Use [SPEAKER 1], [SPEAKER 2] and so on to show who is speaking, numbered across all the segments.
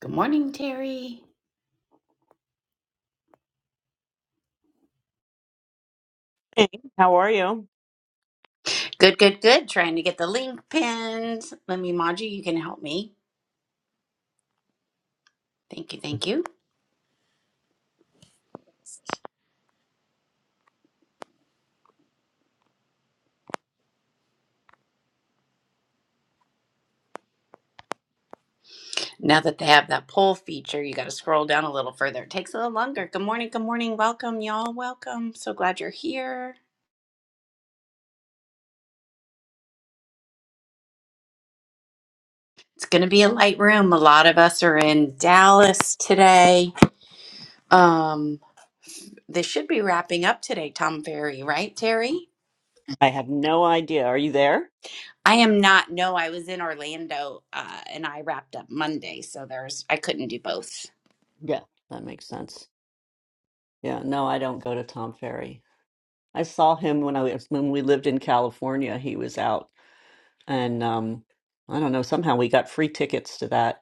[SPEAKER 1] Good morning, Terry.
[SPEAKER 2] How are you?
[SPEAKER 1] Good, good, good. Trying to get the link pinned. Let me, Maji, you can help me. Thank you, thank you. Now that they have that poll feature, you got to scroll down a little further. It takes a little longer. Good morning, good morning. Welcome, y'all. Welcome. So glad you're here. It's going to be a light room. A lot of us are in Dallas today. Um, this should be wrapping up today, Tom Ferry, right, Terry?
[SPEAKER 2] I have no idea. Are you there?
[SPEAKER 1] I am not. No, I was in Orlando uh, and I wrapped up Monday. So there's, I couldn't do both.
[SPEAKER 2] Yeah, that makes sense. Yeah, no, I don't go to Tom Ferry. I saw him when I was when we lived in California. He was out, and um, I don't know. Somehow we got free tickets to that,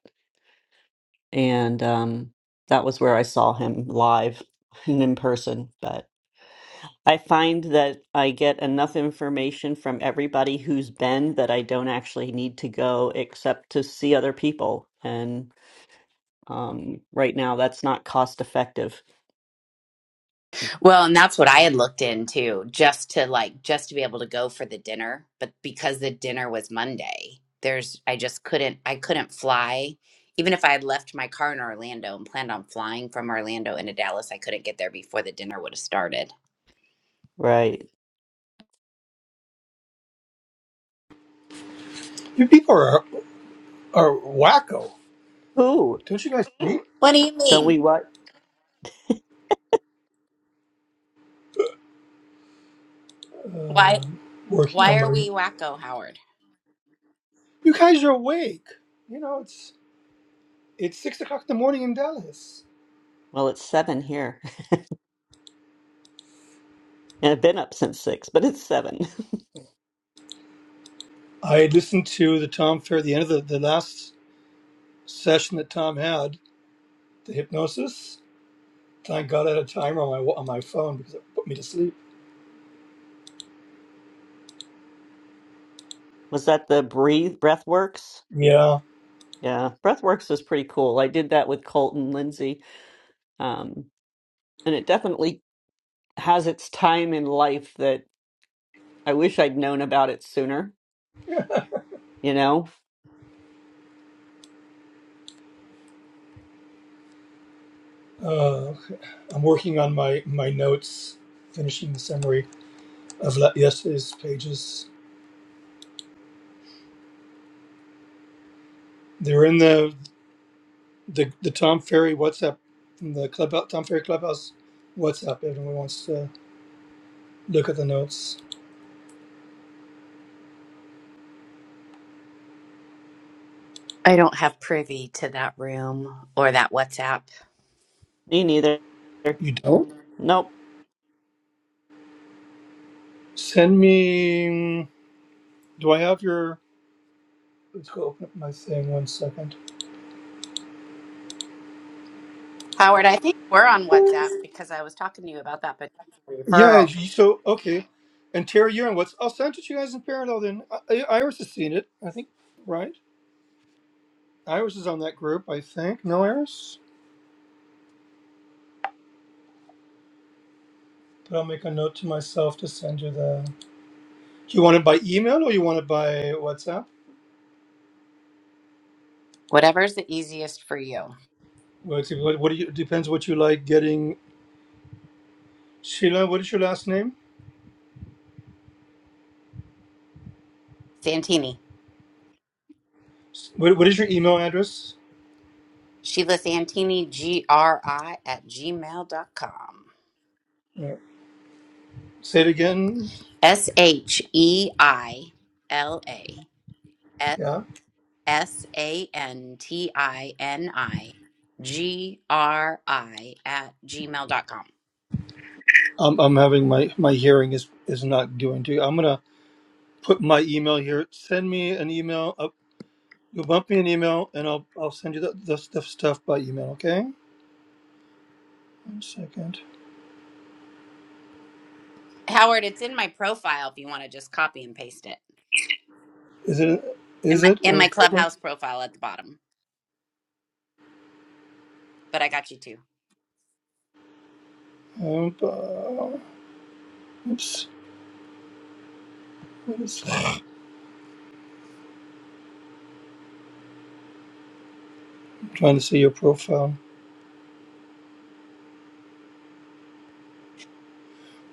[SPEAKER 2] and um, that was where I saw him live and in person. But I find that I get enough information from everybody who's been that I don't actually need to go except to see other people. um, right now. That's not cost effective.
[SPEAKER 1] Well, and that's what I had looked into just to like just to be able to go for the dinner, but because the dinner was Monday, there's I just couldn't I couldn't fly. Even if I had left my car in Orlando and planned on flying from Orlando into Dallas, I couldn't get there before the dinner would have started.
[SPEAKER 2] Right.
[SPEAKER 3] You people are are wacko.
[SPEAKER 2] Ooh,
[SPEAKER 3] Don't you guys hate
[SPEAKER 1] What do you
[SPEAKER 2] don't we
[SPEAKER 1] mean?
[SPEAKER 2] what?
[SPEAKER 1] Why
[SPEAKER 3] working
[SPEAKER 1] why
[SPEAKER 3] on
[SPEAKER 1] are
[SPEAKER 3] my?
[SPEAKER 1] we wacko, Howard?
[SPEAKER 3] You guys are awake. You know it's it's six o'clock in the morning in Dallas.
[SPEAKER 2] Well, it's seven here. And I've been up since six, but it's seven.
[SPEAKER 3] I listened to the Tom Fair the end of the, the last session that Tom had the hypnosis. Thank God I had a timer on my wa- on my phone because it put me to sleep.
[SPEAKER 2] Was that the breathe breathworks?
[SPEAKER 3] Yeah,
[SPEAKER 2] Yeah, breathworks is pretty cool. I did that with Colton Lindsay, um, and it definitely has its time in life that I wish I'd known about it sooner. You know,
[SPEAKER 3] uh, I'm working on my my notes, finishing the summary of la- yesterday's pages. They're in the. the the Tom Ferry WhatsApp, the club Tom Ferry Clubhouse WhatsApp. If anyone wants to look at the notes,
[SPEAKER 1] I don't have privy to that room or that WhatsApp.
[SPEAKER 2] me neither.
[SPEAKER 3] you do. not
[SPEAKER 2] Nope.
[SPEAKER 3] send me. Do I have your? Let's go open up my thing. One second.
[SPEAKER 1] Howard, I think we're on WhatsApp because I was talking to you about that potential
[SPEAKER 3] Yeah.
[SPEAKER 1] referral.
[SPEAKER 3] you- So okay, and Terry, you're on what's? I'll send it to you guys in parallel. Then I, I, Iris has seen it. I think right. Iris is on that group. I think. No, Iris. But I'll make a note to myself to send you the. You want it by email or you want it by WhatsApp?
[SPEAKER 1] Whatever's the easiest for you.
[SPEAKER 3] Well, it's- What, what do you? Depends what you like getting Sheila, what is your last name?
[SPEAKER 1] Santini.
[SPEAKER 3] What, what is your email address?
[SPEAKER 1] Sheila Santini, G R I at gmail dot com.
[SPEAKER 3] Uh, say it again.
[SPEAKER 1] S H E I L A S
[SPEAKER 3] Yeah.
[SPEAKER 1] S A N T I N I G R I at gmail dot com.
[SPEAKER 3] I'm, I'm having my, my hearing is, is not doing too. I'm going to put my email here. Send me an email. Up, you bump me an email and I'll, I'll send you the, the stuff, stuff by email. Okay. One second.
[SPEAKER 1] Howard, it's in my profile if you want to just copy and paste it.
[SPEAKER 3] Is it,
[SPEAKER 1] In
[SPEAKER 3] is
[SPEAKER 1] my
[SPEAKER 3] it?
[SPEAKER 1] in
[SPEAKER 3] One
[SPEAKER 1] my
[SPEAKER 3] second.
[SPEAKER 1] clubhouse profile at the bottom. But I got you too.
[SPEAKER 3] Um, uh, oops. What is- I'm trying to see your profile.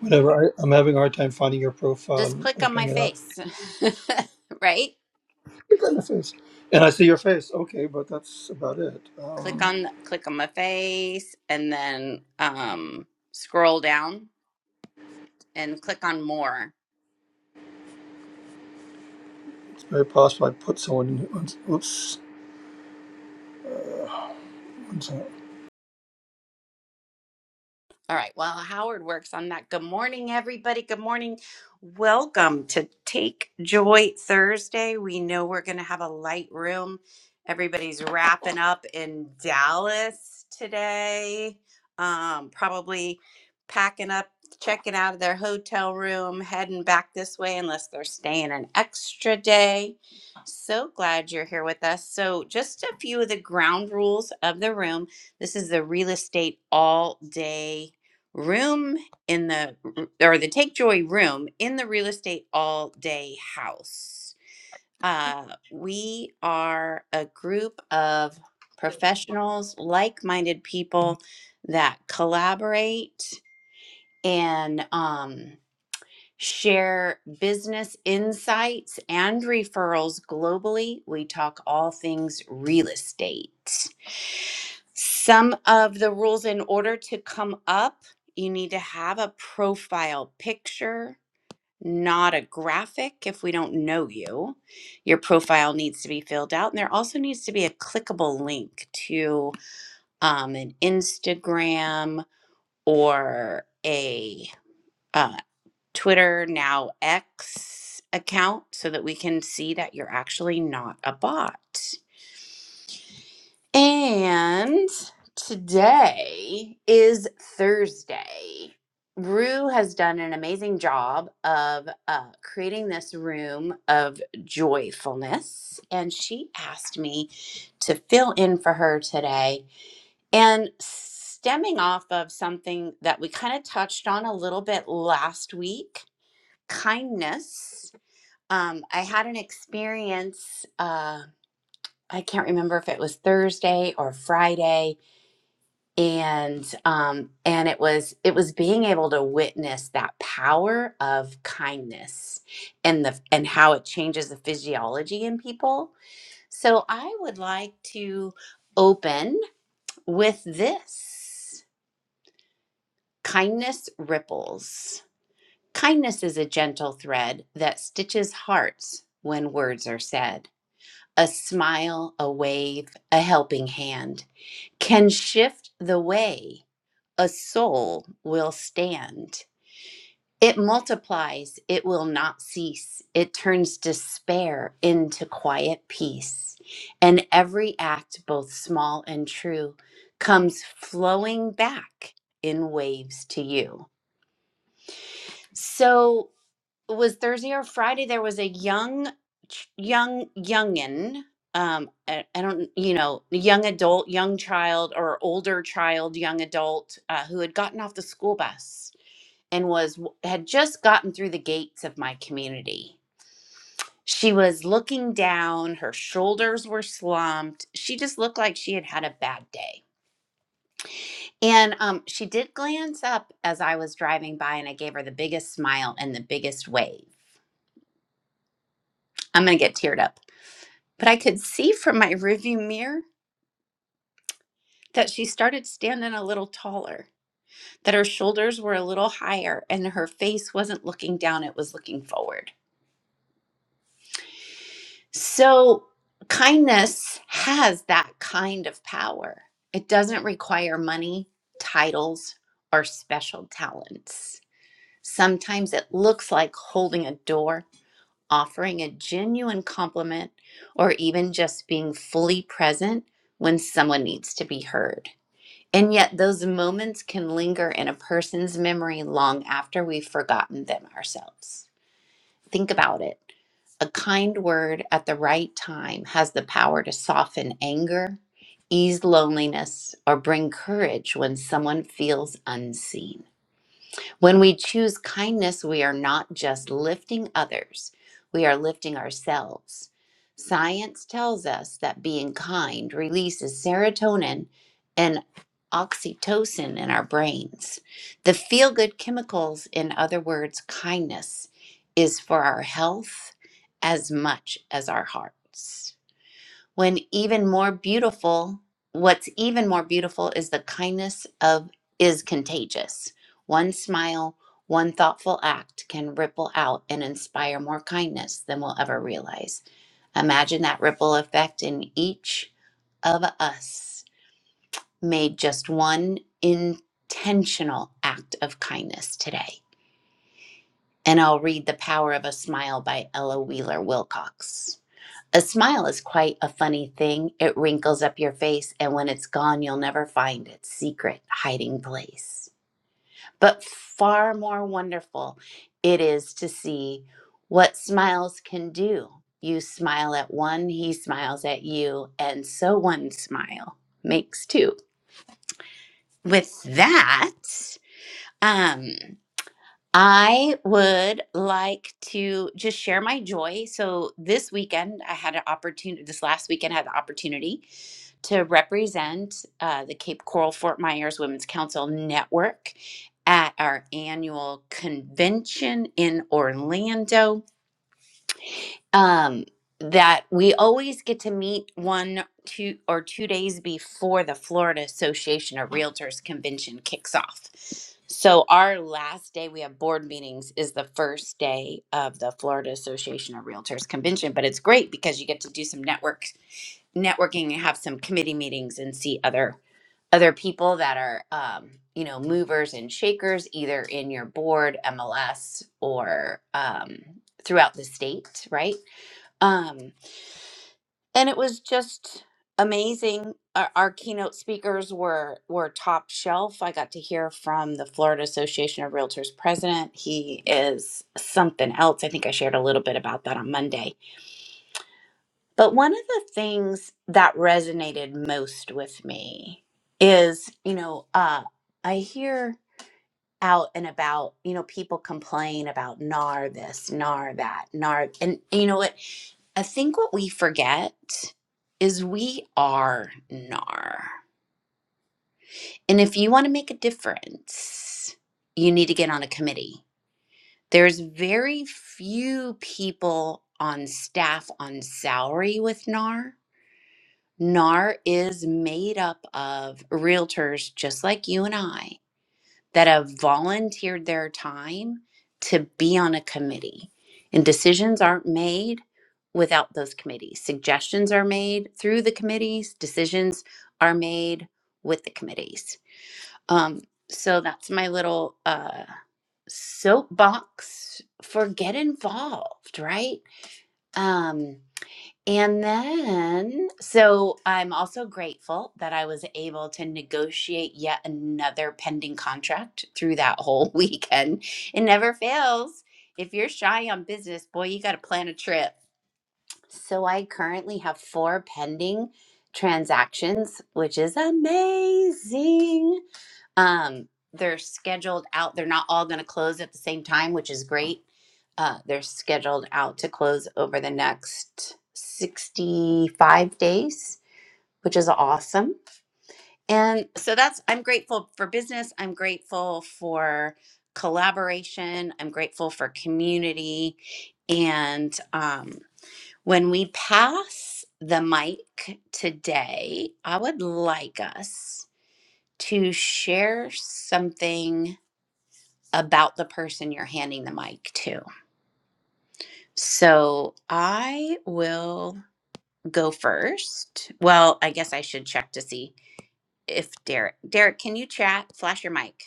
[SPEAKER 3] Whatever. I, I'm having a hard time finding your profile
[SPEAKER 1] Just
[SPEAKER 3] and
[SPEAKER 1] click on my
[SPEAKER 3] opening it up.
[SPEAKER 1] face. right?
[SPEAKER 3] Look at the face. And I see your face. Okay, but that's about it.
[SPEAKER 1] click
[SPEAKER 3] Um,
[SPEAKER 1] on click on my face and then um scroll down and click on more
[SPEAKER 3] it's very possible I put someone in. Oops. One second. oops.
[SPEAKER 1] All right. While Howard works on that, good morning, everybody. Good morning. Welcome to Take Joy Thursday. We know we're going to have a light room. Everybody's wrapping up in Dallas today, um, probably packing up, checking out of their hotel room, heading back this way, unless they're staying an extra day. So glad you're here with us. So, just a few of the ground rules of the room. This is the real estate all day room in the or the take joy room in the real estate all day house uh, we are a group of professionals like-minded people that collaborate and um, share business insights and referrals globally. We talk all things real estate. Some of the rules in order to come up, you need to have a profile picture, not a graphic if we don't know you. Your profile needs to be filled out, and there also needs to be a clickable link to um, an Instagram or a uh, Twitter now X account so that we can see that you're actually not a bot. And today is Thursday. Rue has done an amazing job of uh, creating this room of joyfulness, and she asked me to fill in for her today. And stemming off of something that we kind of touched on a little bit last week kindness um, I had an experience. Uh, I can't remember if it was Thursday or Friday, and um, and it was it was being able to witness that power of kindness and the and how it changes the physiology in people. So I would like to open with this kindness ripples. Kindness is a gentle thread that stitches hearts when words are said. A smile, a wave, a helping hand can shift the way a soul will stand. It multiplies, it will not cease. It turns despair into quiet peace. And every act, both small and true, comes flowing back in waves to you. So, it was Thursday or Friday. There was a young, ch- young, youngin. Um, I, I don't, you know, young adult, young child, or older child, young adult, uh, who had gotten off the school bus and was w- had just gotten through the gates of my community. She was looking down. Her shoulders were slumped. She just looked like she had had a bad day. And um, she did glance up as I was driving by, and I gave her the biggest smile and the biggest wave. I'm gonna get teared up. But I could see from my rearview mirror that she started standing a little taller, that her shoulders were a little higher, and her face wasn't looking down, it was looking forward. So, kindness has that kind of power. It doesn't require money, titles, or special talents. Sometimes it looks like holding a door, offering a genuine compliment, or even just being fully present when someone needs to be heard. And yet, those moments can linger in a person's memory long after we've forgotten them ourselves. Think about it. A kind word at the right time has the power to soften anger, ease loneliness, or bring courage when someone feels unseen. When we choose kindness, we are not just lifting others, we are lifting ourselves. Science tells us that being kind releases serotonin and oxytocin in our brains. The feel good chemicals, in other words, kindness, is for our health as much as our hearts when even more beautiful what's even more beautiful is the kindness of is contagious one smile one thoughtful act can ripple out and inspire more kindness than we'll ever realize imagine that ripple effect in each of us made just one intentional act of kindness today and i'll read the power of a smile by ella wheeler wilcox a smile is quite a funny thing. It wrinkles up your face, and when it's gone, you'll never find its secret hiding place. But far more wonderful it is to see what smiles can do. You smile at one, he smiles at you, and so one smile makes two. With that, um, I would like to just share my joy. So this weekend, I had an opportunity. This last weekend, I had the opportunity to represent uh, the Cape Coral Fort Myers Women's Council Network at our annual convention in Orlando um that we always get to meet one two or two days before the florida association of realtors convention kicks off so our last day we have board meetings is the first day of the florida association of realtors convention but it's great because you get to do some network networking and have some committee meetings and see other other people that are um, you know movers and shakers either in your board mls or um, throughout the state right um and it was just amazing our, our keynote speakers were were top shelf i got to hear from the florida association of realtors president he is something else i think i shared a little bit about that on monday but one of the things that resonated most with me is you know uh i hear out and about you know people complain about nar this nar that nar and you know what I think what we forget is we are NAR. And if you want to make a difference, you need to get on a committee. There's very few people on staff on salary with NAR. NAR is made up of realtors just like you and I that have volunteered their time to be on a committee. And decisions aren't made without those committees. Suggestions are made through the committees, decisions are made with the committees. Um, so that's my little uh, soapbox for get involved, right? Um, and then, so I'm also grateful that I was able to negotiate yet another pending contract through that whole weekend. It never fails. If you're shy on business, boy, you got to plan a trip. So I currently have four pending transactions, which is amazing. Um, they're scheduled out. They're not all going to close at the same time, which is great. Uh, they're scheduled out to close over the next 65 days, which is awesome. And so that's, I'm grateful for business. I'm grateful for collaboration. I'm grateful for community. And um, when we pass the mic today, I would like us to share something about the person you're handing the mic to. So I will go first. Well, I guess I should check to see if Derek, Derek, can you chat? Flash your mic.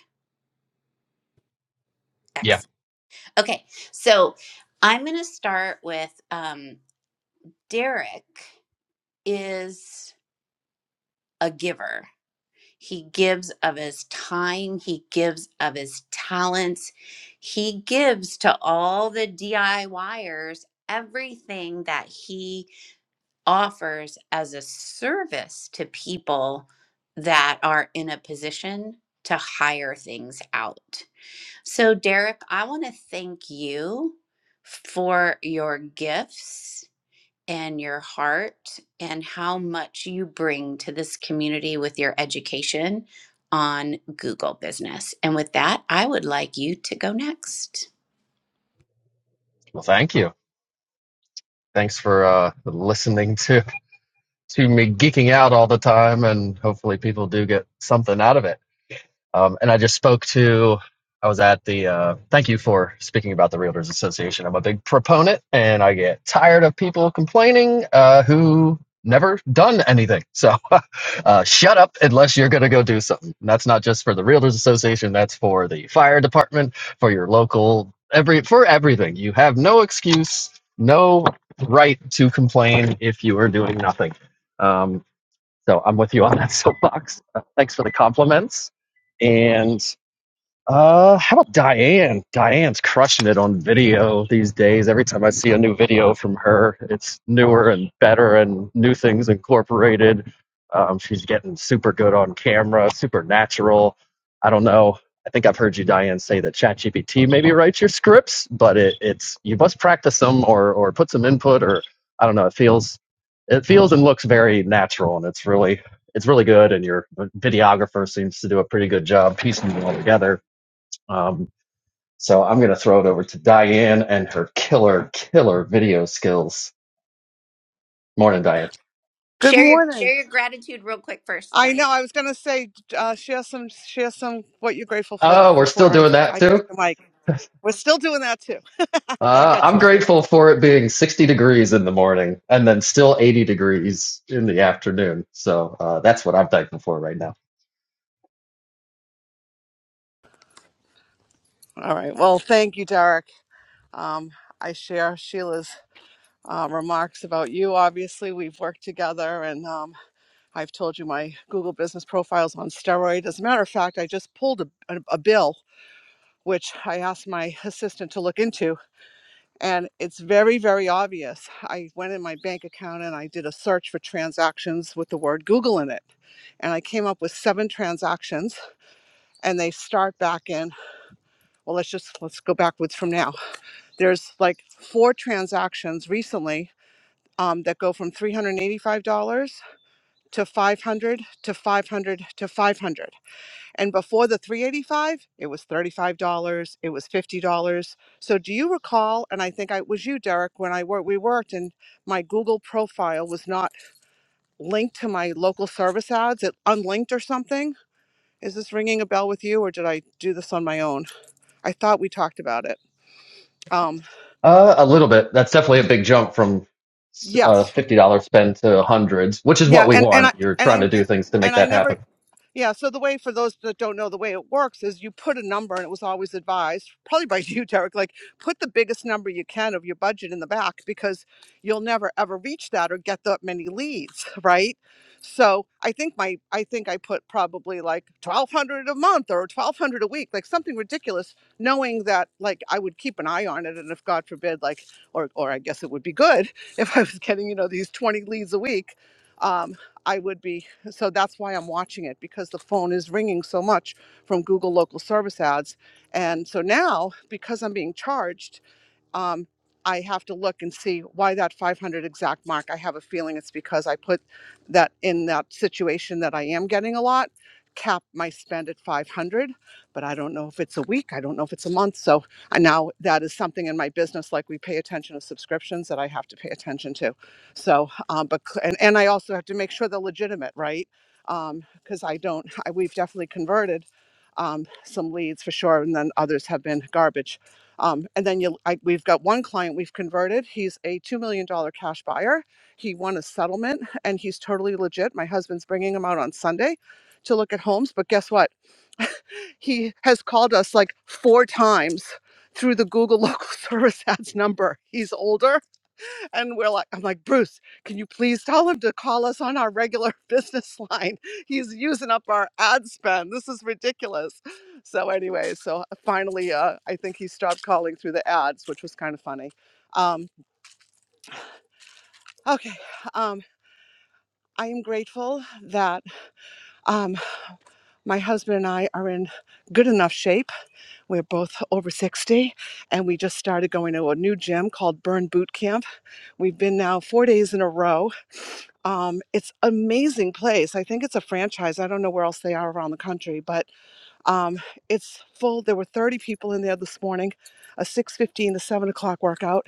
[SPEAKER 4] Yeah.
[SPEAKER 1] Excellent. Okay. So I'm going to start with um, Derek is a giver. He gives of his time, he gives of his talents, he gives to all the DIYers everything that he offers as a service to people that are in a position to hire things out. So, Derek, I want to thank you for your gifts and your heart and how much you bring to this community with your education on Google business. And with that, I would like you to go next.
[SPEAKER 4] Well, thank you. Thanks for uh, listening to to me geeking out all the time, and hopefully people do get something out of it. Um, and I just spoke to, I was at the, uh, thank you for speaking about the Realtors Association. I'm a big proponent and I get tired of people complaining uh, who never done anything. So uh, shut up unless you're going to go do something. And that's not just for the Realtors Association, that's for the fire department, for your local, every for everything. You have no excuse, no right to complain if you are doing nothing. Um, so I'm with you on that soapbox. Uh, Thanks for the compliments. And uh, how about Diane? Diane's crushing it on video these days. Every time I see a new video from her, it's newer and better and new things incorporated. Um, she's getting super good on camera, super natural. I don't know. I think I've heard you, Diane, say that ChatGPT maybe writes your scripts, but it, it's you must practice them or or put some input or I don't know. It feels it feels and looks very natural, and it's really it's really good. And your videographer seems to do a pretty good job piecing it all together um, so I'm going to throw it over to Diane and her killer, killer video skills. Morning, Diane.
[SPEAKER 5] Good
[SPEAKER 1] Share your
[SPEAKER 5] morning.
[SPEAKER 1] share your gratitude real quick first,
[SPEAKER 5] I
[SPEAKER 1] Diane.
[SPEAKER 5] know. I was going to say, uh, share some, share some what you're grateful for
[SPEAKER 4] Oh, we're still
[SPEAKER 5] before I,
[SPEAKER 4] doing that
[SPEAKER 5] I take
[SPEAKER 4] too?
[SPEAKER 5] the mic. We're still doing that too. I
[SPEAKER 4] Uh,
[SPEAKER 5] got
[SPEAKER 4] I'm
[SPEAKER 5] you, Sheila.
[SPEAKER 4] grateful for it being 60 degrees in the morning and then still 80 degrees in the afternoon. So uh, that's what I'm thankful for right now.
[SPEAKER 5] All right. Well, thank you, Derek. Um, I share Sheila's uh, remarks about you. Obviously, we've worked together, and um, I've told you my Google business profile's on steroid. As a matter of fact, I just pulled a, a, a bill which I asked my assistant to look into And it's very, very obvious. I went in my bank account and I did a search for transactions with the word Google in it. And I came up with seven transactions and they start back in, well, let's just, let's go backwards from now. There's like four transactions recently um, that go from $385 to 500 to 500 to 500 and before the 385, it was $35, it was $50. So do you recall and I think I it was you Derek when I worked we worked and my Google profile was not linked to my local service ads, it unlinked or something? Is this ringing a bell with you or did I do this on my own? I thought we talked about it. Um
[SPEAKER 4] Uh, a little bit. That's definitely a big jump from a
[SPEAKER 5] yes.
[SPEAKER 4] fifty dollar spend to hundreds, which is what
[SPEAKER 5] Yeah,
[SPEAKER 4] we
[SPEAKER 5] and and I
[SPEAKER 4] want. You're
[SPEAKER 5] and
[SPEAKER 4] trying to
[SPEAKER 5] I
[SPEAKER 4] do things to
[SPEAKER 5] and
[SPEAKER 4] make
[SPEAKER 5] I
[SPEAKER 4] that
[SPEAKER 5] never
[SPEAKER 4] happen.
[SPEAKER 5] Yeah, so the way for those that don't know the way it works is you put a number and it was always advised, probably by you, Derek, like put the biggest number you can of your budget in the back because you'll never ever reach that or get that many leads, right? So I think my I think I put probably like twelve hundred a month or twelve hundred a week, like something ridiculous, knowing that like I would keep an eye on it and if God forbid, like or or I guess it would be good if I was getting, you know, these twenty leads a week. Um, I would be so that's why I'm watching it because the phone is ringing so much from Google local service ads. And so now, because I'm being charged um, I have to look and see why that 500 exact mark. I have a feeling it's because I put that in that situation that I am getting a lot, cap my spend at 500, but I don't know if it's a week, I don't know if it's a month. So I now that is something in my business, like we pay attention to subscriptions that I have to pay attention to. So, um, but cl- and, and I also have to make sure they're legitimate, right? Because I don't, I, we've definitely converted um, some leads for sure, and then others have been garbage. Um, and then you, I, we've got one client we've converted. He's a $2 million dollar cash buyer. He won a settlement and he's totally legit. My husband's bringing him out on Sunday to look at homes. But guess what? He has called us like four times through the Google local service ads number. He's older and we're like, I'm like, Bruce, can you please tell him to call us on our regular business line? He's using up our ad spend. This is ridiculous. So, anyway, so uh, finally, uh, I think he stopped calling through the ads, which was kind of funny. Um, okay. Um, I am grateful that um, my husband and I are in good enough shape. We're both over 60, and we just started going to a new gym called Burn Boot Camp. We've been now four days in a row um, it's amazing place. I think it's a franchise. I don't know where else they are around the country, but um, it's full. There were 30 people in there this morning, a 6:15 to 7 o'clock workout,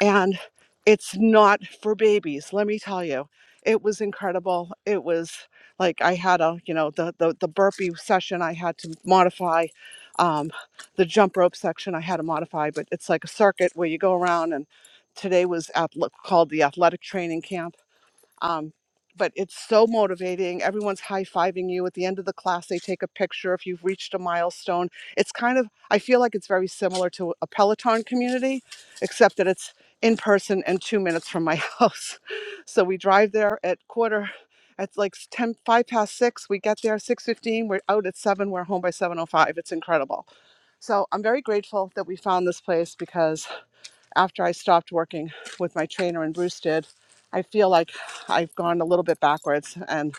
[SPEAKER 5] and it's not for babies. Let me tell you, it was incredible. It was like I had a, you know, the the, the burpee session I had to modify, um, the jump rope section I had to modify, but it's like a circuit where you go around and. Today was at, called the athletic training camp um, but it's so motivating. Everyone's high fiving you. At the end of the class, they take a picture if you've reached a milestone. It's kind of, I feel like it's very similar to a Peloton community, except that it's in person and two minutes from my house. So we drive there at quarter, at like s- 10, five past six. We get there 6.15. We're out at seven. We're home by 7.05. It's incredible. So I'm very grateful that we found this place because after I stopped working with my trainer and Bruce did, I feel like I've gone a little bit backwards. And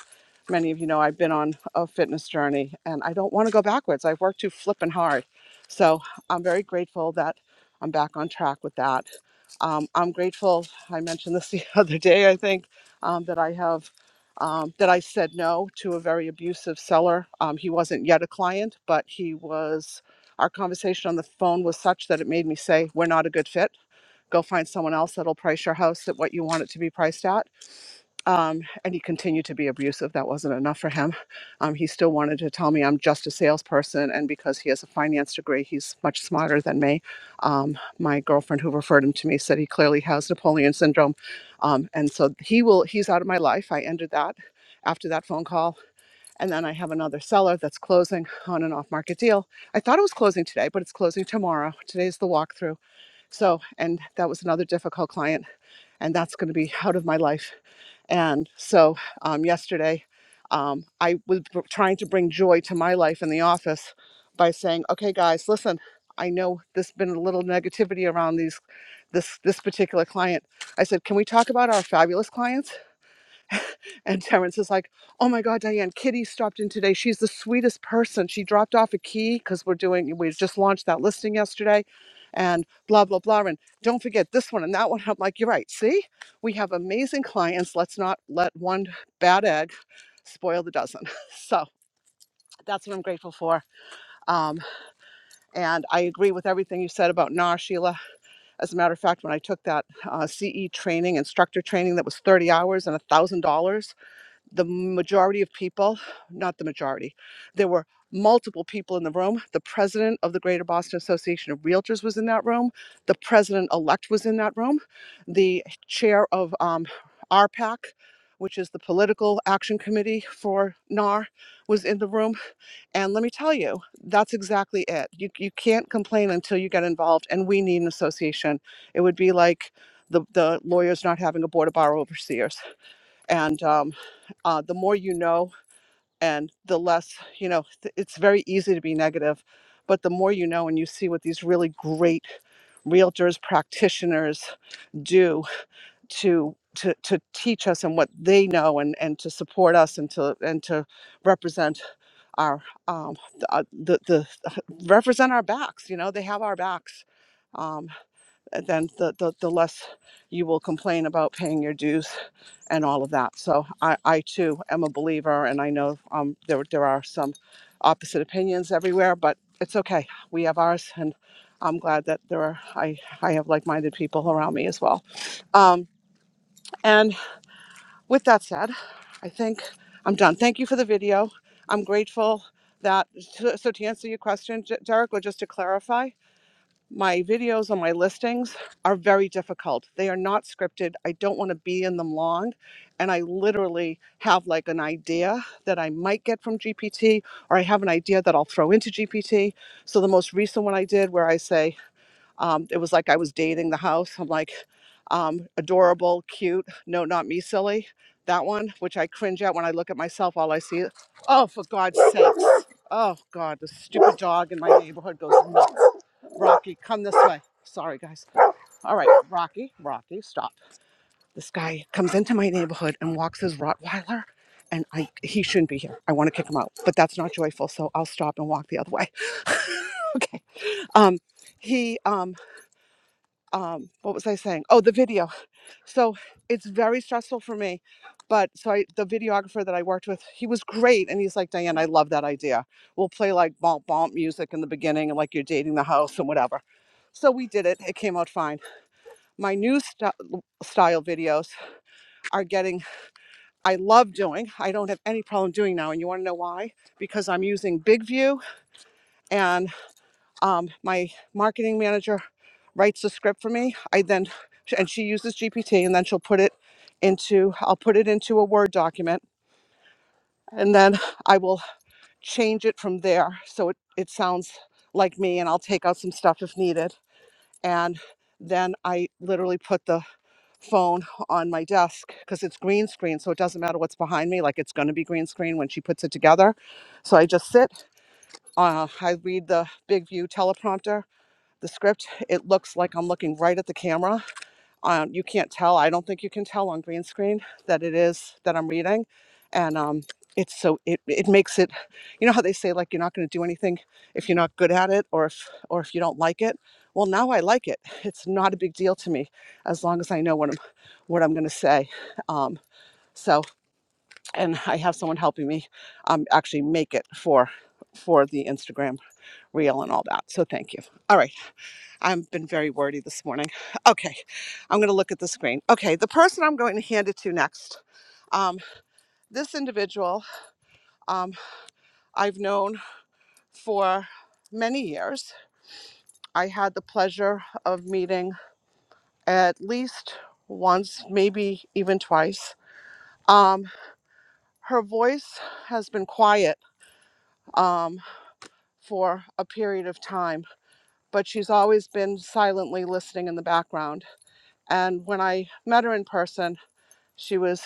[SPEAKER 5] many of you know I've been on a fitness journey and I don't want to go backwards. I've worked too flippin' hard. So I'm very grateful that I'm back on track with that. Um, I'm grateful, I mentioned this the other day, I think, um, that I have. Um, that I said no to a very abusive seller. Um, he wasn't yet a client, but he was. Our conversation on the phone was such that it made me say, We're not a good fit go find someone else that'll price your house at what you want it to be priced at. Um, and he continued to be abusive. That wasn't enough for him. Um, he still wanted to tell me I'm just a salesperson. And because he has a finance degree, he's much smarter than me. Um, my girlfriend who referred him to me said he clearly has Napoleon syndrome. Um, and so he will, he's out of my life. I ended that after that phone call. And then I have another seller that's closing on an off market deal. I thought it was closing today, but it's closing tomorrow. Today's the walkthrough so, and that was another difficult client, and that's going to be out of my life. And so, um, yesterday, um, I was br- trying to bring joy to my life in the office by saying, "Okay, guys, listen. I know there's been a little negativity around these, this this particular client. I said, can we talk about our fabulous clients?" And Terrence is like, "Oh my God, Diane! Kitty stopped in today. She's the sweetest person. She dropped off a key because we're doing. We just launched that listing yesterday, and blah blah blah. And don't forget this one and that one. I'm like, you're right. See, we have amazing clients. Let's not let one bad egg spoil the dozen. So that's what I'm grateful for. Um, and I agree with everything you said about NAR, Sheila. As a matter of fact, when I took that uh, CE training, instructor training that was 30 hours and a thousand dollars the majority of people, not the majority, there were multiple people in the room. The president of the Greater Boston Association of Realtors was in that room. The president elect was in that room. The chair of um, R pac which is the political action committee for NAR, was in the room. And let me tell you, that's exactly it. You, you can't complain until you get involved, and we need an association. It would be like the, the lawyers not having a board of bar overseers and um, uh, the more you know and the less you know th- it's very easy to be negative but the more you know and you see what these really great realtors practitioners do to to, to teach us and what they know and, and to support us and to and to represent our um, the, uh, the the represent our backs you know they have our backs um, and then the, the the less you will complain about paying your dues and all of that. So I, I too am a believer, and I know um, there there are some opposite opinions everywhere, but it's okay. We have ours, and I'm glad that there are I I have like-minded people around me as well. Um, and with that said, I think I'm done. Thank you for the video. I'm grateful that so so to answer your question, J- Derek, or just to clarify my videos on my listings are very difficult. They are not scripted. I don't want to be in them long. And I literally have like an idea that I might get from GPT, or I have an idea that I'll throw into GPT. So the most recent one I did, where I say, um, it was like I was dating the house. I'm like, um, adorable, cute, no, not me, silly. That one, which I cringe at when I look at myself, all I see is, oh, for God's sakes. Oh, God, the stupid dog in my neighborhood goes nuts. Rocky, come this way. Sorry, guys. All right, Rocky, Rocky, stop. This guy comes into my neighborhood and walks his Rottweiler, and I he shouldn't be here. I want to kick him out, but that's not joyful, so I'll stop and walk the other way. okay. Um, he um um what was I saying? Oh, the video. So it's very stressful for me. But so I, the videographer that I worked with, he was great. And he's like, Diane, I love that idea. We'll play like bump bump music in the beginning and like you're dating the house and whatever. So we did it. It came out fine. My new st- style videos are getting, I love doing, I don't have any problem doing now. And you want to know why? Because I'm using Big View and. Um, my marketing manager writes the script for me. I then and she uses GPT, and then she'll put it into I'll put it into a Word document, and then I will change it from there so it, it sounds like me, and I'll take out some stuff if needed, and then I literally put the phone on my desk because it's green screen, so it doesn't matter what's behind me. Like it's going to be green screen when she puts it together. So I just sit. Uh, I read the big view teleprompter the script, it looks like I'm looking right at the camera. Um, you can't tell. I don't think you can tell on green screen that it is that I'm reading, and um, it's so it it makes it. You know how they say like you're not going to do anything if you're not good at it or if or if you don't like it. Well, now I like it. It's not a big deal to me as long as I know what I'm what I'm going to say. Um, so and I have someone helping me um, actually make it for for the Instagram reel and all that. So thank you. All right. I've been very wordy this morning. Okay, I'm going to look at the screen. Okay, the person I'm going to hand it to next. Um, this individual um, I've known for many years. I had the pleasure of meeting at least once, maybe even twice. Um, her voice has been quiet um, for a period of time, but she's always been silently listening in the background. And when I met her in person, she was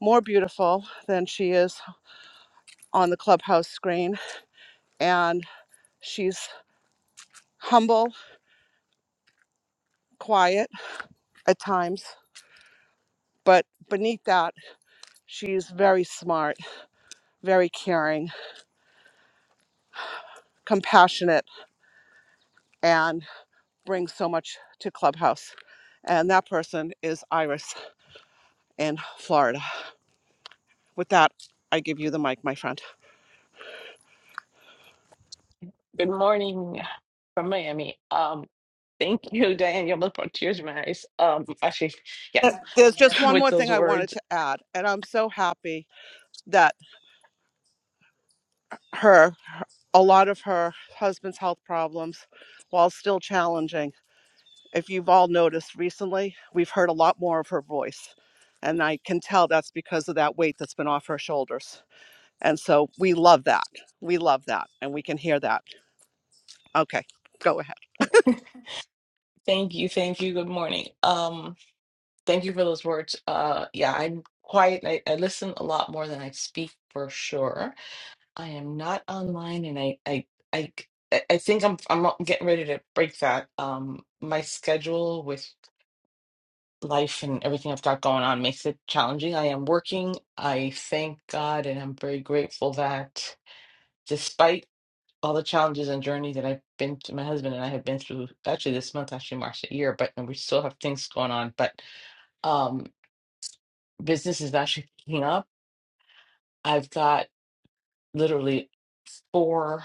[SPEAKER 5] more beautiful than she is on the clubhouse screen. And she's humble, quiet at times, but beneath that, she's very smart, very caring, compassionate, and brings so much to clubhouse. And that person is Iris in Florida. With that, I give you the mic, my friend.
[SPEAKER 6] Good morning from Miami. Um, thank you, Daniel, for tears in my eyes. Um, actually, yeah,
[SPEAKER 5] There's just one
[SPEAKER 6] with
[SPEAKER 5] more thing
[SPEAKER 6] those
[SPEAKER 5] I wanted
[SPEAKER 6] words.
[SPEAKER 5] to add, and I'm so happy that her a lot of her husband's health problems while still challenging. If you've all noticed recently, we've heard a lot more of her voice. And I can tell that's because of that weight that's been off her shoulders. And so we love that. We love that. And we can hear that. Okay, go ahead.
[SPEAKER 6] Thank you, thank you. Good morning. Um, thank you for those words. Uh, yeah, I'm quiet. I, I listen a lot more than I speak for sure. I am not online, and I, I, I, I I think I'm, I'm getting ready to break that. Um, my schedule life and everything I've got going on makes it challenging. I am working. I thank God and I'm very grateful that despite all the challenges and journey that I've been to, my husband and I have been through, actually this month actually marks a year, but and we still have things going on, but um business is actually picking up. I've got literally four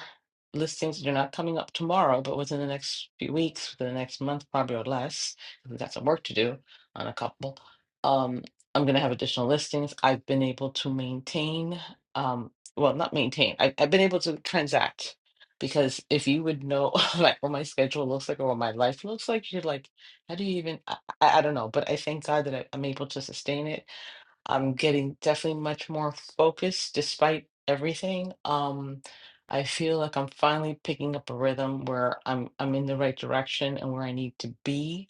[SPEAKER 6] listings that are not coming up tomorrow, but within the next few weeks, within the next month, probably or less, Because 'cause we've got some work to do on a couple. Um, I'm going to have additional listings. I've been able to maintain, um, well, not maintain, I, I've been able to transact because if you would know like what my schedule looks like or what my life looks like, you're like, how do you even, I, I I don't know, but I thank God that I, I'm able to sustain it I'm getting definitely much more focused despite everything. Um, I feel like I'm finally picking up a rhythm where I'm I'm in the right direction and where I need to be.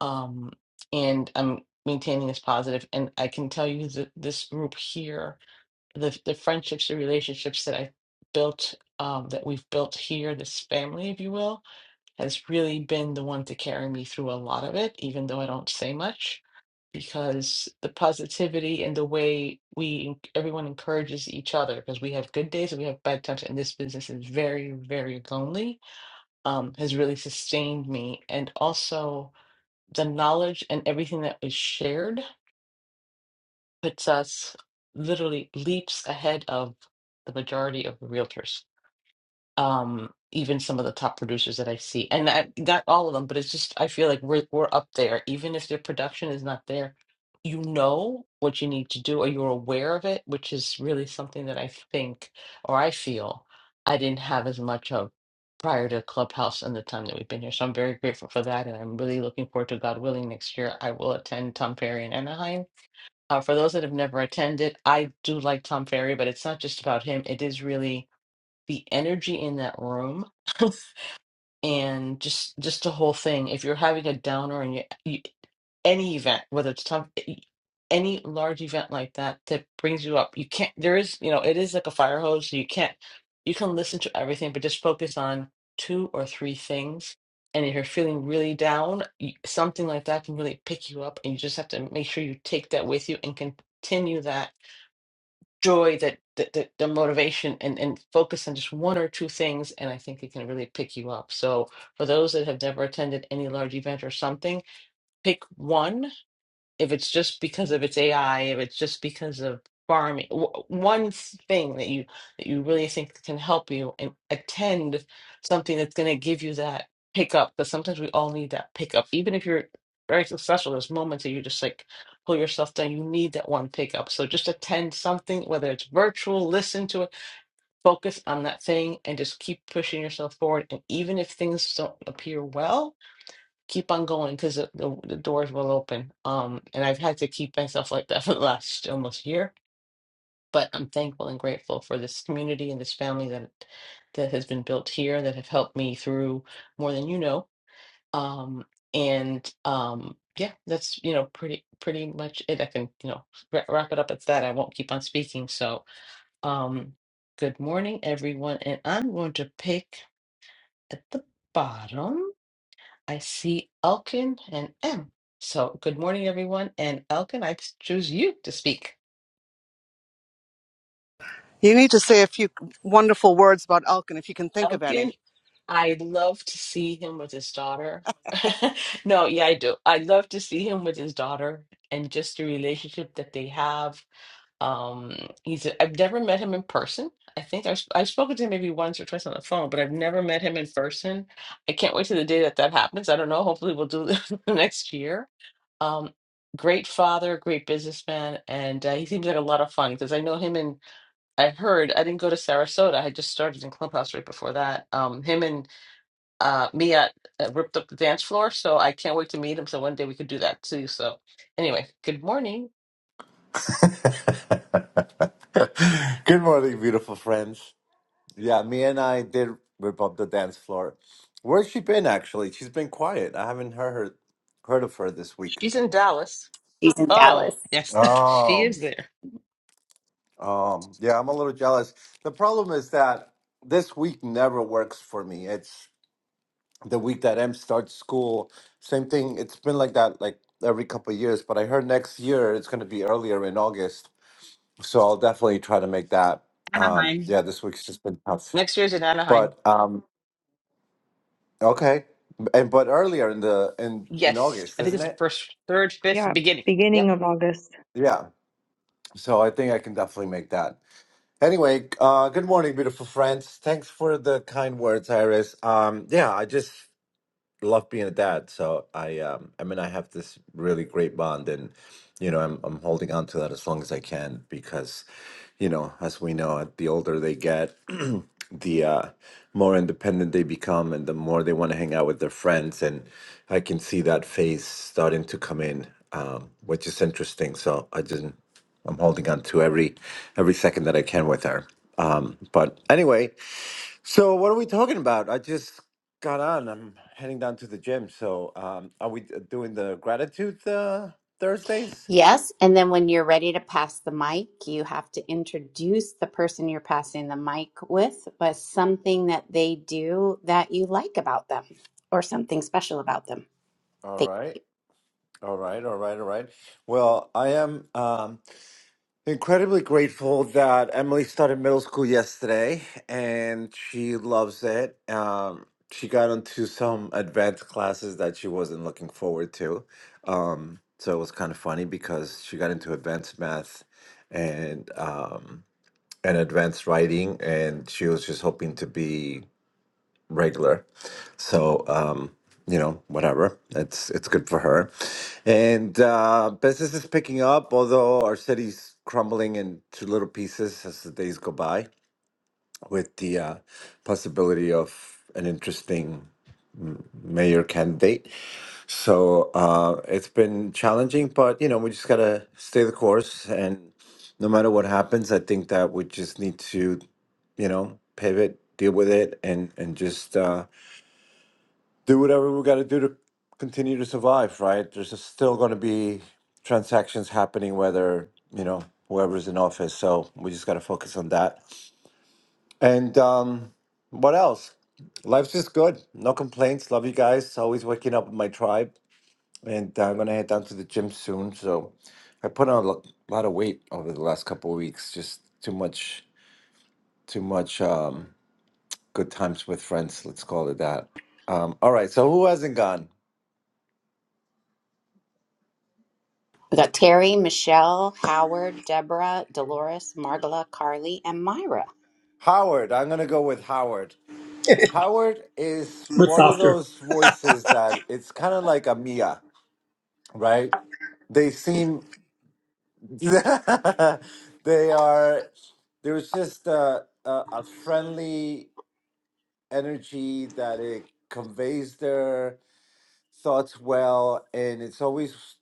[SPEAKER 6] Um, and I'm maintaining this positive. And I can tell you that this group here, the the friendships, the relationships that I built, um, that we've built here, this family, if you will has really been the one to carry me through a lot of it, even though I don't say much, because the positivity and the way we en- everyone encourages each other, because we have good days and we have bad times, and this business is very, very lonely, um, has really sustained me. And also the knowledge and everything that was shared puts us literally leaps ahead of the majority of the realtors um even some of the top producers that I see and I, not all of them but it's just I feel like we're we're up there even if their production is not there you know what you need to do or you're aware of it which is really something that I think or I feel I didn't have as much of prior to Clubhouse and the time that we've been here so I'm very grateful for that and I'm really looking forward to God willing next year I will attend Tom Ferry in Anaheim uh, for those that have never attended I do like Tom Ferry but it's not just about him it is really the energy in that room and just just the whole thing if you're having a downer and you, you any event whether it's tough any large event like that that brings you up you can't there is you know it is like a fire hose so you can't you can listen to everything but just focus on two or three things and if you're feeling really down you, something like that can really pick you up and you just have to make sure you take that with you and continue that joy that that the, the motivation and and focus on just one or two things and i think it can really pick you up so for those that have never attended any large event or something pick one if it's just because of its AI, if it's just because of farming, w- one thing that you that you really think can help you and attend something that's going to give you that pickup. Because sometimes we all need that pickup, even if you're very successful. There's moments that you just like pull yourself down. You need that one pickup. So just attend something, whether it's virtual, listen to it, focus on that thing, and just keep pushing yourself forward. And even if things don't appear well keep on going because the, the, the doors will open. Um, and I've had to keep myself like that for the last almost year. But I'm thankful and grateful for this community and this family that that has been built here that have helped me through more than you know. Um, and um, yeah, that's you know pretty pretty much it. I can you know wra- wrap it up at that. I won't keep on speaking. So um, good morning, everyone, and I'm going to pick at the bottom. I see Elkin and M. So, good morning, everyone. And Elkin, I choose you to speak.
[SPEAKER 5] You need to say a few wonderful words about Elkin if you can think of any.
[SPEAKER 6] Elkin, I love to see him with his daughter. No, yeah, I do. I love to see him with his daughter and just the relationship that they have. Um, he's a, I've never met him in person. I think I've, I've spoken to him maybe once or twice on the phone, but I've never met him in person. I can't wait to the day that that happens. I don't know. Hopefully, we'll do it next year Um, great father, great businessman, and uh, he seems like a lot of fun because I know him and I heard I didn't go to Sarasota. I had just started in Clubhouse right before that. Um, him and uh, Mia uh, ripped up the dance floor, so I can't wait to meet him. So one day we could do that too. So anyway, good morning.
[SPEAKER 7] Good morning, beautiful friends. Yeah, me and I did rip up the dance floor. Where's she been actually? She's been quiet. I haven't heard her, heard of her this week.
[SPEAKER 6] She's in Dallas.
[SPEAKER 1] She's in
[SPEAKER 6] Oh
[SPEAKER 1] Dallas.
[SPEAKER 6] yes, she
[SPEAKER 7] Um,
[SPEAKER 6] is there.
[SPEAKER 7] um, yeah, I'm a little jealous. The problem is that this week never works for me. It's the week that Em starts school. Same thing. It's been like that like every couple of years, but I heard next year it's going to be earlier in August. so I'll definitely try to make that. Um,
[SPEAKER 6] Anaheim.
[SPEAKER 7] yeah, this week's just been tough,
[SPEAKER 6] Next year's in Anaheim.
[SPEAKER 7] but um, okay. And but earlier in the in in
[SPEAKER 6] Yes,
[SPEAKER 7] August,
[SPEAKER 6] I think
[SPEAKER 7] isn't
[SPEAKER 6] it's the
[SPEAKER 7] it?
[SPEAKER 6] first, third, fifth
[SPEAKER 8] Yeah,
[SPEAKER 6] beginning.
[SPEAKER 8] beginning
[SPEAKER 6] Yep.
[SPEAKER 8] of August.
[SPEAKER 7] Yeah. So I think I can definitely make that. Anyway, uh, good morning, beautiful friends. Thanks for the kind words, Iris. Um, yeah, I just love being a dad. So I, um, I mean, I have this really great bond, and you know, I'm I'm holding on to that as long as I can because, you know, as we know, uh, the older they get, the uh, more independent they become, and the more they want to hang out with their friends. And I can see that phase starting to come in, um, which is interesting. So I just I'm holding on to every every second that I can with her. Um, but anyway, so what are we talking about? I just got on. I'm heading down to the gym. So um, are we uh, doing the gratitude uh, Thursdays?
[SPEAKER 1] Yes. And then when you're ready to pass the mic, you have to introduce the person you're passing the mic with by something that they do that you like about them or something special about them.
[SPEAKER 7] All
[SPEAKER 1] Thank
[SPEAKER 7] right.
[SPEAKER 1] you.
[SPEAKER 7] All right. All right. All right. Well, I am um, incredibly grateful that Emily started middle school yesterday, and she loves it. Um, she got into some advanced classes that she wasn't looking forward to. Um, so it was kind of funny because she got into advanced math and. Um, and advanced writing, and she was just hoping to be regular. So, um, you know, whatever. It's it's good for her, and uh, business is picking up, although our city's crumbling into little pieces as the days go by, with the uh, possibility of an interesting mayor candidate. So uh, it's been challenging, but you know we just gotta stay the course, and no matter what happens, I think that we just need to, you know, pivot, deal with it, and and just uh, do whatever we gotta do to continue to survive. Right? There's just still gonna be transactions happening, whether you know whoever's in office. So we just gotta focus on that. And um, what else? Life's just good. No complaints. Love you guys. Always waking up with my tribe and uh, I'm gonna head down to the gym soon. So I put on a lo- lot of weight over the last couple of weeks. Just too much, too much um, good times with friends. Let's call it that. Um, all right. So who hasn't gone?
[SPEAKER 1] We got Terry, Michelle, Howard, Deborah, Dolores, Margola, Carly, and Myra.
[SPEAKER 7] Howard. I'm gonna go with Howard. Howard is
[SPEAKER 3] But
[SPEAKER 7] one of
[SPEAKER 3] softer.
[SPEAKER 7] those voices that it's kind of like a Mia, right? They seem they are. There's just a, a, a friendly energy that it conveys there thoughts well, and it's always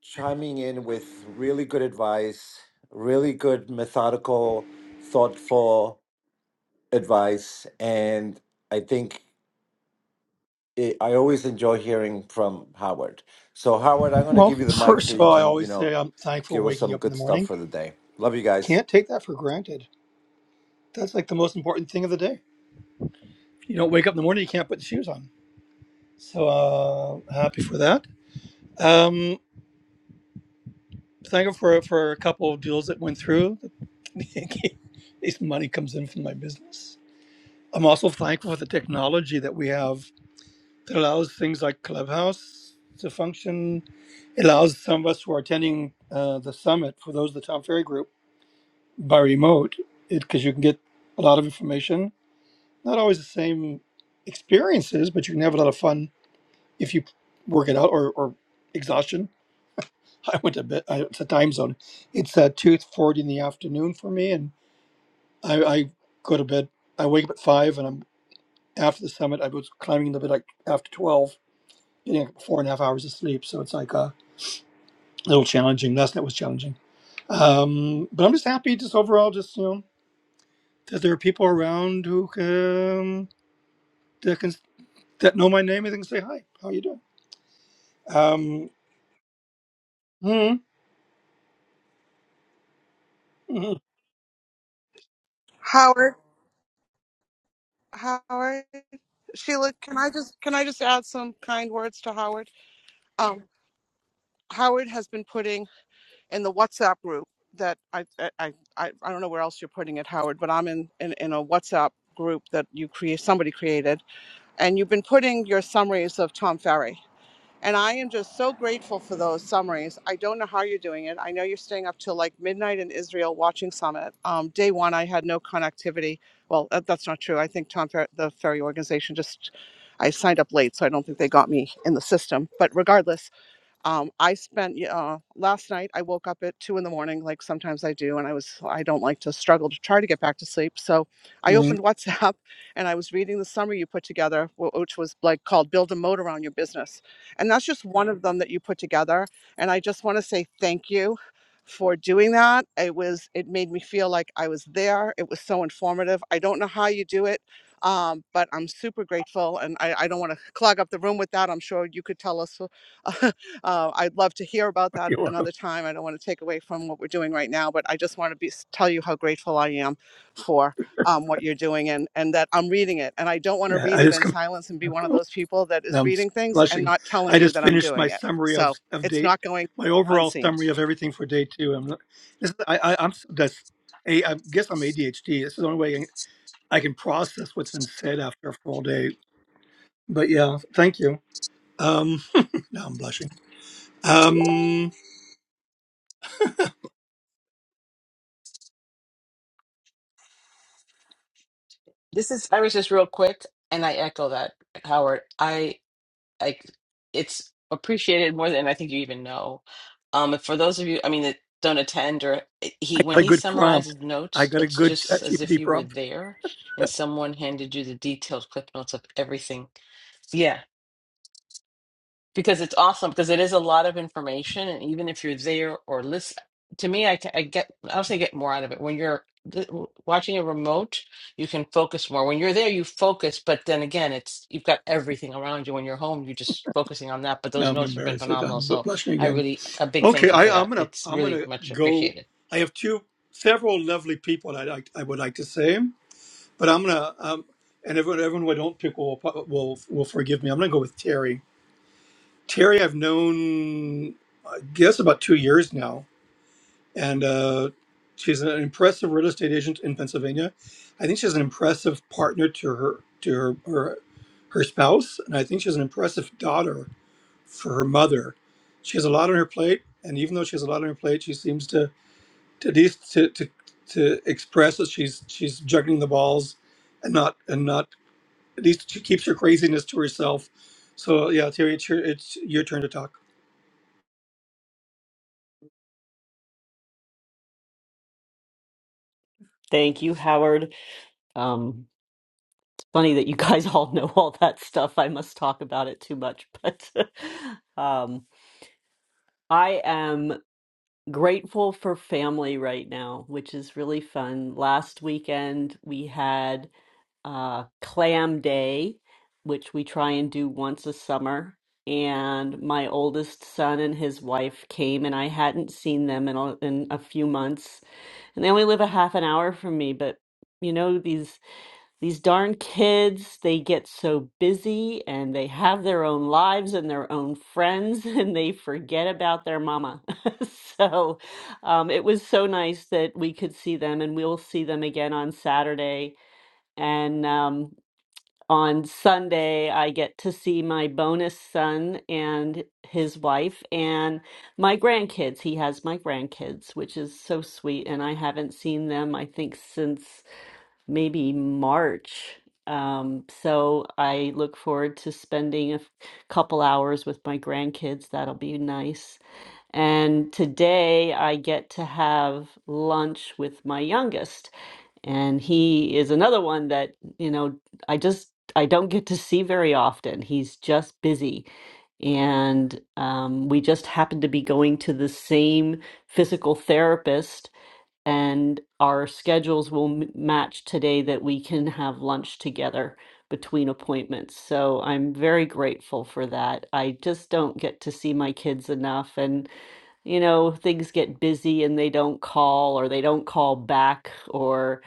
[SPEAKER 7] chiming in with really good advice, really good, methodical, thoughtful advice. And I think it, I always enjoy hearing from Howard. So, Howard, I'm going to
[SPEAKER 3] Well,
[SPEAKER 7] give you the mic so
[SPEAKER 3] first of
[SPEAKER 7] you
[SPEAKER 3] all, I
[SPEAKER 7] can, you
[SPEAKER 3] always
[SPEAKER 7] know,
[SPEAKER 3] say I'm thankful
[SPEAKER 7] give us
[SPEAKER 3] waking
[SPEAKER 7] some
[SPEAKER 3] up in
[SPEAKER 7] good
[SPEAKER 3] the
[SPEAKER 7] stuff
[SPEAKER 3] morning.
[SPEAKER 7] for the day. Love you guys.
[SPEAKER 3] Can't take that for granted. That's like the most important thing of the day. You don't wake up in the morning, you can't put shoes on. So uh, happy for that. Um, thankful for for a couple of deals that went through. At least money comes in from my business. I'm also thankful for the technology that we have It allows things like Clubhouse to function. It allows some of us who are attending uh, the summit, for those of the Tom Ferry group, by remote, because you can get a lot of information. Not always the same experiences, but you can have a lot of fun if you work it out or, or exhaustion. I went to bed. I, it's a time zone. It's uh, two forty in the afternoon for me, and I, I go to bed. I wake up at five, and I'm after the summit. I was climbing the bed like after twelve, getting like four and a half hours of sleep. So it's like uh, a little challenging. Last night was challenging. Um, but I'm just happy, just overall, just you know, that there are people around who can that can that know my name and can say hi. How you doing? Um, mm, mm,
[SPEAKER 5] Howard, Howard, Sheila, can I just can I just add some kind words to Howard? Um, Howard has been putting in the WhatsApp group that I I I, I I don't know where else you're putting it, Howard, but I'm in, in in a WhatsApp group that you create somebody created, and you've been putting your summaries of Tom Ferry. And I am just so grateful for those summaries. I don't know how you're doing it. I know you're staying up till like midnight in Israel watching Summit. Um, day one, I had no connectivity. Well, that, that's not true. I think Tom Fer- the Ferry organization just, I signed up late, so I don't think they got me in the system. But regardless, um, I spent uh, last night. I woke up at two in the morning, like sometimes I do, and I was I don't like to struggle to try to get back to sleep. So I
[SPEAKER 3] mm.
[SPEAKER 5] opened WhatsApp and I was reading the summary you put together, wh- which was like called "Build a Moat Around Your Business," and that's just one of them that you put together. And I just want to say thank you for doing that. It was it made me feel like I was there. It was so informative. I don't know how you do it. Um, but I'm super grateful, and I, I don't want to clog up the room with that. I'm sure you could tell us Uh, I'd love to hear about that
[SPEAKER 3] You're welcome.
[SPEAKER 5] another time. I don't want to take away from what we're doing right now, but I just want to be, tell you how grateful I am for um, what you're doing and, and that I'm reading it. And I don't want to
[SPEAKER 3] Yeah,
[SPEAKER 5] read
[SPEAKER 3] I
[SPEAKER 5] it
[SPEAKER 3] just
[SPEAKER 5] in
[SPEAKER 3] come.
[SPEAKER 5] silence and be one of
[SPEAKER 3] Oh,
[SPEAKER 5] those people that is
[SPEAKER 3] I'm
[SPEAKER 5] reading things and
[SPEAKER 3] blushing.
[SPEAKER 5] not telling
[SPEAKER 3] I
[SPEAKER 5] you
[SPEAKER 3] just
[SPEAKER 5] that I'm
[SPEAKER 3] finished my
[SPEAKER 5] doing it.
[SPEAKER 3] summary of
[SPEAKER 5] So
[SPEAKER 3] of
[SPEAKER 5] it's
[SPEAKER 3] day,
[SPEAKER 5] not going
[SPEAKER 3] my overall
[SPEAKER 5] unseen.
[SPEAKER 3] summary of everything for day two. I'm not- this is, I, I I'm so, that's a I guess I'm ADHD. This is the only way I can process what's been said after a full day. But yeah, thank you. Um. Now I'm blushing. Um,
[SPEAKER 6] This is Iris. Just real quick, and I echo that, Howard. I like it's appreciated more than I think you even know. Um, for those of you, I mean, that don't attend or eh, he
[SPEAKER 3] I
[SPEAKER 6] when
[SPEAKER 3] got a
[SPEAKER 6] he
[SPEAKER 3] good prompt.
[SPEAKER 6] summarizes
[SPEAKER 3] I
[SPEAKER 6] notes,
[SPEAKER 3] got a
[SPEAKER 6] it's
[SPEAKER 3] good
[SPEAKER 6] just as if
[SPEAKER 3] ChatGPT
[SPEAKER 6] you were
[SPEAKER 3] prompt.
[SPEAKER 6] there and someone handed you the detailed clip notes of everything. Yeah because it's awesome because it is a lot of information and even if you're there or listen to me i, ca- I get i also get more out of it when you're th- watching a remote you can focus more when you're there you focus but then again it's you've got everything around you when you're home you're just focusing on that but those
[SPEAKER 3] Now I'm
[SPEAKER 6] notes have been
[SPEAKER 3] embarrassed. Like,
[SPEAKER 6] phenomenal
[SPEAKER 3] I'm bu-
[SPEAKER 6] so
[SPEAKER 3] blushing
[SPEAKER 6] i
[SPEAKER 3] again.
[SPEAKER 6] really a big
[SPEAKER 3] Okay,
[SPEAKER 6] thank you
[SPEAKER 3] I,
[SPEAKER 6] for
[SPEAKER 3] I'm
[SPEAKER 6] that
[SPEAKER 3] gonna
[SPEAKER 6] it's
[SPEAKER 3] I'm
[SPEAKER 6] really
[SPEAKER 3] gonna
[SPEAKER 6] much
[SPEAKER 3] go.
[SPEAKER 6] appreciated
[SPEAKER 3] I have two several lovely people I like. I would like to say, but I'm gonna um, and everyone everyone who I don't pick will will will forgive me. I'm gonna go with Terry. Terry, I've known I guess about two years now and uh, she's an impressive real estate agent in Pennsylvania. I think she's an impressive partner to her to her her, her spouse, and I think she's an impressive daughter for her mother. She has a lot on her plate, and even though she has a lot on her plate, she seems to to at least to, to to express that she's she's juggling the balls, and not and not at least she keeps her craziness to herself. So yeah, Terry, it's your, it's your turn to talk.
[SPEAKER 2] Thank you, Howard. Um, it's funny that you guys all know all that stuff. I must talk about it too much, but um, I am grateful for family right now, which is really fun. Last weekend we had uh, clam day, which we try and do once a summer. And my oldest son and his wife came, and I hadn't seen them in a, in a few months. And they only live a half an hour from me, but you know these these darn kids, they get so busy and they have their own lives and their own friends, and they forget about their mama. so um, it was so nice that we could see them, and we'll see them again on Saturday and um, on Sunday, I get to see my bonus son and his wife and my grandkids. He has my grandkids, which is so sweet. And I haven't seen them, I think, since maybe March. Um, so I look forward to spending a f- couple hours with my grandkids. That'll be nice. And today I get to have lunch with my youngest and he is another one that you know i just i don't get to see very often he's just busy and um, we just happen to be going to the same physical therapist and our schedules will m- match today that we can have lunch together between appointments so i'm very grateful for that i just don't get to see my kids enough and you know things get busy and they don't call or they don't call back or.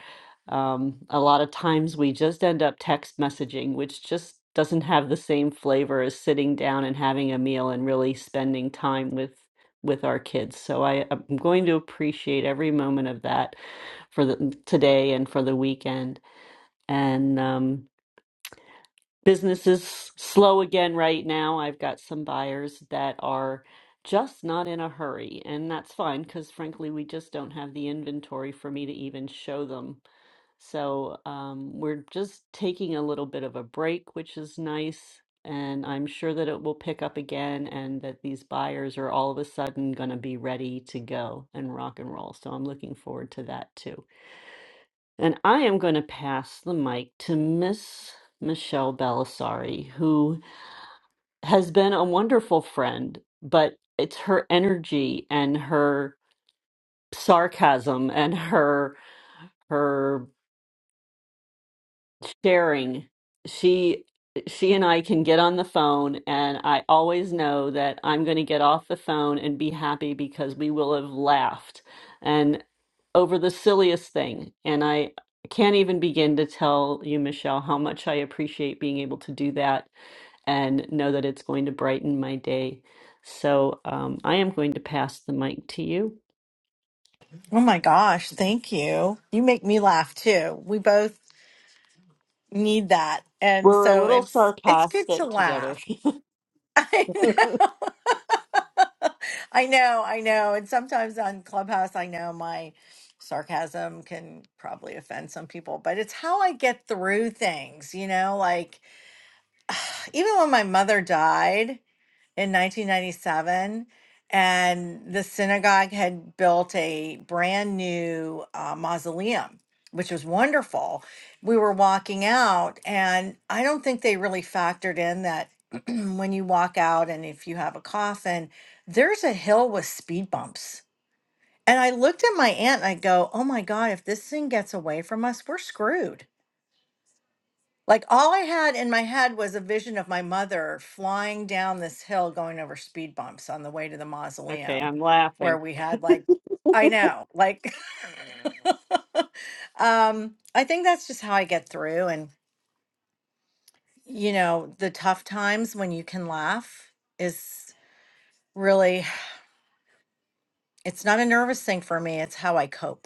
[SPEAKER 2] Um, a lot of times we just end up text messaging, which just doesn't have the same flavor as sitting down and having a meal and really spending time with with our kids. So I, I'm going to appreciate every moment of that for the mm, today and for the weekend. And um, business is slow again right now. I've got some buyers that are just not in a hurry, and that's fine because frankly, we just don't have the inventory for me to even show them so um, we're just taking a little bit of a break, which is nice. And I'm sure that it will pick up again and that these buyers are all of a sudden going to be ready to go and rock and roll. So I'm looking forward to that too. And I am going to pass the mic to Miss Michelle Belisari, who has been a wonderful friend, but it's her energy and her sarcasm and her her sharing she she and I can get on the phone and I always know that I'm going to get off the phone and be happy because we will have laughed and over the silliest thing and I can't even begin to tell you Michelle how much I appreciate being able to do that and know that it's going to brighten my day so um, I am going to pass the mic to you
[SPEAKER 9] Oh my gosh, thank you. You make me laugh too. We both need that. And
[SPEAKER 2] we're a
[SPEAKER 9] so
[SPEAKER 2] little
[SPEAKER 9] it's it's good to
[SPEAKER 2] sarcastic together
[SPEAKER 9] laugh. I know. I know, I know. And sometimes on Clubhouse, I know my sarcasm can probably offend some people, but it's how I get through things, you know, like even when my mother died, in 1997 and the synagogue had built a brand new uh, mausoleum which was wonderful we were walking out and i don't think they really factored in that when you walk out and if you have a coffin there's a hill with speed bumps and i looked at my aunt and i go oh my god if this thing gets away from us we're screwed like all I had in my head was a vision of my mother flying down this hill going over speed bumps on the way to the
[SPEAKER 2] okay
[SPEAKER 9] mausoleum
[SPEAKER 2] I'm
[SPEAKER 9] where
[SPEAKER 2] laughing
[SPEAKER 9] we had like I know, like um I think that's just how I get through and you know, the tough times when you can laugh is really it's not a nervous thing for me, it's how I cope.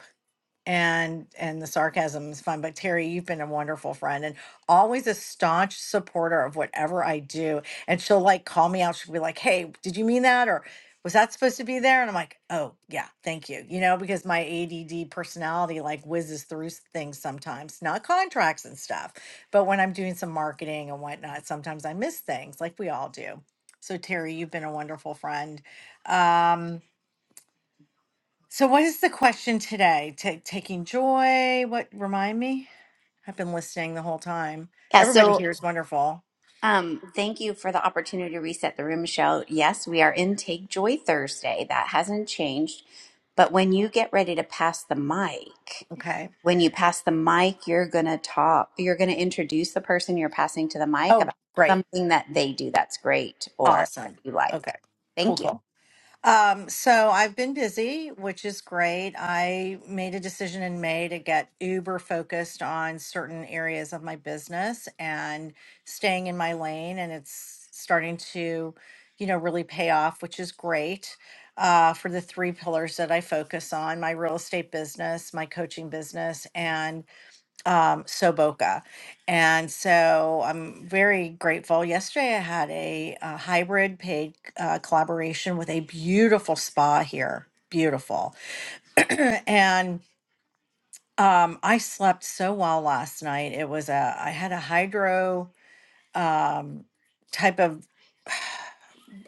[SPEAKER 9] and and the sarcasm is fun but terry you've been a wonderful friend and always a staunch supporter of whatever i do and she'll like call me out she'll be like hey did you mean that or was that supposed to be there and i'm like oh yeah thank you you know because my add personality like whizzes through s- things sometimes not contracts and stuff but when i'm doing some marketing and whatnot sometimes i miss things like we all do so terry you've been a wonderful friend Um, so, what is the question today? Ta taking joy? What remind me? I've been listening the whole time.
[SPEAKER 1] Yeah,
[SPEAKER 9] Everybody
[SPEAKER 1] so
[SPEAKER 9] here is wonderful.
[SPEAKER 1] um, thank you for the opportunity to reset the room, Michelle. Yes, we are in Take Joy Thursday. That hasn't changed. But when you get ready to pass the mic,
[SPEAKER 9] Okay.
[SPEAKER 1] when you pass the mic, you're going to talk, you're going to introduce the person you're passing to the mic
[SPEAKER 9] Oh,
[SPEAKER 1] about
[SPEAKER 9] great.
[SPEAKER 1] something that they do that's great or that
[SPEAKER 9] Awesome.
[SPEAKER 1] you like.
[SPEAKER 9] Okay. Cool,
[SPEAKER 1] Thank you.
[SPEAKER 9] cool. Um, so I've been busy, which is great. I made a decision in May to get uber focused on certain areas of my business and staying in my lane, and it's starting to, you know, really pay off, which is great. Uh, for the three pillars that I focus on my real estate business, my coaching business, and um, Soboka. And so I'm very grateful. Yesterday I had a, uh hybrid paid uh, collaboration with a beautiful spa here. Beautiful. and um, I slept so well last night. It was a, I had a hydro um, type of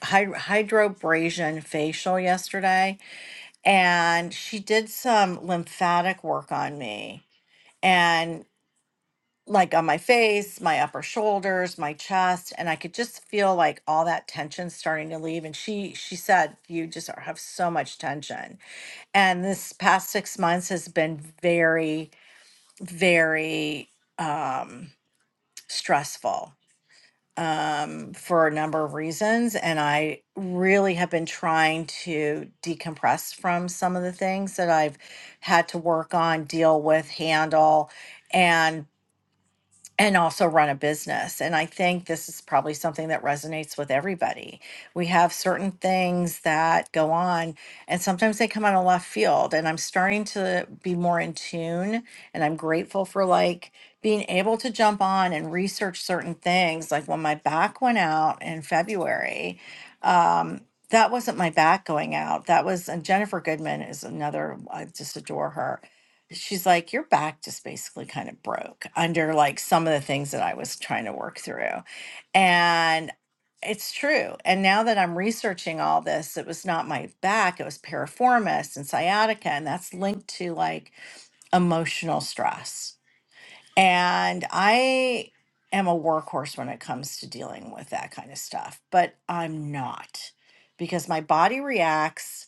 [SPEAKER 9] hy- hydrobrasion facial yesterday. And she did some lymphatic work on me. And like on my face, my upper shoulders, my chest, and I could just feel like all that tension starting to leave. And she she said, "You just are- have so much tension." And this past six months has been very, very um, stressful um, for a number of reasons. And I really have been trying to decompress from some of the things that I've had to work on, deal with, handle. and and also run a business. And I think this is probably something that resonates with everybody. We have certain things that go on, and sometimes they come out of left field. And I'm starting to be more in tune, and I'm grateful for like being able to jump on and research certain things. Like when my back went out in February, um, that wasn't my back going out. That was, and Jennifer Goodman is another, I just adore her she's like, Your back just basically kind of broke under like some of the things that I was trying to work through. And it's true. And now that I'm researching all this, it was not my back, it was piriformis and sciatica. And that's linked to like emotional stress. And I am a workhorse when it comes to dealing with that kind of stuff, but I'm not because my body reacts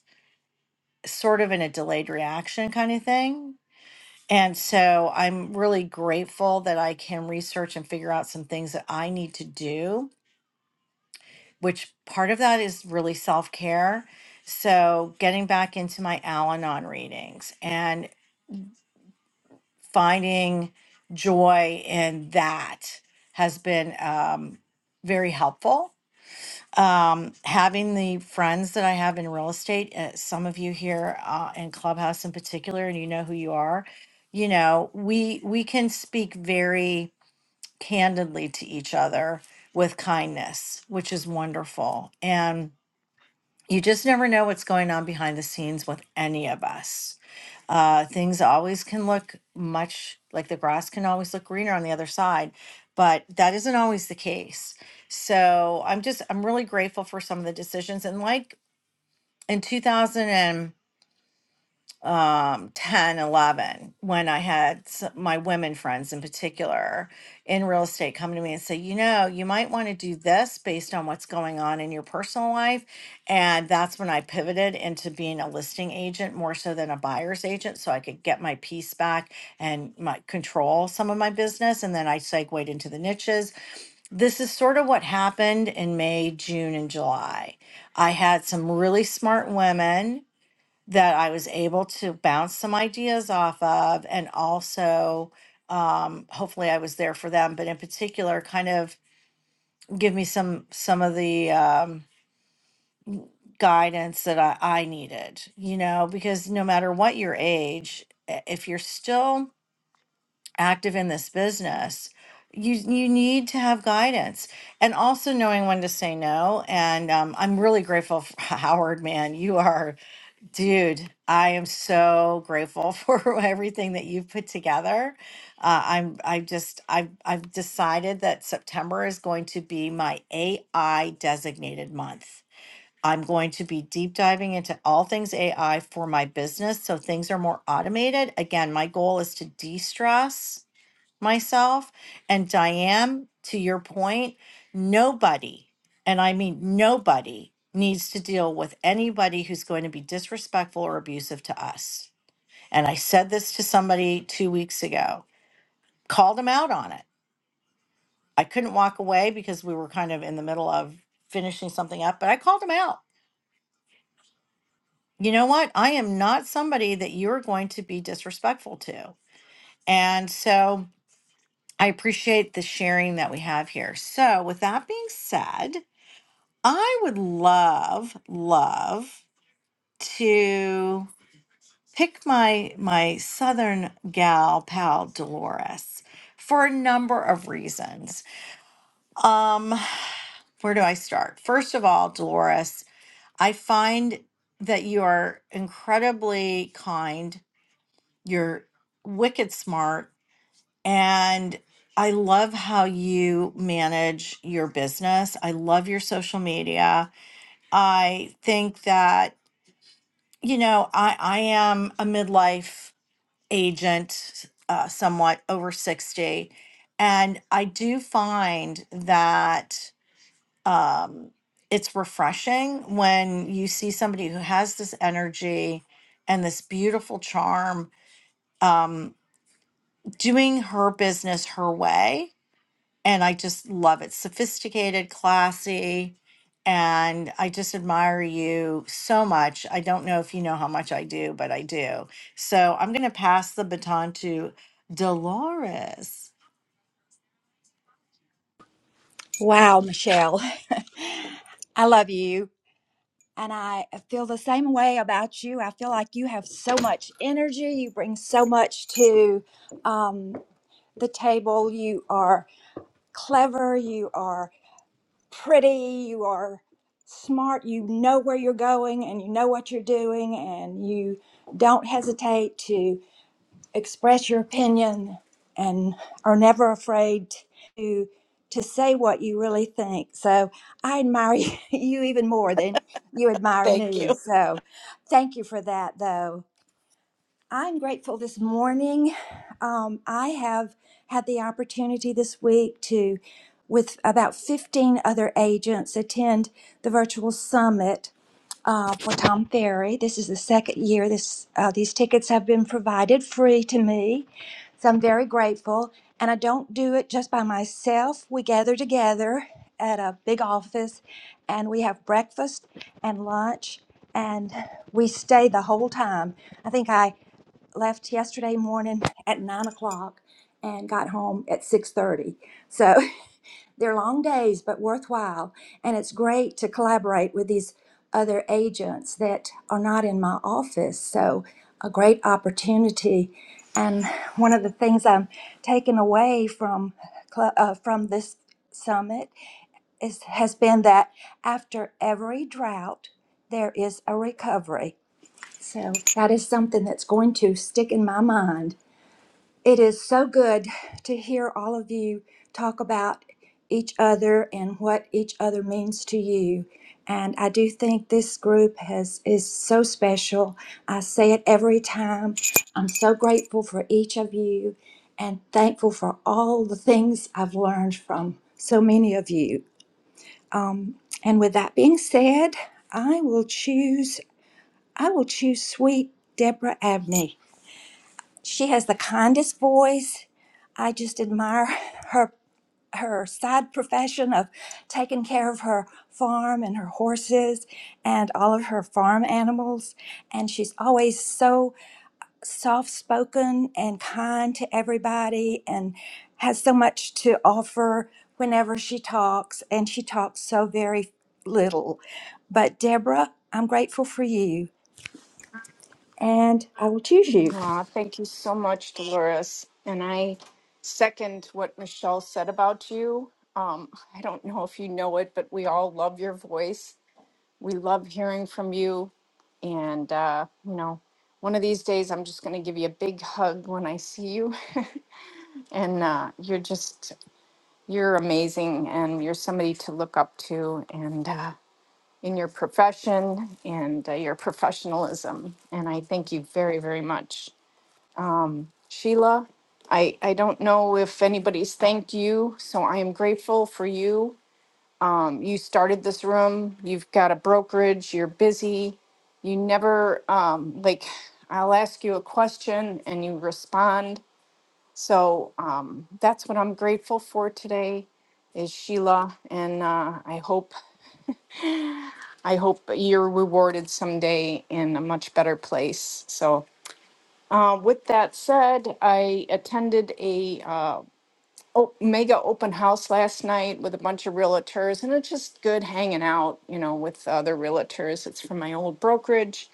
[SPEAKER 9] sort of in a delayed reaction kind of thing and so I'm really grateful that I can research and figure out some things that I need to do, which part of that is really self care. So getting back into my Al Anon readings and finding joy in that has been um, very helpful. Um, having the friends that I have in real estate, uh, some of you here uh, in Clubhouse in particular, and you know who you are, you know, we we can speak very candidly to each other with kindness, which is wonderful. And you just never know what's going on behind the scenes with any of us. Uh, things always can look much like the grass can always look greener on the other side, but that isn't always the case. So I'm just, I'm really grateful for some of the decisions. And like in 2000 um 10, 11. when i had s- my women friends in particular in real estate come to me and say you know you might want to do this based on what's going on in your personal life and that's when i pivoted into being a listing agent more so than a buyer's agent so i could get my piece back and my control some of my business and then i segued into the niches this is sort of what happened in may june and july i had some really smart women that I was able to bounce some ideas off of. And also, um, hopefully, I was there for them, but in particular, kind of give me some some of the um, guidance that I, I needed, you know, because no matter what your age, i- if you're still active in this business, you, you need to have guidance and also knowing when to say no. And um, I'm really grateful for Howard, man. You are Dude, I am so grateful for everything that you've put together. Uh, I'm I just I've I've decided that September is going to be my AI designated month. I'm going to be deep diving into all things AI for my business so things are more automated. Again, my goal is to de-stress myself. And Diane, to your point, nobody, and I mean nobody, needs to deal with anybody who's going to be disrespectful or abusive to us. And I said this to somebody two weeks ago, called him out on it. I couldn't walk away because we were kind of in the middle of finishing something up, but I called him out. You know what? I am not somebody that you're going to be disrespectful to. And so I appreciate the sharing that we have here. So, with that being said, I would love, love to pick my my southern gal pal Dolores for a number of reasons. Um, where do I start? First of all, Dolores, I find that you are incredibly kind. You're wicked smart and I love how you manage your business. I love your social media. I think that You know, I I am a midlife agent, uh, somewhat over 60, and I do find that um, it's refreshing when you see somebody who has this energy and this beautiful charm um, doing her business her way and I just love it. Sophisticated, classy, and I just admire you so much. I don't know if you know how much I do, but I do. So I'm going to pass the baton to Dolores.
[SPEAKER 10] Wow, Michelle. I love you. And I feel the same way about you. I feel like you have so much energy. You bring so much to um, the table. You are clever. You are pretty. You are smart. You know where you're going and you know what you're doing. And you don't hesitate express your opinion and are never afraid to to say what you really think. So I admire you even more than you admire
[SPEAKER 9] Thank
[SPEAKER 10] me.
[SPEAKER 9] you.
[SPEAKER 10] So thank you for that though. I'm grateful this morning. Um, I have had the opportunity this week to, with about 15 other agents, attend the virtual summit uh, for Tom Ferry. This is the second year this uh, these tickets have been provided free to me, so I'm very grateful. And I don't do it just by myself. We gather together at a big office, and we have breakfast and lunch, and we stay the whole time. I think I left yesterday morning at nine o'clock and got home at six thirty. So They're long days, but worthwhile. And it's great to collaborate with these other agents that are not in my office. So, a great opportunity. And one of the things I'm taking away from cl- uh, from this summit is has been that after every drought, there is a recovery. So that is something that's going to stick in my mind it is so good to hear all of you talk about each other and what each other means to you. And I do think this group has is so special. I say it every time. I'm so grateful for each of you and thankful for all the things I've learned from so many of you. And with that being said, I will choose I will choose sweet Deborah Abney. She has the kindest voice. I just admire her her side profession of taking care of her farm and her horses and all of her farm animals and she's always so soft spoken and kind to everybody and has so much to offer whenever she talks and she talks so very little but deborah i'm grateful for you and i will choose you
[SPEAKER 11] Aw, thank you so much, Dolores. And I second what Michelle said about you. Um, I don't know if you know it, but we all love your voice. We love hearing from you. And, uh, you know, one of these days I'm just going to give you a big hug when I see you. and uh, you're just, you're amazing. And you're somebody to look up to. And, uh, in your profession and uh, your professionalism. And I thank you very, very much. Sheila, I, I don't know if anybody's thanked you, so I am grateful for you. Um, you started this room, you've got a brokerage, you're busy. You never, um, like, I'll ask you a question and you respond. So um, that's what I'm grateful for today is Sheila. And uh, I hope, I hope you're rewarded someday in a much better place. So uh, with that said, I attended a, uh, o- mega open house last night with a bunch of realtors, and it's just good hanging out, you know, with other realtors. It's from my old brokerage,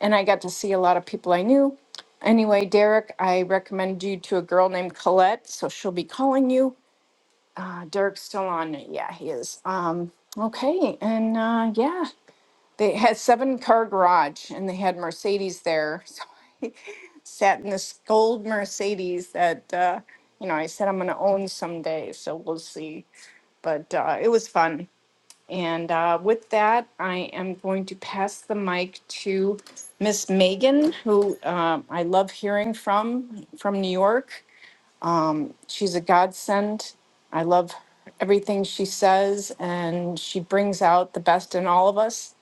[SPEAKER 11] and I got to see a lot of people I knew. Anyway, Derek, I recommend you to a girl named Colette, so she'll be calling you. Uh, Derek's still on. Yeah, he is. Um, okay, and uh, yeah, they had seven car garage, and they had Mercedes there. So sat in this gold Mercedes that uh, you know I said I'm going to own someday. So we'll see. But uh, it was fun. And uh, with that, I am going to pass the mic to Miss Megan, who uh, I love hearing from from New York. She's a godsend. I love everything she says, and she brings out the best in all of us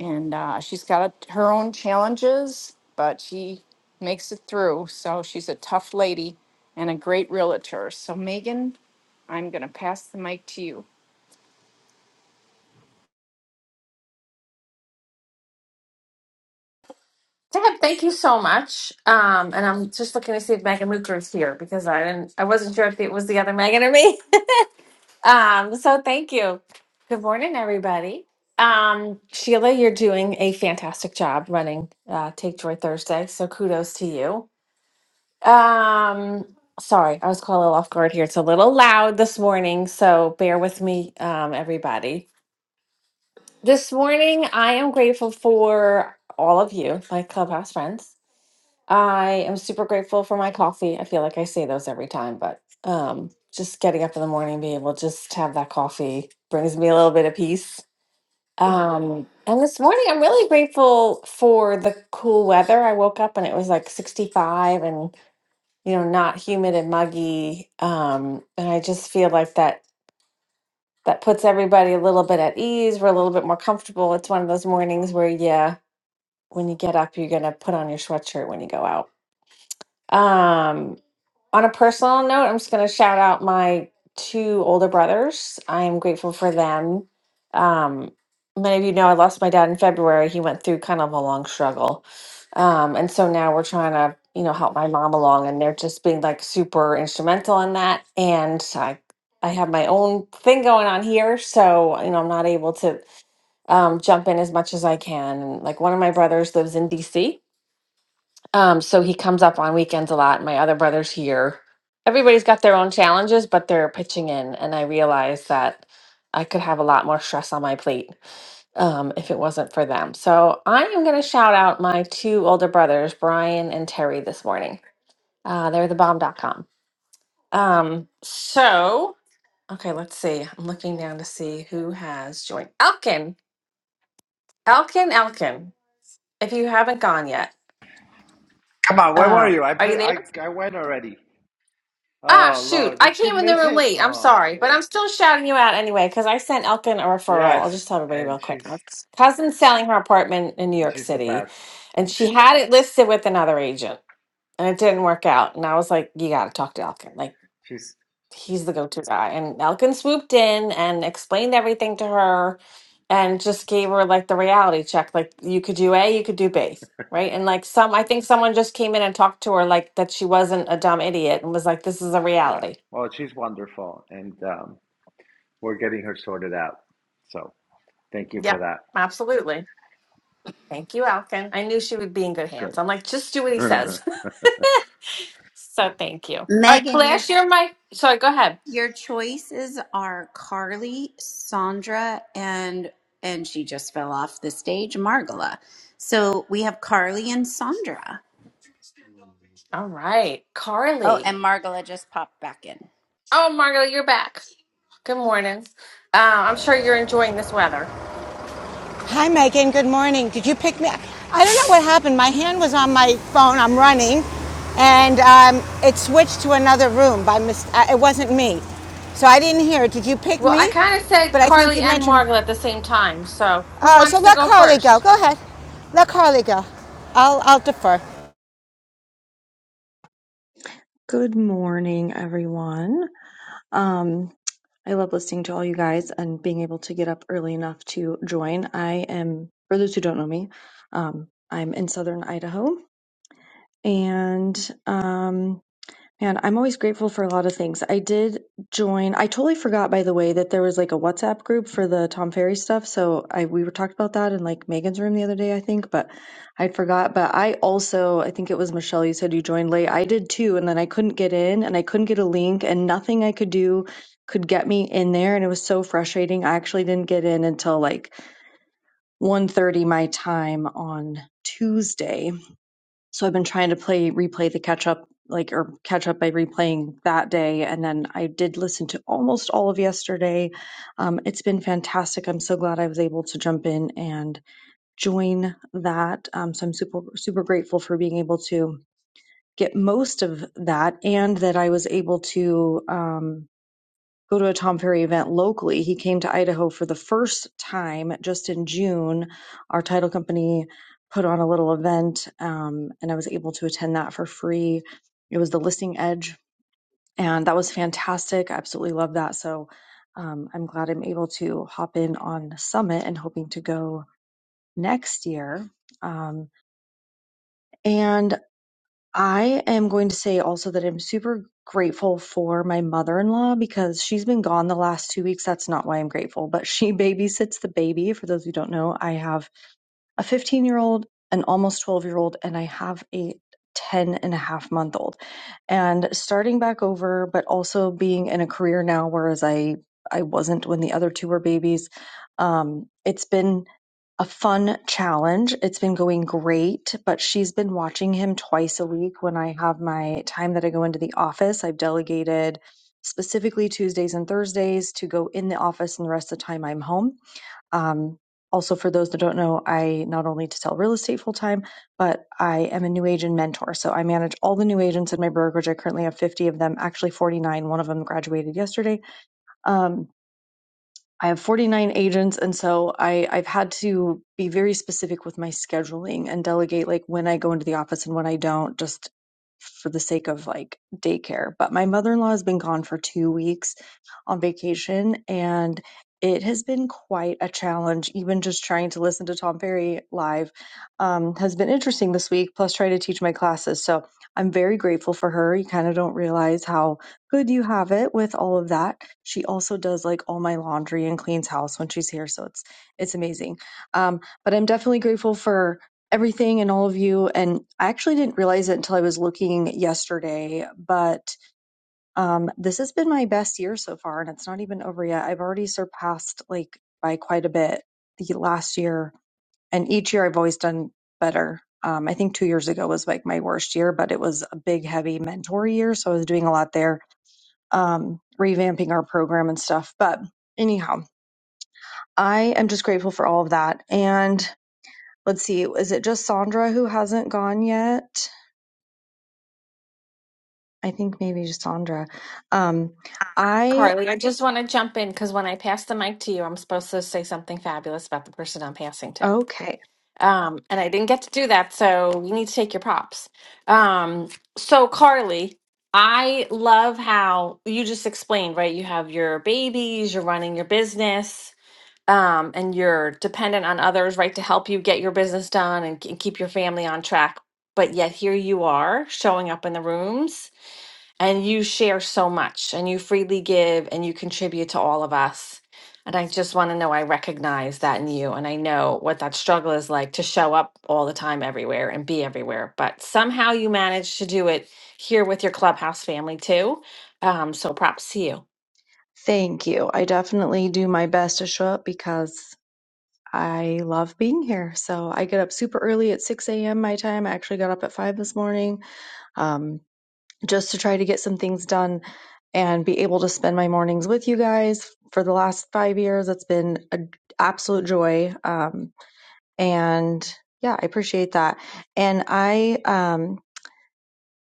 [SPEAKER 11] and uh, she's got a, her own challenges, but she makes it through. So she's a tough lady and a great realtor. So Megan, I'm going to pass the mic to you.
[SPEAKER 12] Deb, thank you so much. Um, and I'm just looking to see if Megan Luker is here because I didn't, I wasn't sure if it was the other Megan or me. Um, so thank you. Good morning, everybody. Um, Sheila, you're doing a fantastic job running uh, Take Joy Thursday. So kudos to you. Um, sorry, I was caught a little off guard here. It's a little loud this morning, so bear with me, um, everybody. This morning, I am grateful for all of you, my clubhouse friends. I am super grateful for my coffee. I feel like I say those every time, but um, just getting up in the morning, being able to just have that coffee brings me a little bit of peace. Um, and this morning, I'm really grateful for the cool weather. I woke up and it was like 65 and, you know, not humid and muggy. Um, and I just feel like that that puts everybody a little bit at ease. We're a little bit more comfortable. It's one of those mornings where, yeah, when you get up, you're going to put on your sweatshirt when you go out. Um, on a personal note, I'm just going to shout out my two older brothers. I am grateful for them. Um, many of you know I lost my dad in February. He went through kind of a long struggle. Um, and so now we're trying to, you know, help my mom along and they're just being like super instrumental in that. And I, I have my own thing going on here. So, you know, I'm not able to um, jump in as much as I can. Like one of my brothers lives in DC um, so he comes up on weekends a lot. My other brother's here. Everybody's got their own challenges, but they're pitching in. And I realized that I could have a lot more stress on my plate um, if it wasn't for them. So I am going to shout out my two older brothers, Brian and Terry, this morning. Uh, they're the bomb.com. Um, so, okay, let's see. I'm looking down to see who has joined. Elkin, Elkin, Elkin, if you haven't gone yet,
[SPEAKER 7] Come on, where were
[SPEAKER 12] um,
[SPEAKER 7] you? I
[SPEAKER 12] are you
[SPEAKER 7] put,
[SPEAKER 12] there?
[SPEAKER 7] I I went already.
[SPEAKER 12] Ah,
[SPEAKER 7] Oh
[SPEAKER 12] shoot.
[SPEAKER 7] Lord,
[SPEAKER 12] I
[SPEAKER 7] did you
[SPEAKER 12] came in the
[SPEAKER 7] miss
[SPEAKER 12] room
[SPEAKER 7] it?
[SPEAKER 12] late. I'm
[SPEAKER 7] Oh
[SPEAKER 12] sorry. But
[SPEAKER 7] man,
[SPEAKER 12] I'm still shouting you out anyway because I sent Elkin a referral. I'll
[SPEAKER 7] yes,
[SPEAKER 12] just tell everybody
[SPEAKER 7] and
[SPEAKER 12] real quick.
[SPEAKER 7] she's
[SPEAKER 12] My cousin's selling her apartment in New
[SPEAKER 7] and
[SPEAKER 12] York
[SPEAKER 7] she's the
[SPEAKER 12] City
[SPEAKER 7] best.
[SPEAKER 12] and she had it listed with another agent and it didn't work out. And I was like, you got to talk to
[SPEAKER 7] Yeah,
[SPEAKER 12] Elkin. Like,
[SPEAKER 7] she's
[SPEAKER 12] he's the go to guy. And Elkin swooped in and explained everything to her and just gave her like the reality check. Like, you could do A, you could do B. Right. And like some, I think someone just came in and talked to her like that she wasn't a dumb idiot and was like, this is a
[SPEAKER 7] Yeah.
[SPEAKER 12] reality
[SPEAKER 7] Well, she's wonderful, and um, we're getting her sorted out. So thank you
[SPEAKER 12] Yeah,
[SPEAKER 7] for that.
[SPEAKER 12] absolutely. Thank you, Alkin. I knew she would be in good hands.
[SPEAKER 7] Good.
[SPEAKER 12] I'm like, just do what he says. so thank you. All right,
[SPEAKER 1] Megan, you're.
[SPEAKER 12] Flash, you're my. Sorry, go ahead.
[SPEAKER 1] Your choices are Carly, Sandra, and and she just fell off the stage, Margola. So we have Carly and Sandra.
[SPEAKER 12] All right,
[SPEAKER 1] Oh,
[SPEAKER 12] Carly.
[SPEAKER 1] and Margola just popped back in.
[SPEAKER 12] Oh, Margo, you're back. Good morning. Uh, I'm sure you're enjoying this weather.
[SPEAKER 13] Hi, Megan. Good morning. Did you pick me? up? I don't know what happened. My hand was on my phone. I'm running, and um, it switched to another room by mis- uh, It wasn't me, so I didn't hear it. Did you pick
[SPEAKER 12] Well, I
[SPEAKER 13] me?
[SPEAKER 12] kind of said
[SPEAKER 13] But I think
[SPEAKER 12] Carly
[SPEAKER 13] you
[SPEAKER 12] and
[SPEAKER 13] mentioned.
[SPEAKER 12] Margo at the same time. So who
[SPEAKER 13] Uh, so
[SPEAKER 12] wants to
[SPEAKER 13] let
[SPEAKER 12] go
[SPEAKER 13] Carly go.
[SPEAKER 12] first?
[SPEAKER 13] Go ahead. Let Carly go. I'll I'll defer.
[SPEAKER 8] Good morning, everyone. Um, I love listening to all you guys and being able to get up early enough to join. I am, for those who don't know me, um, I'm in southern Idaho and um, Man, I'm always grateful for a lot of things. I did join. I totally forgot, by the way, that there was like a WhatsApp group for the Tom Ferry stuff. So I we were talked about that in like Megan's room the other day, I think, but I forgot. But I also, I think it was Michelle. You said you joined late. I did too, and then I couldn't get in, and I couldn't get a link, and nothing I could do could get me in there, and it was so frustrating. I actually didn't get in until like 1:30 my time on Tuesday so I've been trying to play replay the catch up like or catch up by replaying that day and then I did listen to almost all of yesterday. Um, it's been fantastic. I'm so glad I was able to jump in and join that. Um, so I'm super super grateful for being able to get most of that and that I was able to um, go to a Tom Ferry event locally. He came to Idaho for the first time just in June. Our title company put on a little event, um, and I was able to attend that for free. It was the Listing Edge, and that was fantastic. I absolutely love that. So um, I'm glad I'm able to hop in on Summit and hoping to go next year. Um, and I am going to say also that I'm super grateful for my mother in law because she's been gone the last two weeks. That's not why I'm grateful, but she babysits the baby. For those who don't know, I have a 15 year old, an almost 12 year old, and I have a 10 and a half month old and starting back over, but also being in a career now, whereas I I wasn't when the other two were babies. Um, it's been a fun challenge. It's been going great, but she's been watching him twice a week when I have my time that I go into the office. I've delegated specifically Tuesdays and Thursdays to go in the office, and the rest of the time I'm home um, also, for those that don't know, I not only sell real estate full time, but I am a new agent mentor. So I manage all the new agents in my brokerage. I currently have 50 of them, actually 49. One of them graduated yesterday. Um, I have 49 agents, and so I, I've had to be very specific with my scheduling and delegate like when I go into the office and when I don't, just for the sake of like daycare. But my mother in law has been gone for two weeks on vacation, and it has been quite a challenge. Even just trying to listen to Tom Ferry live um, has been interesting this week, plus try to teach my classes. So I'm very grateful for her. You kind of don't realize how Good you have it with all of that. She also does like all my laundry and cleans house when she's here, so it's it's amazing. Um, but I'm definitely grateful for everything and all of you. And I actually didn't realize it until I was looking yesterday, but um, this has been my best year so far, and it's not even over yet. I've already surpassed like by quite a bit the last year, and each year I've always done better. Um, I think two years ago was like my worst year, but it was a big, heavy mentor year, so I was doing a lot there um, revamping our program and stuff. But anyhow, I am just grateful for all of that. And let's see, is it just Sandra who hasn't gone yet? I think maybe just Sandra. Um, I,
[SPEAKER 12] Carly, I just want to jump in because when I pass the mic to you, I'm supposed to say something fabulous about the person I'm passing to.
[SPEAKER 8] okay,
[SPEAKER 12] Um, and I didn't get to do that, so you need to take your props. Um, so Carly, I love how you just explained, right? You have your babies, you're running your business, um, and you're dependent on others, right, to help you get your business done and, and keep your family on track. But yet here you are showing up in the rooms and you share so much and you freely give and you contribute to all of us. And I just want to know I recognize that in you and I know what that struggle is like to show up all the time everywhere and be everywhere. But somehow you manage to do it here with your clubhouse family too. Um, so props to you.
[SPEAKER 8] thank you. I definitely do my best to show up because I love being here. So I get up super early at 6 a.m. my time. I actually got up at 5 this morning. Um, just to try to get some things done and be able to spend my mornings with you guys for the last five years. It's been an absolute joy. Um, and yeah, I appreciate that. And I, um,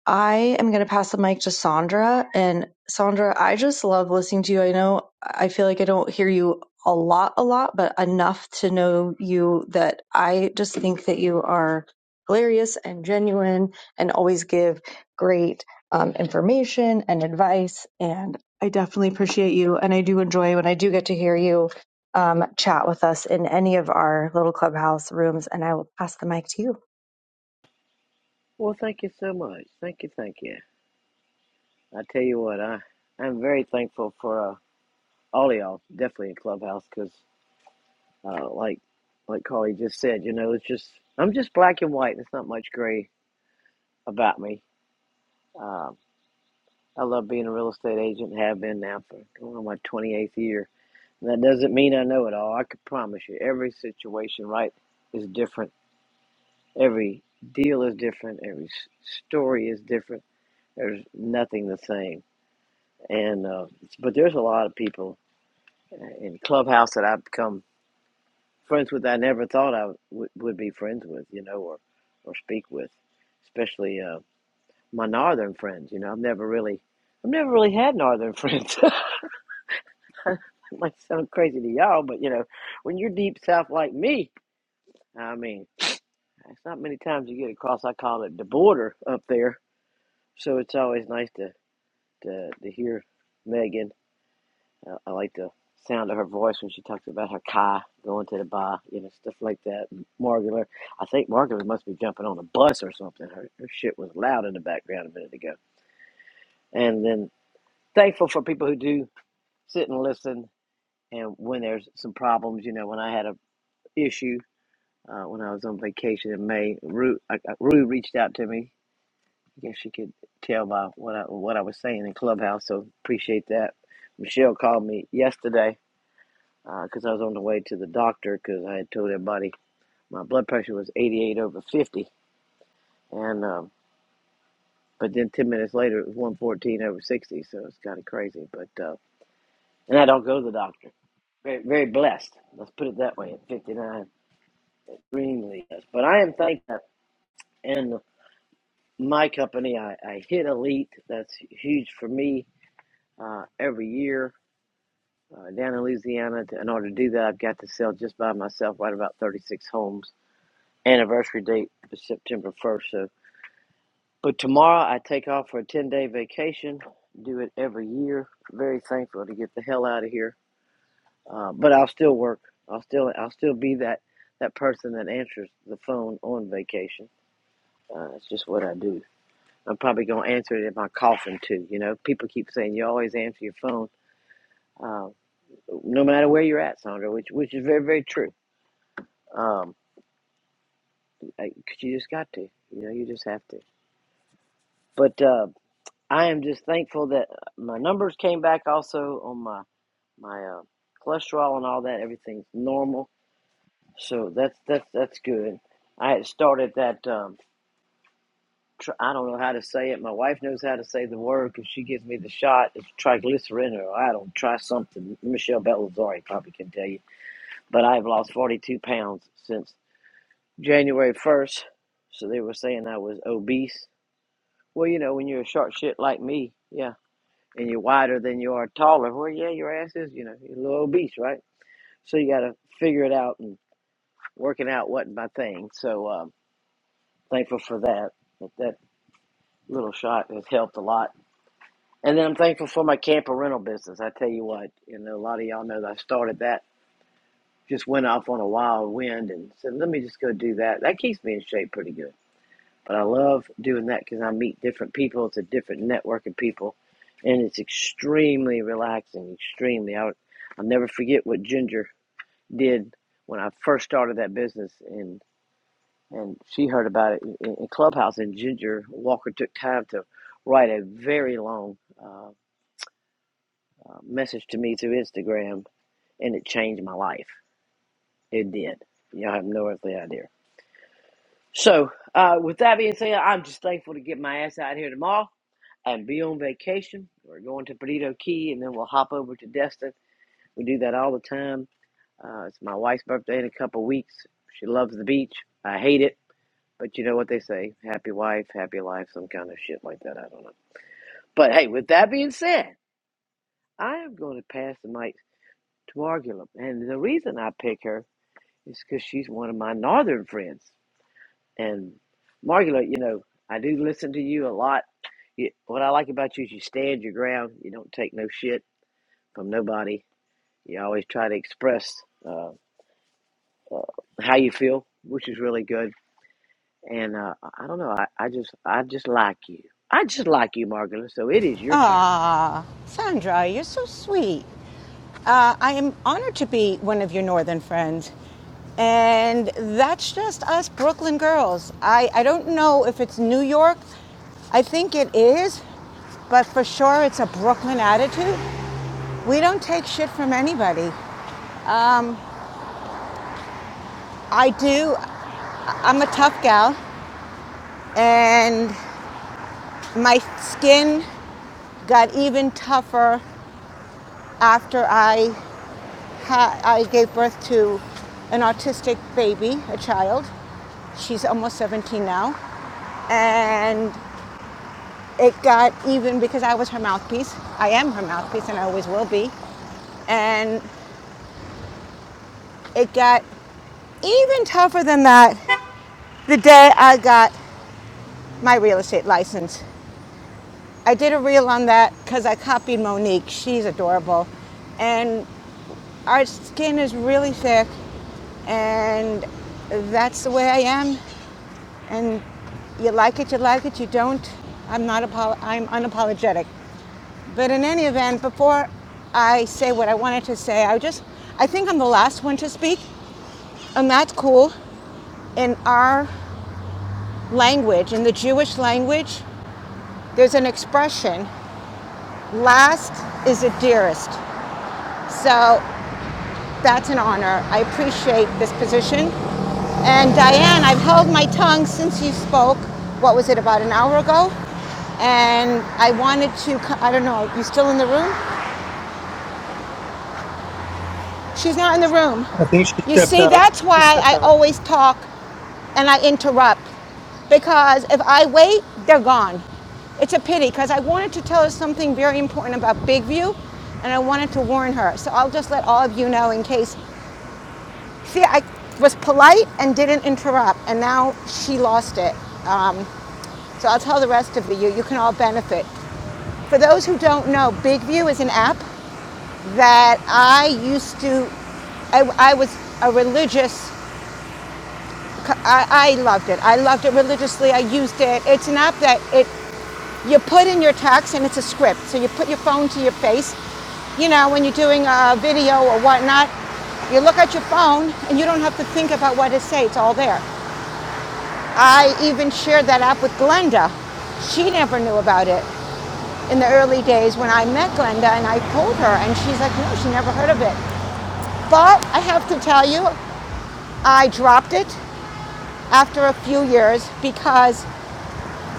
[SPEAKER 8] I am going to pass the mic to Sandra. And Sandra, I just love listening to you. I know I feel like I don't hear you a lot, a lot, but enough to know you that I just think that you are hilarious and genuine and always give great um, information and advice. And I definitely appreciate you. And I do enjoy when I do get to hear you um, chat with us in any of our little clubhouse rooms. And I will pass the mic to you.
[SPEAKER 14] Well, thank you so much. Thank you, thank you. I tell you what, I I'm very thankful for uh, all of y'all, definitely in Clubhouse, because uh, like like Carly just said, you know, it's just I'm just black and white. There's not much gray about me. Um, I love being a real estate agent. Have been now for going on my 28th year. And that doesn't mean I know it all. I can promise you, every situation, right, is different. Every deal is different. Every s- story is different. There's nothing the same And uh, but there's a lot of people in Clubhouse that I've become friends with. that I never thought I would would be friends with, you know, or or speak with, especially uh, my northern friends. You know, I've never really. I've never really had northern friends. it might sound crazy to y'all, but you know, when you're deep south like me, I mean, it's not many times you get across. I call it the border up there, so it's always nice to to, to hear Megan I, like the sound of her voice when she talks about her car going to the bar, you know, stuff like that. Margular, I think Margular must be jumping on a bus or something. Her, her shit was loud in the background a minute ago. And then thankful for people who do sit and listen. And when there's some problems, you know, when I had a issue uh, when I was on vacation in May, Rue, I, I- Rue reached out to me. I guess she could tell by what I what I was saying in Clubhouse. So appreciate that. Michelle called me yesterday because uh, I was on the way to the doctor because I had told everybody my blood pressure was 88 over 50, and um, but then 10 minutes later it was 114 over 60, so it's kind of crazy. But uh, and I don't go to the doctor. Very, very blessed. Let's put it that way. At 59, extremely blessed. But I am thankful. And my company, I, I hit elite. That's huge for me uh, every year. Uh, down in Louisiana, in order to do that, I've got to sell just by myself right about 36 homes anniversary date is September 1st, But tomorrow I take off for a 10 day vacation, do it every year. Very thankful to get the hell out of here. Uh, but I'll still work. I'll still I'll still be that, that person that answers the phone on vacation. Uh, it's just what I do. I'm probably going to answer it in my coffin too. You know, people keep saying you always answer your phone, uh, no matter where you're at, Sandra, which which is very very true. Um, I- 'cause you just got to, you know, you just have to. But uh, I am just thankful that my numbers came back also on my my uh, cholesterol and all that. Everything's normal, so that's that's that's good. I had started that. Um, tr- I don't know how to say it. My wife knows how to say the word because she gives me the shot. It's triglycerin, or I don't try something. Michelle Bellazzari probably can tell you. But I've lost 42 pounds since January 1st. So they were saying I was obese. Well, you know, when you're a short shit like me, yeah, and you're wider than you are taller, well, yeah, your ass is, you know, you're a little obese, right? So you got to figure it out. and. working out wasn't my thing. So um, thankful for that. That that little shot has helped a lot. And then I'm thankful for my camper rental business. I tell you what, you know, a lot of y'all know that I started that. Just went off on a wild wind and said, let me just go do that. That keeps me in shape pretty good. But I love doing that because I meet different people. It's a different network of people. And it's extremely relaxing, extremely. I would, I'll never forget what Ginger did when I first started that business. in and she heard about it in, in Clubhouse. And Ginger Walker took time to write a very long uh, uh, message to me through Instagram, and it changed my life. It did. Y'all have no earthly idea. So, uh, with that being said, I'm just thankful to get my ass out here tomorrow and be on vacation. We're going to Perdido Key, and then we'll hop over to Destin. We do that all the time. Uh, it's my wife's birthday in a couple weeks. She loves the beach. I hate it. But you know what they say happy wife, happy life, some kind of shit like that. I don't know. But hey, with that being said, I am going to pass the mic to Argula. And the reason I pick her is because she's one of my northern friends. And Margula, you know, I do listen to you a lot. You, what I like about you is you stand your ground. You don't take no shit from nobody. You always try to express uh, uh, how you feel, which is really good And uh, I don't know. I, I just I just like you. I just like you, Margaret. So it is your turn.
[SPEAKER 13] Ah, Sandra, you're so sweet. Uh, I am honored to be one of your northern friends. And that's just us Brooklyn girls. I, I don't know if it's New York. I think it is, but for sure it's a Brooklyn attitude. We don't take shit from anybody. I do. I- I'm a tough gal, and my skin got even tougher after I ha- I gave birth to an autistic baby, a child. She's almost 17 now. And it got even because I was her mouthpiece. I am her mouthpiece and I always will be. And it got even tougher than that the day I got my real estate license. I did a reel on that because I copied Monique. She's adorable. And our skin is really thick and that's the way I am. and you like it, you like it. You don't. I'm not. Apo- I'm unapologetic. But in any event, before I say what I wanted to say, I just. I think I'm the last one to speak, and that's cool. In our language, in the Jewish language, there's an expression: "Last is the dearest." So That's an honor. I appreciate this position. And Diane, I've held my tongue since you spoke, what was it, about an hour ago? And I wanted to, I don't know, you still in the room? She's not in the room.
[SPEAKER 3] I think she
[SPEAKER 13] You
[SPEAKER 3] stepped
[SPEAKER 13] see,
[SPEAKER 3] out.
[SPEAKER 13] that's
[SPEAKER 3] She
[SPEAKER 13] why
[SPEAKER 3] stepped
[SPEAKER 13] I
[SPEAKER 3] out.
[SPEAKER 13] always talk and I interrupt. Because if I wait, they're gone. It's a pity because I wanted to tell her something very important about Big View and I wanted to warn her. So I'll just let all of you know in case See, I was polite and didn't interrupt, and now she lost it. Um, so I'll tell the rest of you. You can all benefit. For those who don't know, Big View is an app that I used to. I, I was a religious. I, I loved it. I loved it religiously. I used it. It's an app that it you put in your text and it's a script. So you put your phone to your face. You know when you're doing a video or whatnot, you look at your phone and you don't have to think about what to say. It's all there. I even shared that app with Glenda. She never knew about it in the early days when I met Glenda and I told her, and she's like, no, she never heard of it. But I have to tell you, I dropped it after a few years because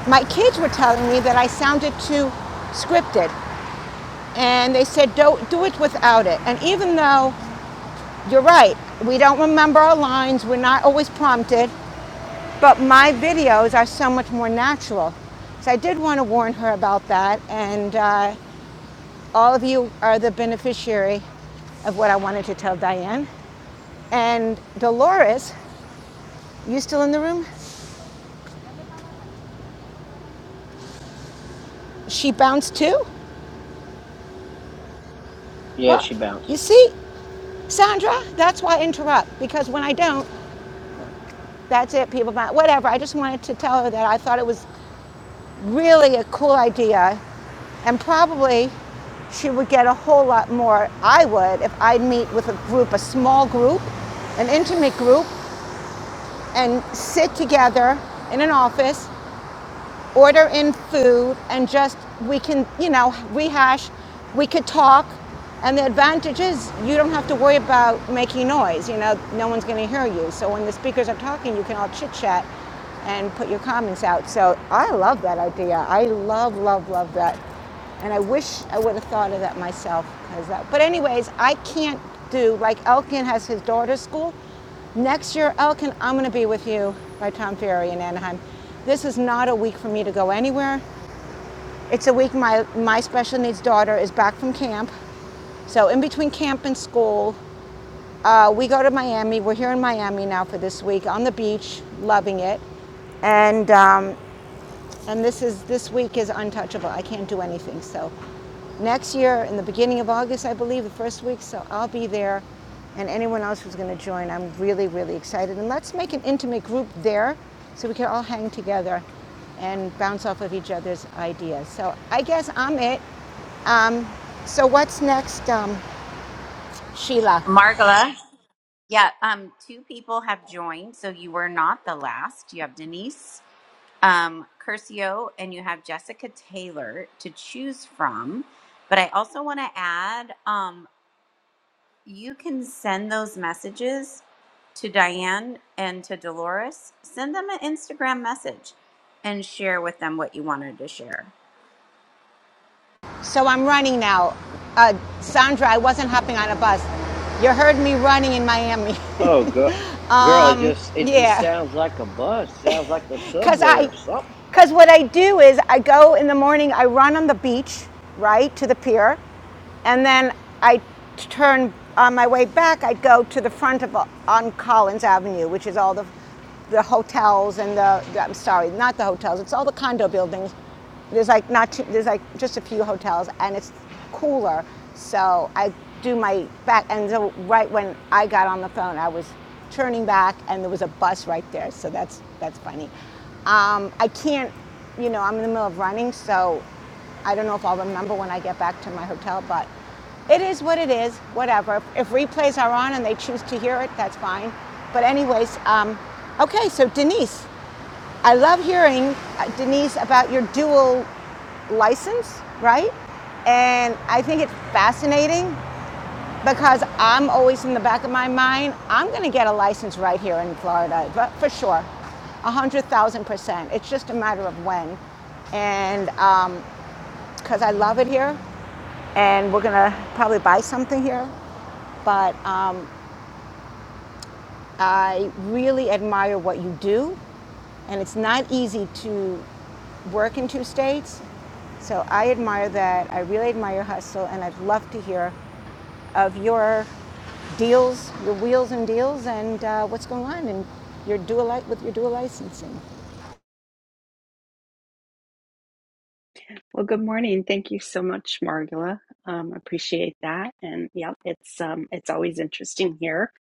[SPEAKER 13] my kids were telling me that I sounded too scripted. And they said, don't do it without it. And even though you're right, we don't remember our lines, we're not always prompted, But my videos are so much more natural. So I did want to warn her about that. And uh, all of you are the beneficiary of what I wanted to tell Diane. And Dolores, you still in the room? She bounced too?
[SPEAKER 14] Yeah,
[SPEAKER 13] Well,
[SPEAKER 14] she bounced.
[SPEAKER 13] you see, Sandra, that's why I interrupt. Because when I don't, that's it. People bounce. Whatever. I just wanted to tell her that I thought it was really a cool idea. And probably she would get a whole lot more, I would, if I'd meet with a group, a small group, an intimate group, and sit together in an office order in food and just we can you know rehash we could talk and the advantage is you don't have to worry about making noise you know no one's going to hear you so when the speakers are talking you can all chit chat and put your comments out so i love that idea i love love love that and I wish I would have thought of that myself. 'cause that, but anyways, I can't do like Elkin has his daughter's school. Next year, Elkin, I'm going to be with you by Tom Ferry in Anaheim. This is not a week for me to go anywhere. It's a week my my special needs daughter is back from camp. So in between camp and school, uh, we go to Miami. We're here in Miami now for this week on the beach, loving it. And um, and this is this week is untouchable. I can't do anything. So next year, in the beginning of August, I believe, the first week, so I'll be there. And anyone else who's going to join, I'm really, really excited. And let's make an intimate group there so we can all hang together and bounce off of each other's ideas. So I guess I'm it. Um, so what's next, um, Sheila?
[SPEAKER 1] Margola. Yeah, um, two people have joined, so you were not the last. You have Denise um, Curcio and you have Jessica Taylor to choose from. But I also want to add, um. you can send those messages to Diane and to Dolores. Send them an Instagram message and share with them what you wanted to share.
[SPEAKER 13] So I'm running now. Uh, Sandra, I wasn't hopping on a bus. You heard me running in Miami.
[SPEAKER 14] Oh, girl, girl, it
[SPEAKER 13] um,
[SPEAKER 14] just it just
[SPEAKER 13] yeah.
[SPEAKER 14] sounds like a bus. Sounds like a
[SPEAKER 13] Because
[SPEAKER 14] subway
[SPEAKER 13] I,
[SPEAKER 14] or something.
[SPEAKER 13] because what I do is I go in the morning, I run on the beach, right, to the pier. And then I turn, on my way back, I'd go to the front of, on Collins Avenue, which is all the, the hotels and the, the- I'm sorry, not the hotels, it's all the condo buildings. There's like not, too, there's like just a few hotels and it's cooler. So I do my back, and so right when I got on the phone, I was turning back and there was a bus right there. So that's, that's funny. Um, I can't, you know, I'm in the middle of running, so I don't know if I'll remember when I get back to my hotel, but it is what it is, whatever. If replays are on and they choose to hear it, that's fine. But, anyways, um, okay, so Denise, I love hearing, uh, Denise, about your dual license, right? And I think it's fascinating because I'm always in the back of my mind, I'm going to get a license right here in Florida, but for sure, 100,000%. It's just a matter of when. And um, because I love it here, and we're gonna probably buy something here. But um, I really admire what you do, and it's not easy to work in two states. So I admire that. I really admire your hustle, and I'd love to hear of your deals, your wheels and deals, and uh, what's going on, and your dual li- with your dual licensing.
[SPEAKER 15] Well, good morning. Thank you so much, Margula. Um, appreciate that. And yeah, it's um, it's always interesting here,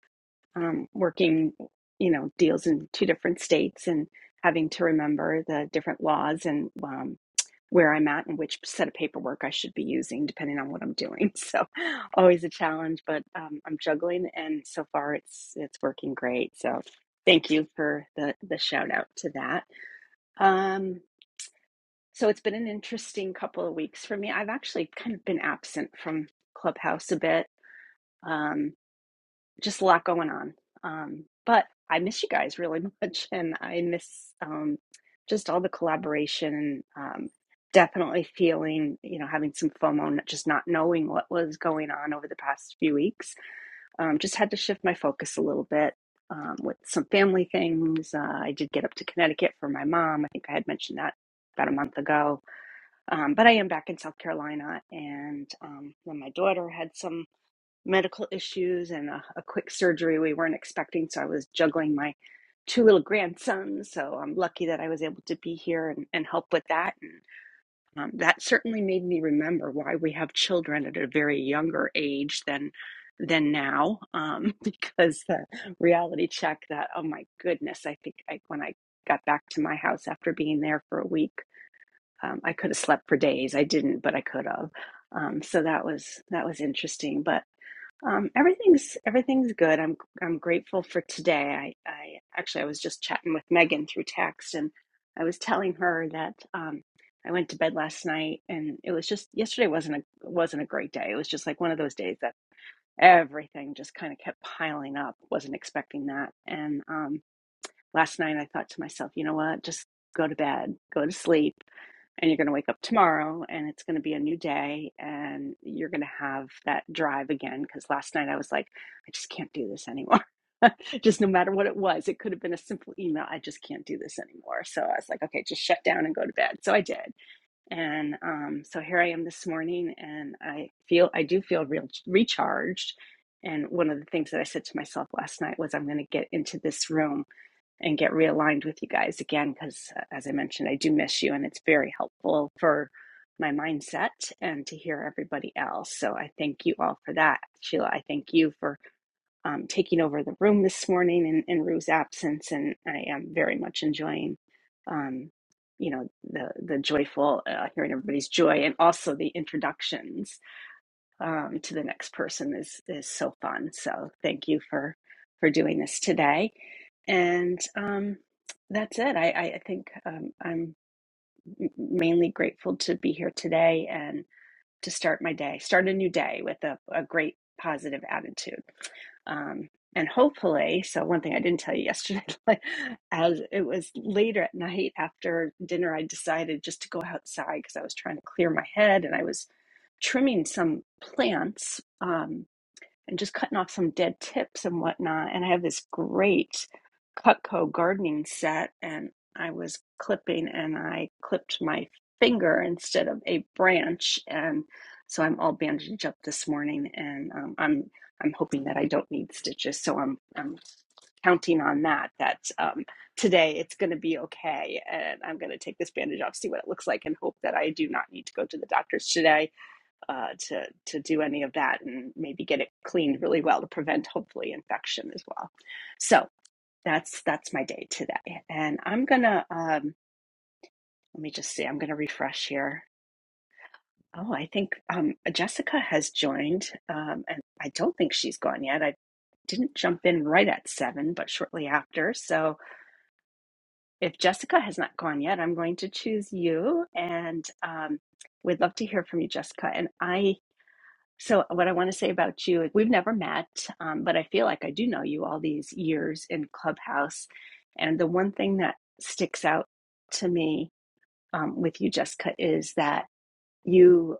[SPEAKER 15] um, working, you know, deals in two different states and having to remember the different laws and um, where I'm at and which set of paperwork I should be using, depending on what I'm doing. So, always a challenge, but um, I'm juggling, and so far it's it's working great. So, thank you for the the shout out to that. Um, so it's been an interesting couple of weeks for me. I've actually kind of been absent from Clubhouse a bit. Um, just a lot going on. Um, but I miss you guys really much, and I miss um, just all the collaboration. Um, definitely feeling, you know, having some FOMO, just not knowing what was going on over the past few weeks. Um, just had to shift my focus a little bit. Um, with some family things, uh, I did get up to Connecticut for my mom. I think I had mentioned that about a month ago um, but I am back in South Carolina, and um, then my daughter had some medical issues and a, a quick surgery we weren't expecting. So I was juggling my two little grandsons. So I'm lucky that I was able to be here and, and help with that. And um, that certainly made me remember why we have children at a very younger age than than now, um, because the reality check that oh my goodness, I think I, when I got back to my house after being there for a week um, I could have slept for days. I didn't, but I could have. Um, so that was that was interesting. But um, everything's everything's good. I'm I'm grateful for today. I, I actually I was just chatting with Megan through text, and I was telling her that um, I went to bed last night, and it was just yesterday wasn't a wasn't a great day. It was just like one of those days that everything just kind of kept piling up. Wasn't expecting that, and um, last night I thought to myself, you know what, just go to bed, go to sleep and you're going to wake up tomorrow and it's going to be a new day and you're going to have that drive again because last night i was like i just can't do this anymore just no matter what it was it could have been a simple email i just can't do this anymore so i was like okay just shut down and go to bed so i did and um, so here i am this morning and i feel i do feel real recharged and one of the things that i said to myself last night was i'm going to get into this room and get realigned with you guys again because as i mentioned i do miss you and it's very helpful for my mindset and to hear everybody else so i thank you all for that sheila i thank you for um, taking over the room this morning in, in rue's absence and i am very much enjoying um, you know the the joyful uh, hearing everybody's joy and also the introductions um, to the next person is is so fun so thank you for for doing this today and um, that's it. I, I, I think um, I'm m- mainly grateful to be here today and to start my day, start a new day with a, a great positive attitude. Um, and hopefully, so one thing I didn't tell you yesterday, like, as it was later at night after dinner, I decided just to go outside because I was trying to clear my head and I was trimming some plants. Um, and just cutting off some dead tips and whatnot. And I have this great Cutco gardening set, and I was clipping and I clipped my finger instead of a branch, and so I'm all bandaged up this morning, and um, I'm I'm hoping that I don't need stitches, so I'm I'm counting on that. That um, today it's going to be okay, and I'm going to take this bandage off, see what it looks like, and hope that I do not need to go to the doctor's today uh, to to do any of that and maybe get it cleaned really well to prevent hopefully infection as well. So that's that's my day today, and I'm gonna um, let me just see. I'm gonna refresh here. Oh, I think um, Jessica has joined, um, and I don't think she's gone yet. I didn't jump in right at seven, but shortly after. So if Jessica has not gone yet, I'm going to choose you, and um, we'd love to hear from you, Jessica. And I So, uh, what I want to say about you, we've never met, um, but I feel like I do know you all these years in Clubhouse. And the one thing that sticks out to me um, with you, Jessica, is that you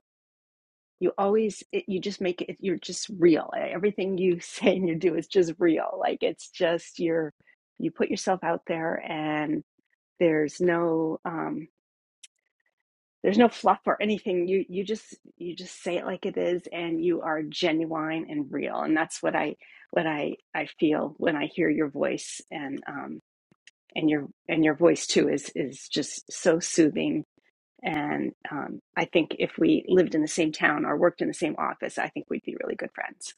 [SPEAKER 15] you always it, you just make it. You're just real. e, Everything you say and you do is just real. Like it's just you're you put yourself out there, and there's no. um, there's no fluff or anything you you just you just say it like it is and you are genuine and real and that's what i what i i feel when i hear your voice and um and your and your voice too is is just so soothing and um i think if we lived in the same town or worked in the same office i think we'd be really good friends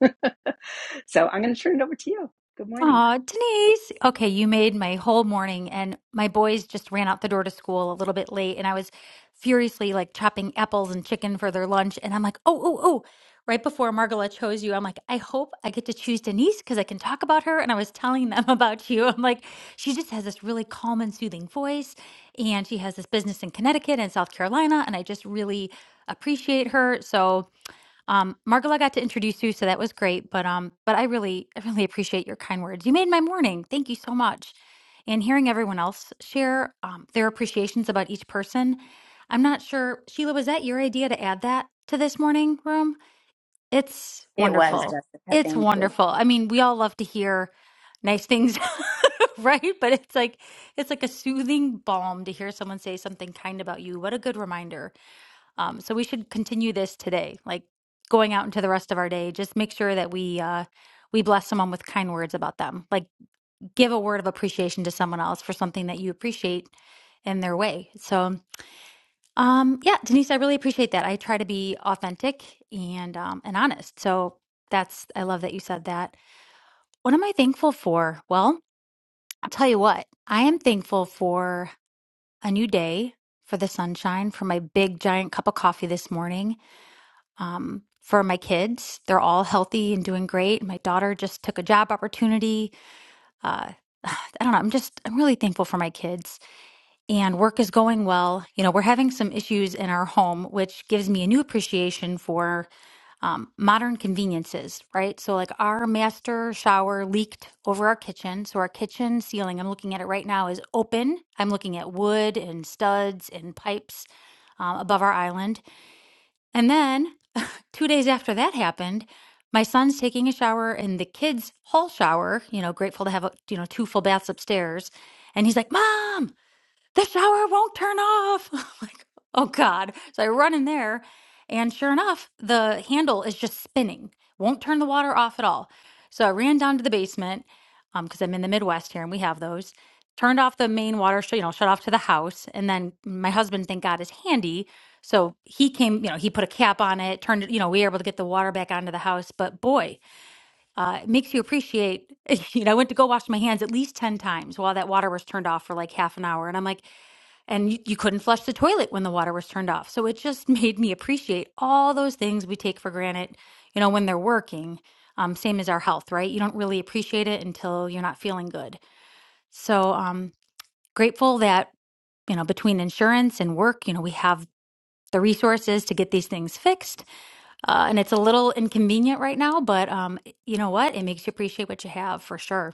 [SPEAKER 15] so i'm going to turn it over to you good morning
[SPEAKER 16] Aw, Denise. Okay, you made my whole morning, and my boys just ran out the door to school a little bit late, and I was furiously like chopping apples and chicken for their lunch. And I'm like, oh, oh, oh. Right before Margola chose you, I'm like, I hope I get to choose Denise because I can talk about her. And I was telling them about you. I'm like, she just has this really calm and soothing voice, and she has this business in Connecticut and South Carolina, and I just really appreciate her. So, um, Margola got to introduce you, so that was great. But um, but I really, I really appreciate your kind words. You made my morning. Thank you so much. And hearing everyone else share um, their appreciations about each person, I'm not sure, Sheila, was that your idea to add that to this morning room? It's
[SPEAKER 1] It was was.
[SPEAKER 16] wonderful.
[SPEAKER 1] Jessica.
[SPEAKER 16] It's
[SPEAKER 1] Thank you.
[SPEAKER 16] wonderful. I mean, we all love to hear nice things, right? But it's like it's like a soothing balm to hear someone say something kind about you. What a good reminder um, so we should continue this today, like going out into the rest of our day. Just make sure that we uh, we bless someone with kind words about them. Like give a word of appreciation to someone else for something that you appreciate in their way. So um, yeah, Denise, I really appreciate that. I try to be authentic and um, and honest. So that's I love that you said that. What am I thankful for? Well, I'll tell you what. I am thankful for a new day, for the sunshine, for my big giant cup of coffee this morning. um, for my kids. They're all healthy and doing great. My daughter just took a job opportunity. Uh, I don't know. I'm just, I'm really thankful for my kids and work is going well. You know, we're having some issues in our home, which gives me a new appreciation for um, modern conveniences, right? So, like our master shower leaked over our kitchen. So, our kitchen ceiling, I'm looking at it right now, is open. I'm looking at wood and studs and pipes um, above our island. And then Two days after that happened, my son's taking a shower in the kids' hall shower, you know, grateful to have, you know, two full baths upstairs. And he's like, Mom, the shower won't turn off. I'm like, oh God. So I run in there, and sure enough, the handle is just spinning, won't turn the water off at all. So I ran down to the basement because I'm in the Midwest here and we have those. Turned off the main water, sh- you know, shut off to the house. And then my husband, thank God, is handy. So he came, you know, he put a cap on it, turned it, you know, we were able to get the water back onto the house. But boy, uh, it makes you appreciate, you know, I went to go wash my hands at least 10 times while that water was turned off for like half an hour. And I'm like, and you, you couldn't flush the toilet when the water was turned off. So it just made me appreciate all those things we take for granted, you know, when they're working. Um, same as our health, right? You don't really appreciate it until you're not feeling good. So um, grateful that you know between insurance and work, you know, we have the resources to get these things fixed. Uh, and it's a little inconvenient right now, but um, you know what? It makes you appreciate what you have for sure.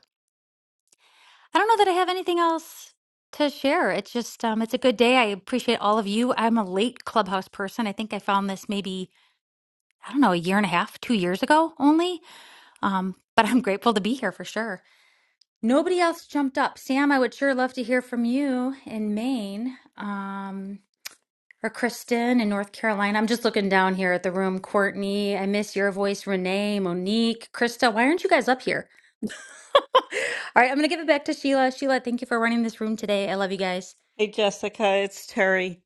[SPEAKER 16] I don't know that I have anything else to share. It's just um it's a good day. I appreciate all of you. I'm a late Clubhouse person. I think I found this maybe, I don't know, a year and a half, 2 years ago only. Um but I'm grateful to be here for sure. Nobody else jumped up. Sam, I would sure love to hear from you in Maine. Um or Kristen in North Carolina. I'm just looking down here at the room. Courtney, I miss your voice. Renee, Monique, Krista, why aren't you guys up here? All right, I'm going to give it back to Sheila. Sheila, thank you for running this room today. I love you guys.
[SPEAKER 2] Hey Jessica, it's Terry.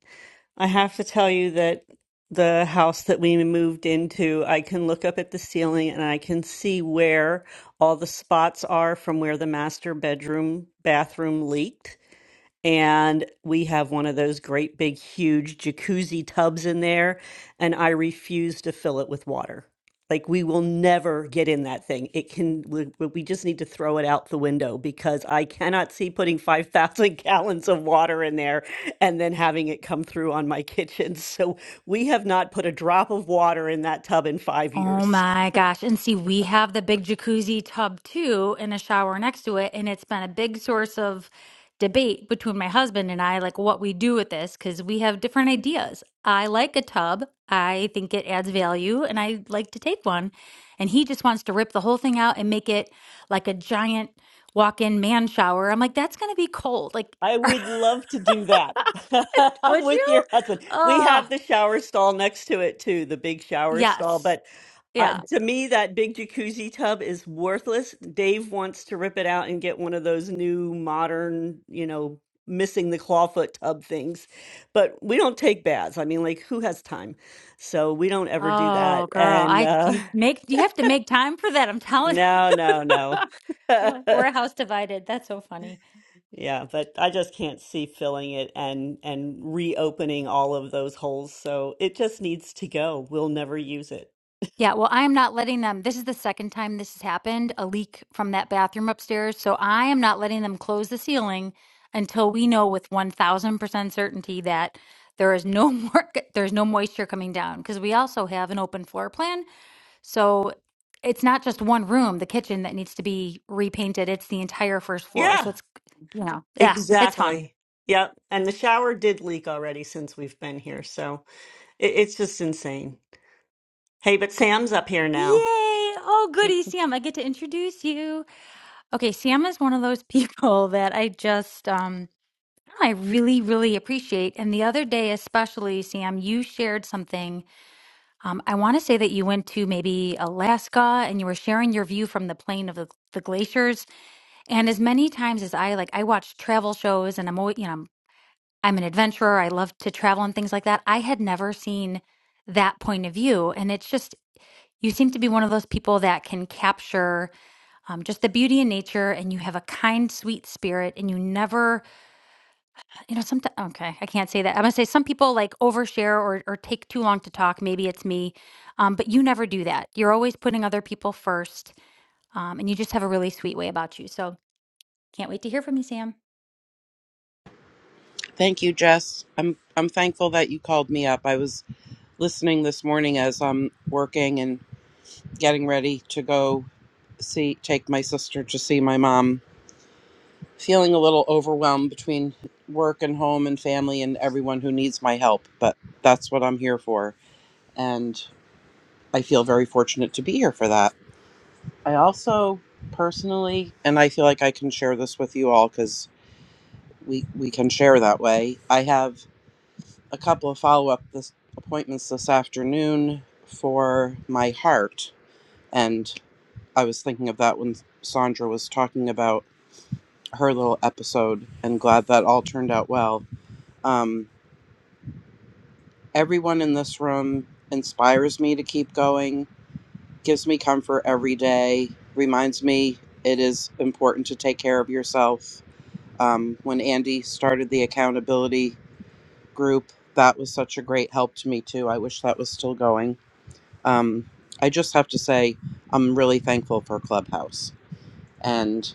[SPEAKER 2] I have to tell you that the house that we moved into, I can look up at the ceiling and I can see where all the spots are from where the master bedroom bathroom leaked. And we have one of those great big huge jacuzzi tubs in there, and I refuse to fill it with water. Like we will never get in that thing. It can we, we just need to throw it out the window because I cannot see putting 5,000 gallons of water in there and then having it come through on my kitchen. So we have not put a drop of water in that tub in five
[SPEAKER 16] Oh
[SPEAKER 2] years.
[SPEAKER 16] my gosh. And see, we have the big jacuzzi tub too and a shower next to it. And it's been a big source of debate between my husband and I, like what we do with this, because we have different ideas. I like a tub, I think it adds value, and I like to take one. And he just wants to rip the whole thing out and make it like a giant walk in man shower. I'm like, that's going to be cold. Like,
[SPEAKER 2] I would love to do that. I'm
[SPEAKER 16] would
[SPEAKER 2] with
[SPEAKER 16] you?
[SPEAKER 2] your husband. We
[SPEAKER 16] Oh,
[SPEAKER 2] have the shower stall next to it too, the big shower stall.
[SPEAKER 16] yes.
[SPEAKER 2] But uh,
[SPEAKER 16] Yeah.
[SPEAKER 2] to me, that big jacuzzi tub is worthless. Dave wants to rip it out and get one of those new modern, you know, missing the clawfoot tub things. But we don't take baths. I mean, like, who has time? So we don't ever do that.
[SPEAKER 16] Oh, girl,
[SPEAKER 2] And
[SPEAKER 16] I
[SPEAKER 2] uh,
[SPEAKER 16] you make you have to make time for that. I'm telling
[SPEAKER 2] no,
[SPEAKER 16] you.
[SPEAKER 2] no, no.
[SPEAKER 16] Oh, We're a house divided. That's so funny.
[SPEAKER 2] Yeah, but I just can't see filling it and and reopening all of those holes. So it just needs to go. We'll never use it.
[SPEAKER 16] Yeah, well, I am not letting them. This is the second time this has happened, a leak from that bathroom upstairs. So I am not letting them close the ceiling until we know with 1000% certainty that there is no more there's no moisture coming down because we also have an open floor plan So it's not just one room, the kitchen that needs to be repainted. It's the entire first floor.
[SPEAKER 2] Yeah.
[SPEAKER 16] So it's, you know, yeah, it's fun.
[SPEAKER 2] Exactly. Yep. And the shower did leak already since we've been here. So it, it's just insane. Hey, but Sam's up here now.
[SPEAKER 16] Yay! Oh, goody, Sam. I get to introduce you. Okay, Sam is one of those people that I just, um, I really, really appreciate. And the other day, especially, Sam, you shared something. Um, I want to say that you went to maybe Alaska and you were sharing your view from the plane of the, the glaciers. And as many times as I like, I watch travel shows and I'm always, you know, I'm an adventurer. I love to travel and things like that. I had never seen that point of view. And it's just, you seem to be one of those people that can capture um, just the beauty in nature and you have a kind, sweet spirit and you never, you know, sometimes, okay, I can't say that. I'm going to say some people like overshare or, or take too long to talk. Maybe it's me, um, but you never do that. You're always putting other people first um, and you just have a really sweet way about you. So can't wait to hear from you, Sam.
[SPEAKER 17] Thank you, Jess. I'm I'm thankful that you called me up. I was listening this morning as I'm working and getting ready to go see take my sister to see my mom. Feeling a little overwhelmed between work and home and family and everyone who needs my help, but that's what I'm here for and I feel very fortunate to be here for that. I also personally and I feel like I can share this with you all cuz we we can share that way. I have a couple of follow up this appointments this afternoon for my heart, and I was thinking of that when Sandra was talking about her little episode, and glad that all turned out well. Um, everyone in this room inspires me to keep going, gives me comfort every day, reminds me it is important to take care of yourself. Um, when Andy started the accountability group, that was such a great help to me too. I wish that was still going Um, I just have to say, I'm really thankful for Clubhouse, and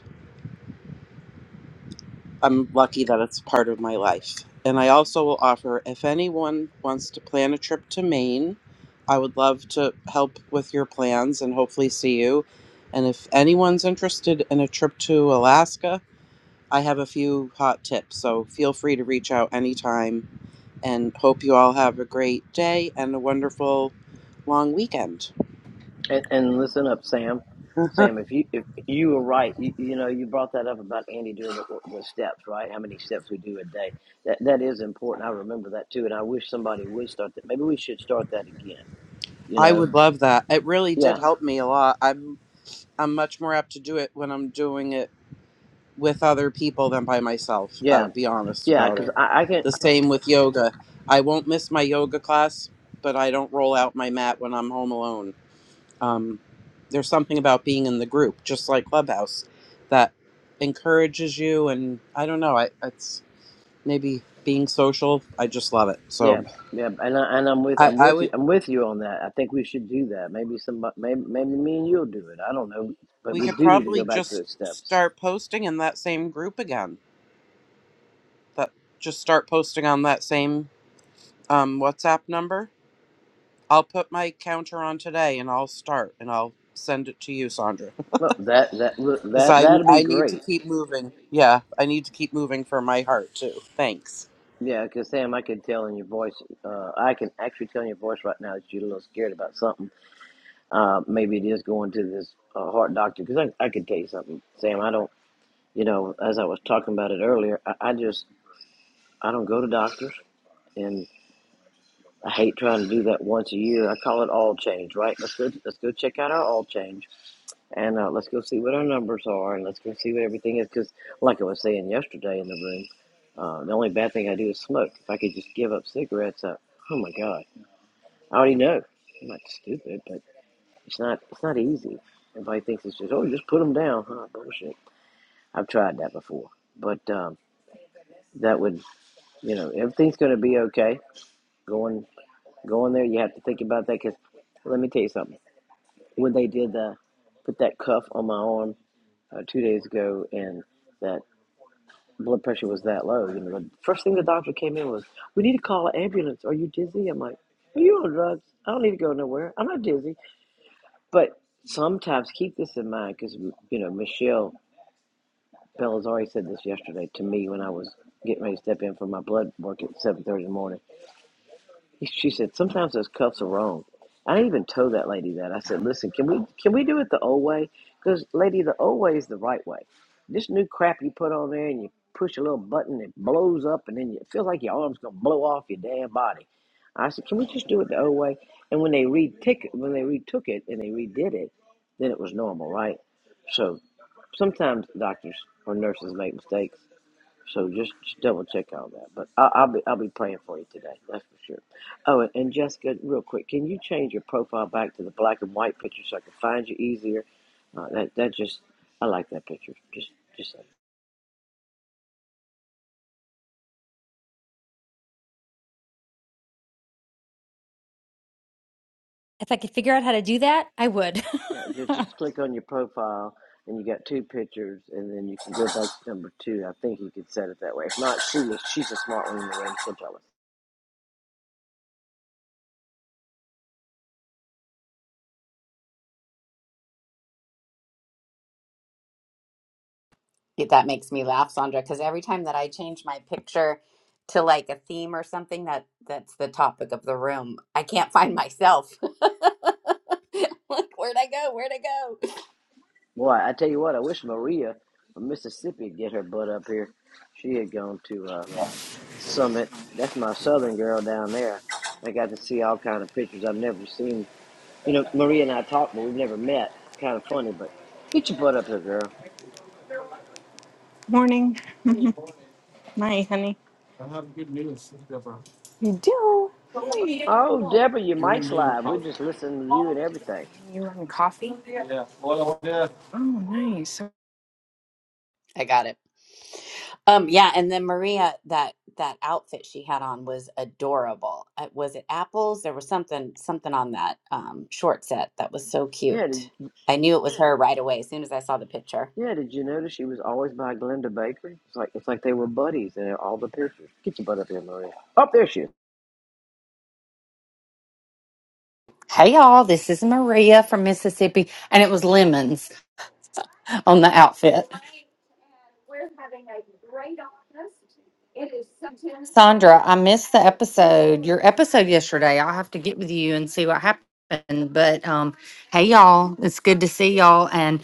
[SPEAKER 17] I'm lucky that it's part of my life. And I also will offer if anyone wants to plan a trip to Maine, I would love to help with your plans and hopefully see you. And if anyone's interested in a trip to Alaska, I have a few hot tips. So feel free to reach out anytime and hope you all have a great day and a wonderful long weekend.
[SPEAKER 14] And, and listen up, Sam. Sam, if you if you were right, you, you know you brought that up about Andy doing the, the steps, right? How many steps we do a day? That that is important. I remember that too, and I wish somebody would start that. Maybe we should start that again. You
[SPEAKER 17] I
[SPEAKER 14] know?
[SPEAKER 17] would love that. It really did
[SPEAKER 14] Yeah,
[SPEAKER 17] help me a lot. I'm I'm much more apt to do it when I'm doing it with other people than by myself. I'll
[SPEAKER 14] yeah,
[SPEAKER 17] be honest
[SPEAKER 14] yeah.
[SPEAKER 17] about
[SPEAKER 14] Because
[SPEAKER 17] it.
[SPEAKER 14] I, I can.
[SPEAKER 17] The same with yoga. I won't miss my yoga class, but I don't roll out my mat when I'm home alone. Um, there's something about being in the group, just like Clubhouse, that encourages you. And I don't know. I it's maybe being social. I just love it.
[SPEAKER 14] Yeah,
[SPEAKER 17] So
[SPEAKER 14] yeah, and I, and I'm with
[SPEAKER 17] I,
[SPEAKER 14] I'm
[SPEAKER 17] I
[SPEAKER 14] with
[SPEAKER 17] would.
[SPEAKER 14] you I'm with you on that. I think we should do that. Maybe some maybe maybe me and you'll do it. I don't know, but
[SPEAKER 17] We
[SPEAKER 14] we
[SPEAKER 17] could
[SPEAKER 14] do need to go
[SPEAKER 17] probably
[SPEAKER 14] back to
[SPEAKER 17] just
[SPEAKER 14] those steps.
[SPEAKER 17] start posting in that same group again. That just start posting on that same um, WhatsApp number. I'll put my counter on today, and I'll start, and I'll send it to you, Sandra,
[SPEAKER 14] Look, that that look,
[SPEAKER 17] because
[SPEAKER 14] that
[SPEAKER 17] I
[SPEAKER 14] that'd be
[SPEAKER 17] I need to
[SPEAKER 14] great.
[SPEAKER 17] keep moving. Yeah, I need to keep moving for my heart too. Thanks.
[SPEAKER 14] Yeah, because Sam, I can tell in your voice. Uh, I can actually tell in your voice right now that you're a little scared about something. Uh, maybe it is going to this uh, heart doctor. Because I I can tell you something, Sam. I don't. You know, as I was talking about it earlier, I, I just I don't go to doctors, and. I hate trying to do that once a year. I call it all change, right? Let's go. Let's go check out our all change, and uh, let's go see what our numbers are, and let's go see what everything is. Because, like I was saying yesterday in the room, uh, the only bad thing I do is smoke. If I could just give up cigarettes, uh, oh my god, I already know. I'm not stupid, but it's not. It's not easy. Everybody thinks it's just oh, just put them down. Huh, bullshit. I've tried that before, but um, that would you know everything's going to be okay. Going going there, you have to think about that because let me tell you something when they did the put that cuff on my arm uh, two days ago and that blood pressure was that low, you know, the first thing the doctor came in was, "We need to call an ambulance. Are you dizzy?" I'm like, "Are you on drugs? I don't need to go nowhere. I'm not dizzy." But sometimes keep this in mind because you know Michelle Bellazzari said this yesterday to me when I was getting ready to step in for my blood work at 7:30 in the morning She said, sometimes those cuffs are wrong. I even told that lady that. I said, listen, can we can we do it the old way? Because, lady, the old way is the right way. This new crap you put on there and you push a little button, it blows up, and then you, it feels like your arm's going to blow off your damn body. I said, can we just do it the old way? And when they retick, when they retook it and they redid it, then it was normal, right? So sometimes doctors or nurses make mistakes. So just, just double check all that. But I, I'll be I'll be praying for you today. That's for sure. Oh, and, and Jessica, real quick, can you change your profile back to the black and white picture so I can find you easier? Uh, that that just I like that picture. Just just say-
[SPEAKER 16] If I could figure out how to do that, I would.
[SPEAKER 14] yeah. Just just click on your profile and you got two pictures, and then you can go back to number two. I think you can set it that way. If not, she was she's a smart one in the room. She'll tell us.
[SPEAKER 1] Yeah, That makes me laugh, Sandra, because every time that I change my picture to like a theme or something that that's the topic of the room, I can't find myself. Like, where'd I go? Where'd I go?
[SPEAKER 14] Boy, I tell you what, I wish Maria from Mississippi would get her butt up here. She had gone to. Uh, Summit. That's my southern girl down there. I got to see all kind of pictures I've never seen. You know, Maria and I talked, but we've never met. Kind of funny, but get your butt up here, girl.
[SPEAKER 11] Morning, my honey. I have good news, Deborah. You do.
[SPEAKER 14] Oh, Deborah, your
[SPEAKER 11] You and
[SPEAKER 14] mic's
[SPEAKER 11] me in
[SPEAKER 14] live. We're
[SPEAKER 11] coffee.
[SPEAKER 14] just listening to you and everything.
[SPEAKER 11] You run coffee? Yeah, all over there. Oh, nice.
[SPEAKER 1] I got it. Um, yeah, and then Maria, that that outfit she had on was adorable. Uh, Was it apples? There was something something on that um, short set that was so
[SPEAKER 14] Yeah,
[SPEAKER 1] cute.
[SPEAKER 14] did,
[SPEAKER 1] I knew it was her right away as soon as I saw the picture.
[SPEAKER 14] yeah. Did you notice she was always by Glenda Baker? It's like it's like they were buddies in all the pictures. Get your butt up here, Maria. Oh, there she is.
[SPEAKER 18] Hey y'all, this is Maria from Mississippi, and it was lemons on the outfit. Sandra, I missed the episode, your episode yesterday. I'll have to get with you and see what happened. But um, hey y'all, it's good to see y'all. And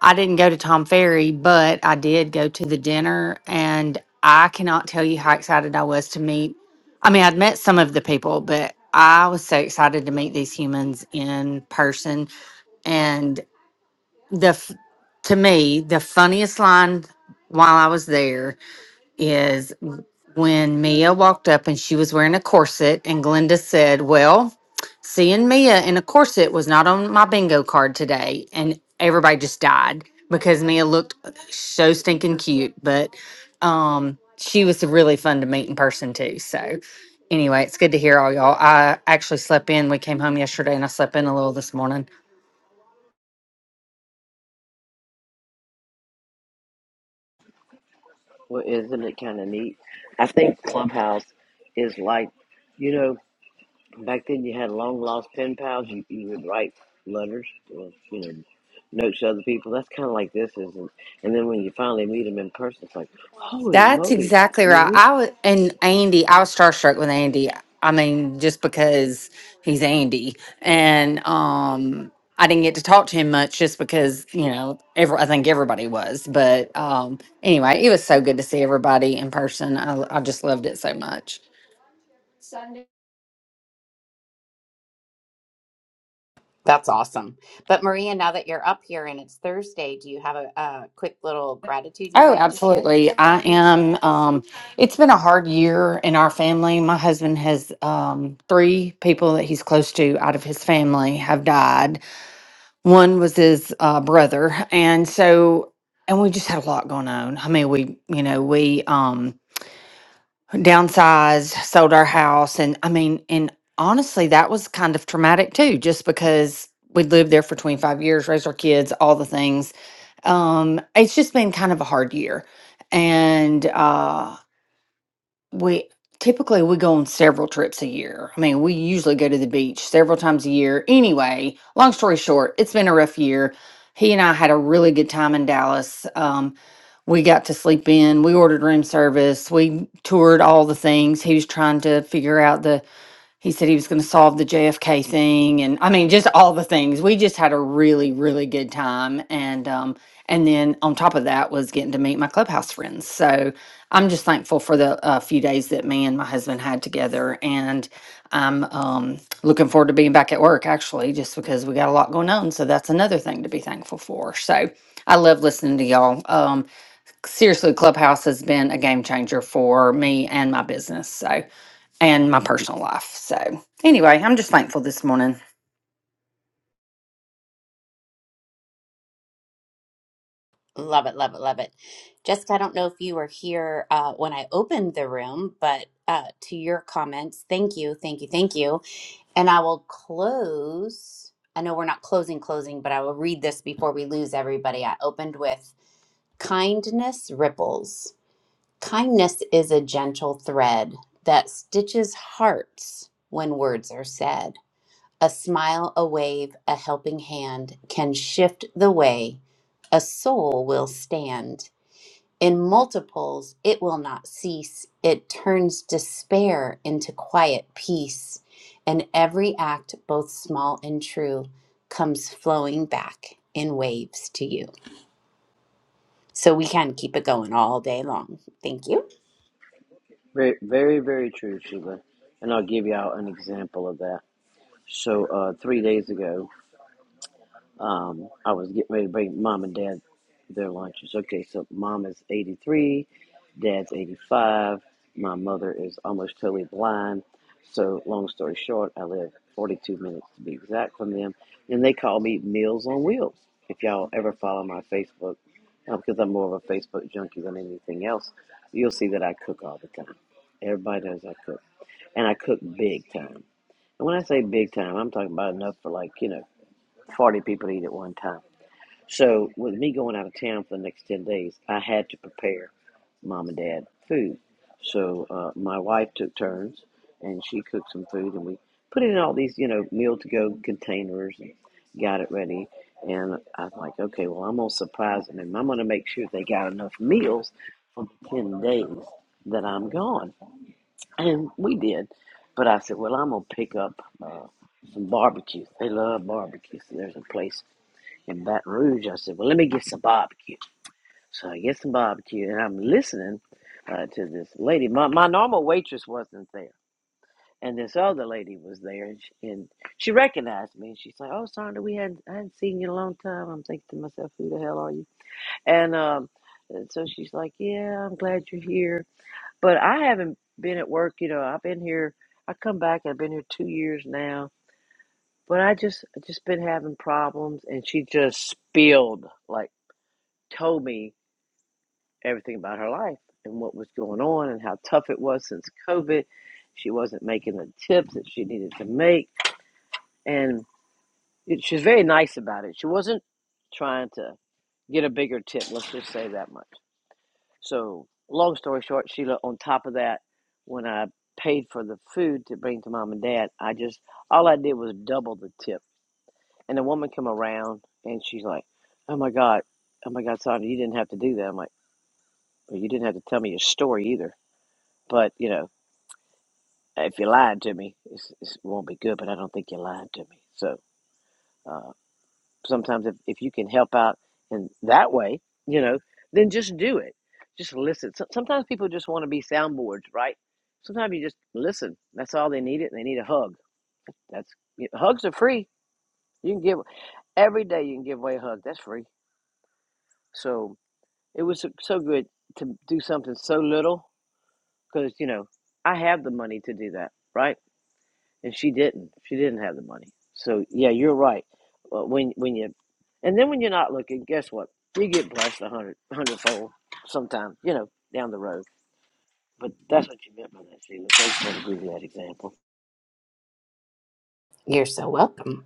[SPEAKER 18] I didn't go to Tom Ferry, but I did go to the dinner, and I cannot tell you how excited I was to meet. I mean, I'd met some of the people, but I was so excited to meet these humans in person the f- to me the funniest line while I was there is when Mia walked up and she was wearing a corset and Glenda said, "Well, seeing Mia in a corset was not on my bingo card today." And everybody just died because Mia looked uh, so stinking cute, but um she was really fun to meet in person too. So anyway, it's good to hear all y'all. I actually slept in. We came home yesterday and I slept in a little this morning.
[SPEAKER 14] Well, isn't it kind of neat? I think Clubhouse is like, you know. Back then, you had long lost pen pals. You, you would write letters, or, you know, notes to other people. That's kind of like this, isn't? it? And then when you finally meet them in person, it's like, holy
[SPEAKER 18] That's
[SPEAKER 14] moly,
[SPEAKER 18] exactly
[SPEAKER 14] you
[SPEAKER 18] right.
[SPEAKER 14] read?
[SPEAKER 18] I was and Andy, I was starstruck with Andy. I mean, just because he's Andy, and um, I didn't get to talk to him much, just because you know, every, I think everybody was. But um, anyway, it was so good to see everybody in person. I, I just loved it so much.
[SPEAKER 1] That's awesome. But Maria, now that you're up here and it's Thursday, do you have a, a quick little gratitude you'd
[SPEAKER 18] Oh,
[SPEAKER 1] like to share?
[SPEAKER 18] absolutely. I am. Um, it's been a hard year in our family. My husband has um, three people that he's close to out of his family have died One was his uh, brother, and so and we just had a lot going on. I mean, we you know we um downsized, sold our house, and I mean, and honestly, that was kind of traumatic too, just because we lived there for 25 years, raised our kids, all the things. Um, it's just been kind of a hard year, and uh we typically we go on several trips a year. I mean, we usually go to the beach several times a year. Anyway, long story short, it's been a rough year. He and I had a really good time in Dallas. Um, we got to sleep in. We ordered room service. We toured all the things. He was trying to figure out the he said he was going to solve the JFK thing, and I mean, just all the things. We just had a really, really good time, and um, and then on top of that was getting to meet my clubhouse friends. So I'm just thankful for the uh, few days that me and my husband had together, and I'm um, looking forward to being back at work actually, just because we got a lot going on. So that's another thing to be thankful for. So I love listening to y'all. Um, seriously, Clubhouse has been a game changer for me and my business. So and my personal life. So, anyway, I'm just thankful this morning.
[SPEAKER 1] Love it, love it, love it. Jessica, I don't know if you were here uh, when I opened the room, but uh, to your comments, thank you, thank you, thank you And I will close. I know we're not closing, closing, but I will read this before we lose everybody. I opened with kindness ripples. Kindness is a gentle thread that stitches hearts when words are said. A smile, a wave, a helping hand can shift the way a soul will stand. In multiples, it will not cease. It turns despair into quiet peace. And every act, both small and true, comes flowing back in waves to you. So we can keep it going all day long. Thank you.
[SPEAKER 14] Very, very, very true, Sheila. And I'll give y'all an example of that. So uh, three days ago. Um, I was getting ready to bring mom and dad their lunches. Okay, so mom is 83, dad's 85. My mother is almost totally blind. So, long story short, I live 42 minutes to be exact from them. And they call me Meals on Wheels. If y'all ever follow my Facebook, uh, because I'm more of a Facebook junkie than anything else, you'll see that I cook all the time. Everybody knows I cook. And I cook big time. And when I say big time, I'm talking about enough for like, you know, 40 people to eat at one time. So, with me going out of town for the next 10 days, I had to prepare mom and dad food. So, uh, my wife took turns and she cooked some food, and we put it in all these, you know, meal to go containers and got it ready. And I'm like, okay, well, I'm going to surprise them and I'm going to make sure they got enough meals for the 10 days that I'm gone. And we did. But I said, well, I'm going to pick up uh, some barbecue. They love barbecue. So, there's a place in Baton Rouge. I said, Well, let me get some barbecue. So I get some barbecue, and I'm listening uh, to this lady. My, my normal waitress wasn't there. And this other lady was there, and she, and she recognized me. And she's like, "Oh, Sandra, we hadn't I hadn't seen you in a long time." I'm thinking to myself, "Who the hell are you?" And um, so she's like, "Yeah, I'm glad you're here, but I haven't been at work. You know, I've been here. I come back. I've been here two years now, but I just I just been having problems." And she just spilled like told me everything about her life and what was going on and how tough it was since COVID. She wasn't making the tips that she needed to make. And it, she was very nice about it. She wasn't trying to get a bigger tip, let's just say that much. So, long story short, Sheila, on top of that, when I paid for the food to bring to mom and dad, I just, all I did was double the tip. And the woman come around and she's like, oh my God, oh my God, Sonia, you didn't have to do that. I'm like, Well, you didn't have to tell me your story either. But, you know, if you lied to me, it's, it's- it won't be good, but I don't think you lied to me. So uh, sometimes if, if you can help out in that way, you know, then just do it. Just listen. So, sometimes people just want to be soundboards, right? Sometimes you just listen. That's all they need it. They need a hug. That's you hugs are free. You can give every day. You can give away a hug. That's free. So it was so so good to do something so little because you know I have the money to do that, right? and she didn't. She didn't have the money. So yeah, you're right. Uh, when when you, and then when you're not looking, guess what? You get blessed a hundred hundredfold sometime. You know, down the road. But that's what you meant by that, Sheila. Thanks for giving that example.
[SPEAKER 1] You're so welcome.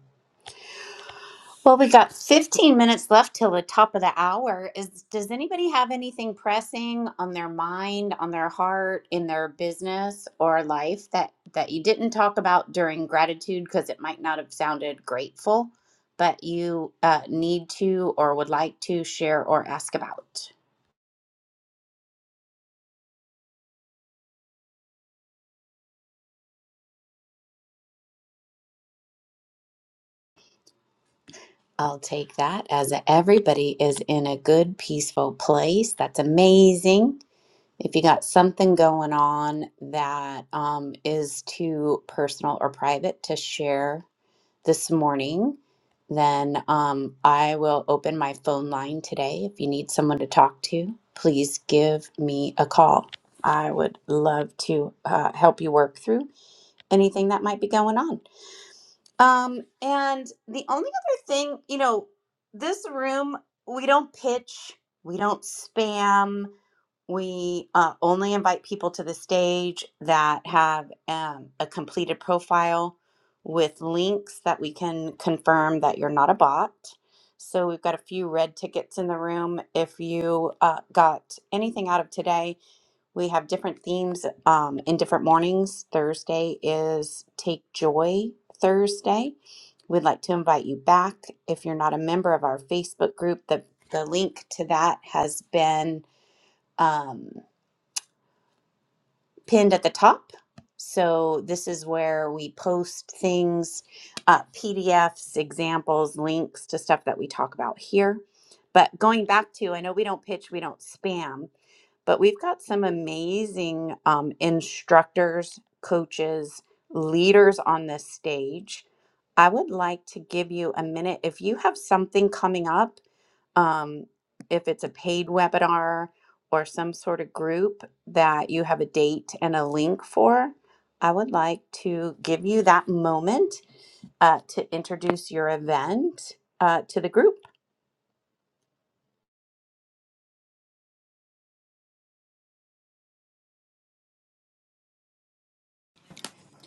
[SPEAKER 1] Well, we got 15 minutes left till the top of the hour. Is does anybody have anything pressing on their mind, on their heart, in their business or life that that you didn't talk about during gratitude because it might not have sounded grateful, but you uh, need to or would like to share or ask about? I'll take that as everybody is in a good, peaceful place. That's amazing. If you got something going on that um, is too personal or private to share this morning, then um, I will open my phone line today. If you need someone to talk to, please give me a call. I would love to uh, help you work through anything that might be going on. Um, and the only other thing, you know, this room, we don't pitch, we don't spam we uh, only invite people to the stage that have um, a completed profile with links that we can confirm that you're not a bot. So we've got a few red tickets in the room. If you uh, got anything out of today, we have different themes um, in different mornings. Thursday is Take Joy Thursday. We'd like to invite you back. If you're not a member of our Facebook group, the, the link to that has been. Um, pinned at the top. So this is where we post things, uh, PDFs, examples, links to stuff that we talk about here. But going back to, I know we don't pitch, we don't spam, but we've got some amazing um, instructors, coaches, leaders on this stage. I would like to give you a minute. If you have something coming up, um, if it's a paid webinar or some sort of group that you have a date and a link for, I would like to give you that moment uh, to introduce your event uh, to the group.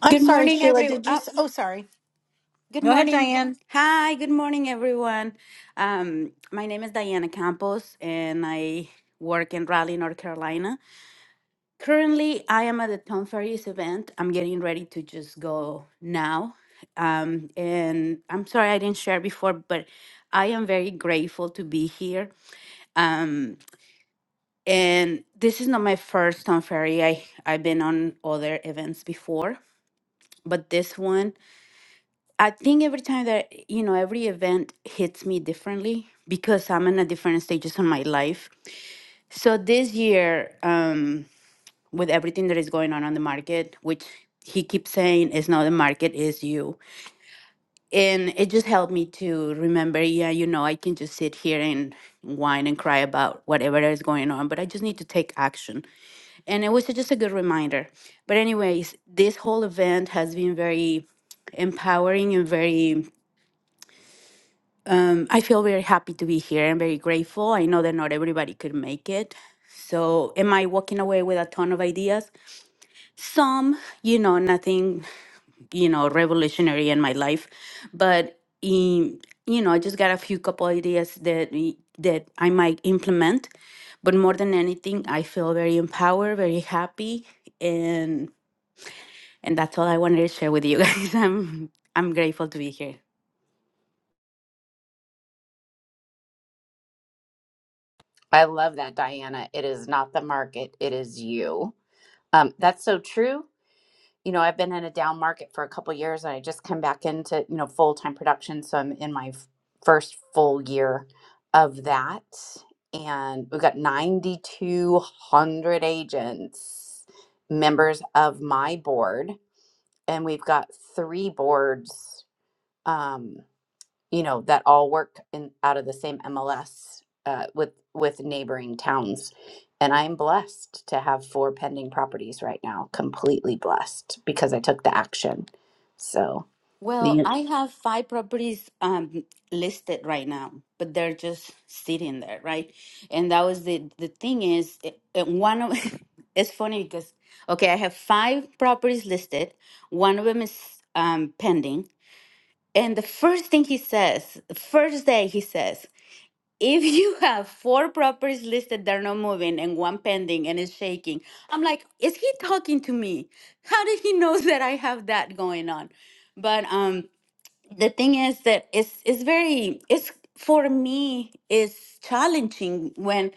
[SPEAKER 9] I'm
[SPEAKER 19] Good
[SPEAKER 9] sorry,
[SPEAKER 19] morning,
[SPEAKER 9] Sheila.
[SPEAKER 19] every.
[SPEAKER 9] Did you?
[SPEAKER 19] Oh,
[SPEAKER 9] s- Oh, sorry.
[SPEAKER 19] good
[SPEAKER 9] Go ahead,
[SPEAKER 19] morning.
[SPEAKER 9] Diane.
[SPEAKER 19] Hi. Good morning, everyone. Um, my name is Diana Campos, and I work in Raleigh, North Carolina. Currently, I am at the Tom Ferry's event. I'm getting ready to just go now. Um, and I'm sorry I didn't share before, but I am very grateful to be here. Um, and this is not my first Tom Ferry. I I've been on other events before, but this one. I think every time that, you know, every event hits me differently because I'm in a different stages of my life. So this year, um, with everything that is going on on the market, which he keeps saying is not the market, is you. And it just helped me to remember, yeah, you know, I can just sit here and whine and cry about whatever that is going on, but I just need to take action. And it was just a good reminder. But anyways, this whole event has been very empowering and very Um, I feel very happy to be here and very grateful. I know that not everybody could make it. So, am I walking away with a ton of ideas? Some, you know, nothing, you know, revolutionary in my life, but in, you know, I just got a few couple ideas that y- that I might implement. But more than anything, I feel very empowered, very happy, and and that's all I wanted to share with you guys. I'm I'm grateful to be here.
[SPEAKER 1] I love that, Diana. It is not the market, it is you. Um, that's so true. You know, I've been in a down market for a couple years, and I just come back into you know full time production, so I'm in my f- first full year of that, and we've got 9,200 agents, members of my board, and we've got three boards. Um, you know that all work in out of the same MLS uh, with with neighboring towns. And I'm blessed to have four pending properties right now. Completely blessed because I took the action. So
[SPEAKER 19] Well,
[SPEAKER 1] man,
[SPEAKER 19] I have five properties um, listed right now, but they're just sitting there, right? And that was the the thing is, it, it- one of it's funny because okay, I have five properties listed. One of them is um, pending, and the first thing he says, the first day he says, if you have four properties listed, they're not moving, and one pending and it's shaking. I'm like, is he talking to me? How did he know that I have that going on? But um the thing is that it's it's very it's for me it's challenging when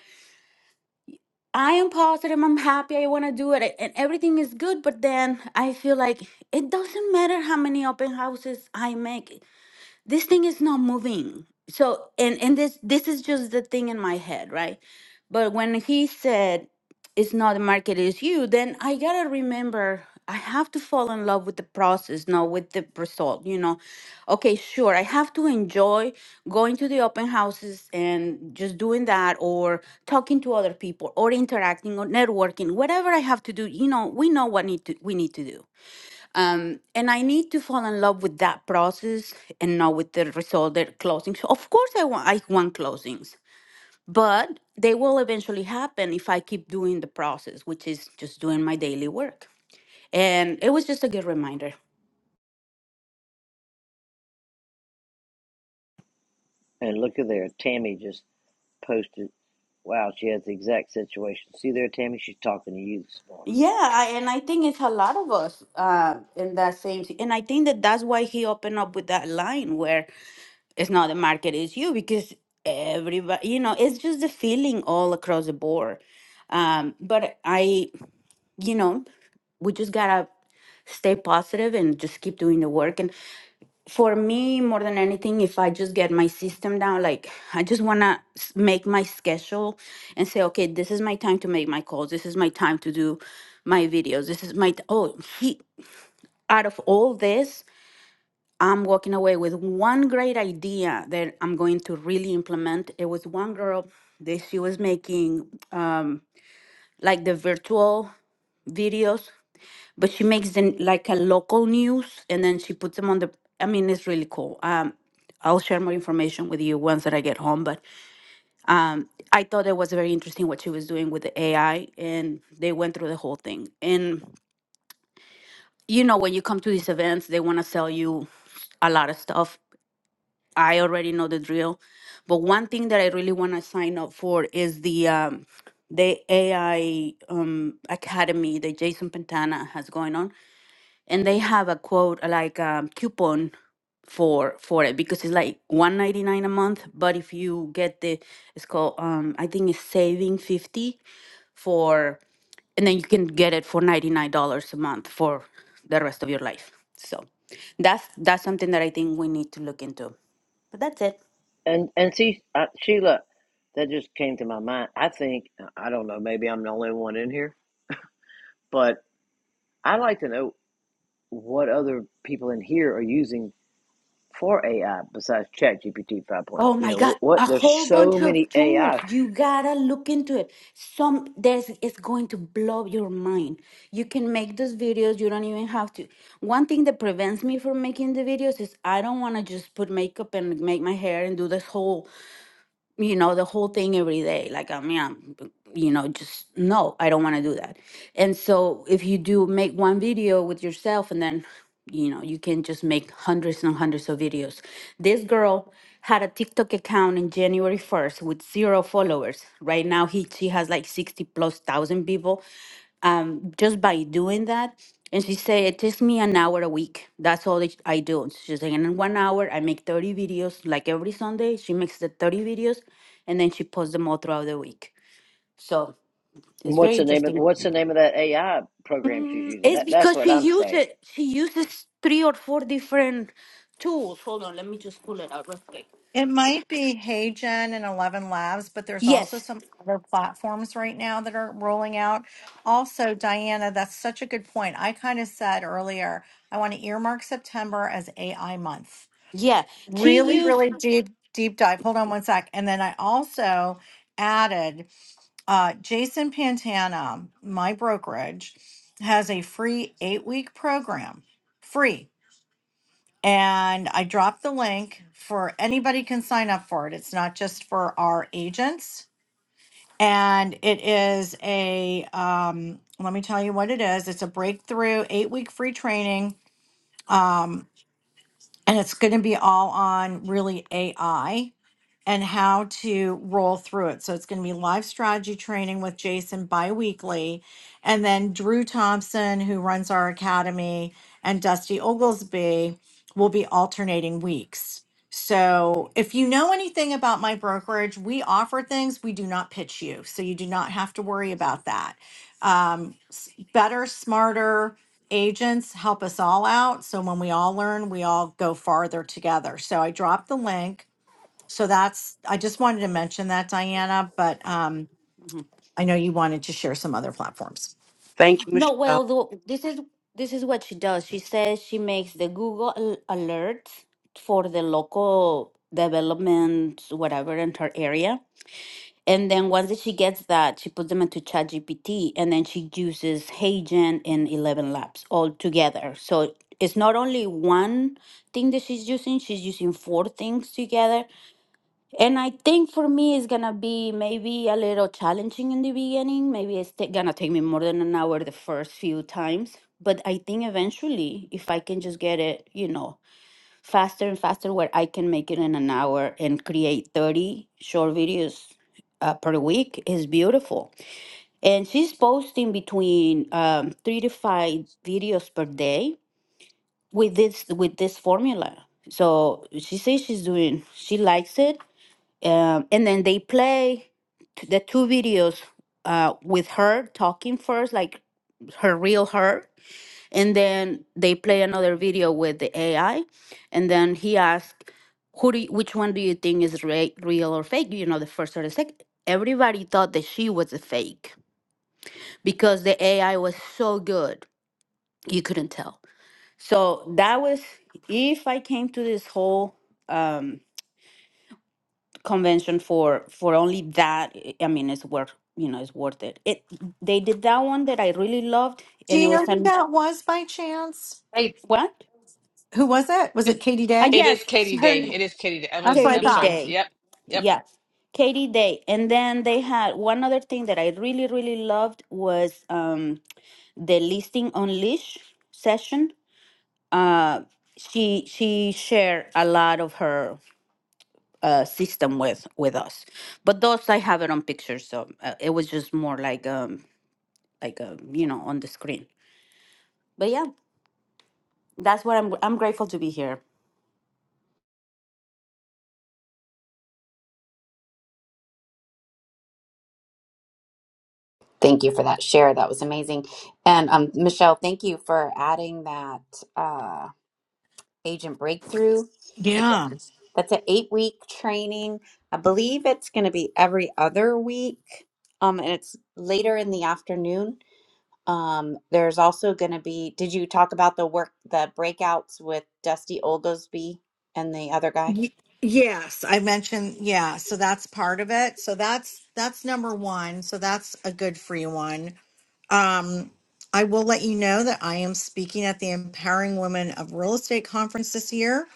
[SPEAKER 19] i am positive i'm happy i want to do it and everything is good but then i feel like it doesn't matter how many open houses i make this thing is not moving so and and this this is just the thing in my head right but when he said it's not the market it's you then i gotta remember i have to fall in love with the process not with the result you know okay sure i have to enjoy going to the open houses and just doing that or talking to other people or interacting or networking whatever i have to do you know we know what need to we need to do um, and I need to fall in love with that process and not with the result that closings. Of course, I want I want closings, but they will eventually happen if I keep doing the process, which is just doing my daily work. And it was just a good reminder.
[SPEAKER 14] And look at there, Tammy just posted. Wow, she has the exact situation. See there, Tammy. She's talking to you this morning.
[SPEAKER 19] Yeah, I, and I think it's a lot of us uh, in that same. si- And I think that that's why he opened up with that line where it's not the market, it's you, because everybody, you know, it's just the feeling all across the board um but i you know, we just gotta stay positive and just keep doing the work. And for me, more than anything, if I just get my system down, like I just wanna make my schedule and say, okay, this is my time to make my calls. This is my time to do my videos. This is my t- oh, he, out of all this, I'm walking away with one great idea that I'm going to really implement. It was one girl that she was making uh, like the virtual videos but she makes them like a local news and then she puts them on the i mean it's really cool um i'll share more information with you once that i get home but i thought it was very interesting what she was doing with the ai and they went through the whole thing and you know when you come to these events they want to sell you a lot of stuff i already know the drill but one thing that i really want to sign up for is the um the ai um academy that jason pantana has going on and they have a quote uh, like um, coupon for for it because it's like 199 a month but if you get the it's called um i think it's saving 50 for and then you can get it for $99 a month for the rest of your life so that's that's something that i think we need to look into but that's it
[SPEAKER 14] And and see, uh, Sheila, that just came to my mind. I think I don't know. Maybe I'm the only one in here, but I like to know what other people in here are using for AI besides ChatGPT 5.0. point? oh.
[SPEAKER 19] Oh
[SPEAKER 14] You
[SPEAKER 19] my
[SPEAKER 14] know,
[SPEAKER 19] God,
[SPEAKER 14] what, what
[SPEAKER 19] a
[SPEAKER 14] there's
[SPEAKER 19] whole
[SPEAKER 14] so
[SPEAKER 19] bunch of
[SPEAKER 14] many
[SPEAKER 19] tools.
[SPEAKER 14] AI.
[SPEAKER 19] You gotta look into it. Some there's it's going to blow your mind. You can make those videos, you don't even have to. One thing that prevents me from making the videos is I don't wanna just put makeup and make my hair and do this whole you know, the whole thing every day. Like, I mean, I'm, you know, just no, I don't want to do that. And so if you do make one video with yourself and then, you know, you can just make hundreds and hundreds of videos. This girl had a TikTok account in January 1st with zero followers. Right now, he she has like 60 plus thousand people um, just by doing that. And she said, it takes me an hour a week. That's all that I do. She's like, and in one hour, I make 30 videos. Like every Sunday, she makes the 30 videos and then she posts them all throughout the week. So it's
[SPEAKER 14] What's
[SPEAKER 19] very
[SPEAKER 14] the name of
[SPEAKER 19] interesting.
[SPEAKER 14] what's the name of that AI program she's
[SPEAKER 19] Mm,
[SPEAKER 14] using?
[SPEAKER 19] it's
[SPEAKER 14] That that's
[SPEAKER 19] because
[SPEAKER 14] what
[SPEAKER 19] she
[SPEAKER 14] I'm saying.
[SPEAKER 19] uses, she uses three or four different tools. Hold on, let me just pull it out real quick.
[SPEAKER 9] It might be HeyGen and Eleven Labs, but there's also
[SPEAKER 19] Yes.
[SPEAKER 9] some other platforms right now that are rolling out. Also, Diana, that's such a good point. I kind of said earlier, I want to earmark September as AI month.
[SPEAKER 19] Yeah. She
[SPEAKER 9] Really,
[SPEAKER 19] used.
[SPEAKER 9] really deep, deep dive. Hold on one sec. And then I also added uh, Jason Pantana, my brokerage, has a free eight week program. Free. And I dropped the link for anybody can sign up for it. It's not just for our agents. And it is a, um, let me tell you what it is. It's a breakthrough eight week free training. Um, and it's going to be all on really AI and how to roll through it. So it's going to be live strategy training with Jason biweekly. And then Drew Thompson, who runs our academy, and Dusty Oglesby will be alternating weeks. So if you know anything about my brokerage, we offer things, we do not pitch you. So you do not have to worry about that. Um, s- better, smarter agents help us all out. So when we all learn, we all go farther together. So I dropped the link so that's, I just wanted to mention that, Diana, but um, I know you wanted to share some other platforms.
[SPEAKER 17] Thank you,
[SPEAKER 19] No,
[SPEAKER 17] Michelle.
[SPEAKER 19] well, the, this is this is what she does. She says she makes the Google al- alerts for the local development, whatever in her area, and then once that she gets that, she puts them into ChatGPT, and then she uses HeyGen and Eleven Labs all together. So it's not only one thing that she's using; she's using four things together, and I think for me, it's gonna be maybe a little challenging in the beginning. Maybe it's ta- gonna take me more than an hour the first few times. But I think eventually, if I can just get it, you know, faster and faster, where I can make it in an hour and create 30 short videos uh, per week, is beautiful. And she's posting between um, three to five videos per day with this with this formula. So she says she's doing, she likes it um, and then they play t- the two videos uh, with her talking first, like her real her, and then they play another video with the AI, and then he asked, "Who do you, which one do you think is re- real or fake?" You know, the first or the second?" Everybody thought that she was a fake because the AI was so good, you couldn't tell. So that was if I came to this whole um, convention for for only that i I mean it's worth you know it's worth it it they did that one that i really loved
[SPEAKER 9] Do
[SPEAKER 19] and it
[SPEAKER 9] you know
[SPEAKER 19] was on
[SPEAKER 9] who that was by chance?
[SPEAKER 6] hey
[SPEAKER 19] what
[SPEAKER 9] Who was it? Was
[SPEAKER 6] this,
[SPEAKER 9] it Katie
[SPEAKER 19] ah
[SPEAKER 9] Day?
[SPEAKER 6] it
[SPEAKER 19] yes
[SPEAKER 6] is
[SPEAKER 19] it's
[SPEAKER 6] katie
[SPEAKER 19] her
[SPEAKER 6] day
[SPEAKER 19] n-
[SPEAKER 6] it is katie day i
[SPEAKER 9] That's
[SPEAKER 6] was
[SPEAKER 9] what I
[SPEAKER 6] i'm
[SPEAKER 19] katie
[SPEAKER 9] thought.
[SPEAKER 6] sorry
[SPEAKER 19] day
[SPEAKER 6] yep yep
[SPEAKER 19] yeah katie day and then they had one other thing that i really really loved was um the listing unleash session uh she she shared a lot of her uh system with with us but those i have it on pictures so uh, it was just more like um. like um, you know on the screen but yeah that's what i'm i'm grateful to be here
[SPEAKER 1] thank you for that share. That was amazing. And um, Michelle, thank you for adding that uh, agent breakthrough. That's a-
[SPEAKER 9] Yeah.
[SPEAKER 1] that's an eight week training. I believe it's going to be every other week. Um, and it's later in the afternoon Um, there's also going to be, did you talk about the work, the breakouts with Dusty Oglesby and the other guy?
[SPEAKER 9] Y- yes, I mentioned, yeah, so that's part of it. So that's that's number 1. So that's a good free one. Um I will let you know that I am speaking at the Empowering Women of Real Estate conference this year.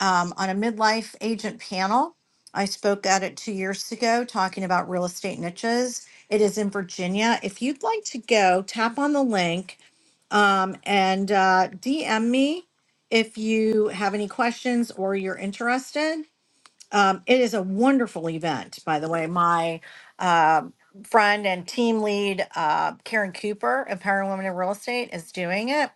[SPEAKER 9] um, on a midlife agent panel. I spoke at it two years ago talking about real estate niches. It is in Virginia. If you'd like to go, tap on the link um, and uh, DM me if you have any questions or you're interested. Um, it is a wonderful event, by the way. My uh, friend and team lead, uh, Karen Cooper of Empowering Women in Real Estate, is doing it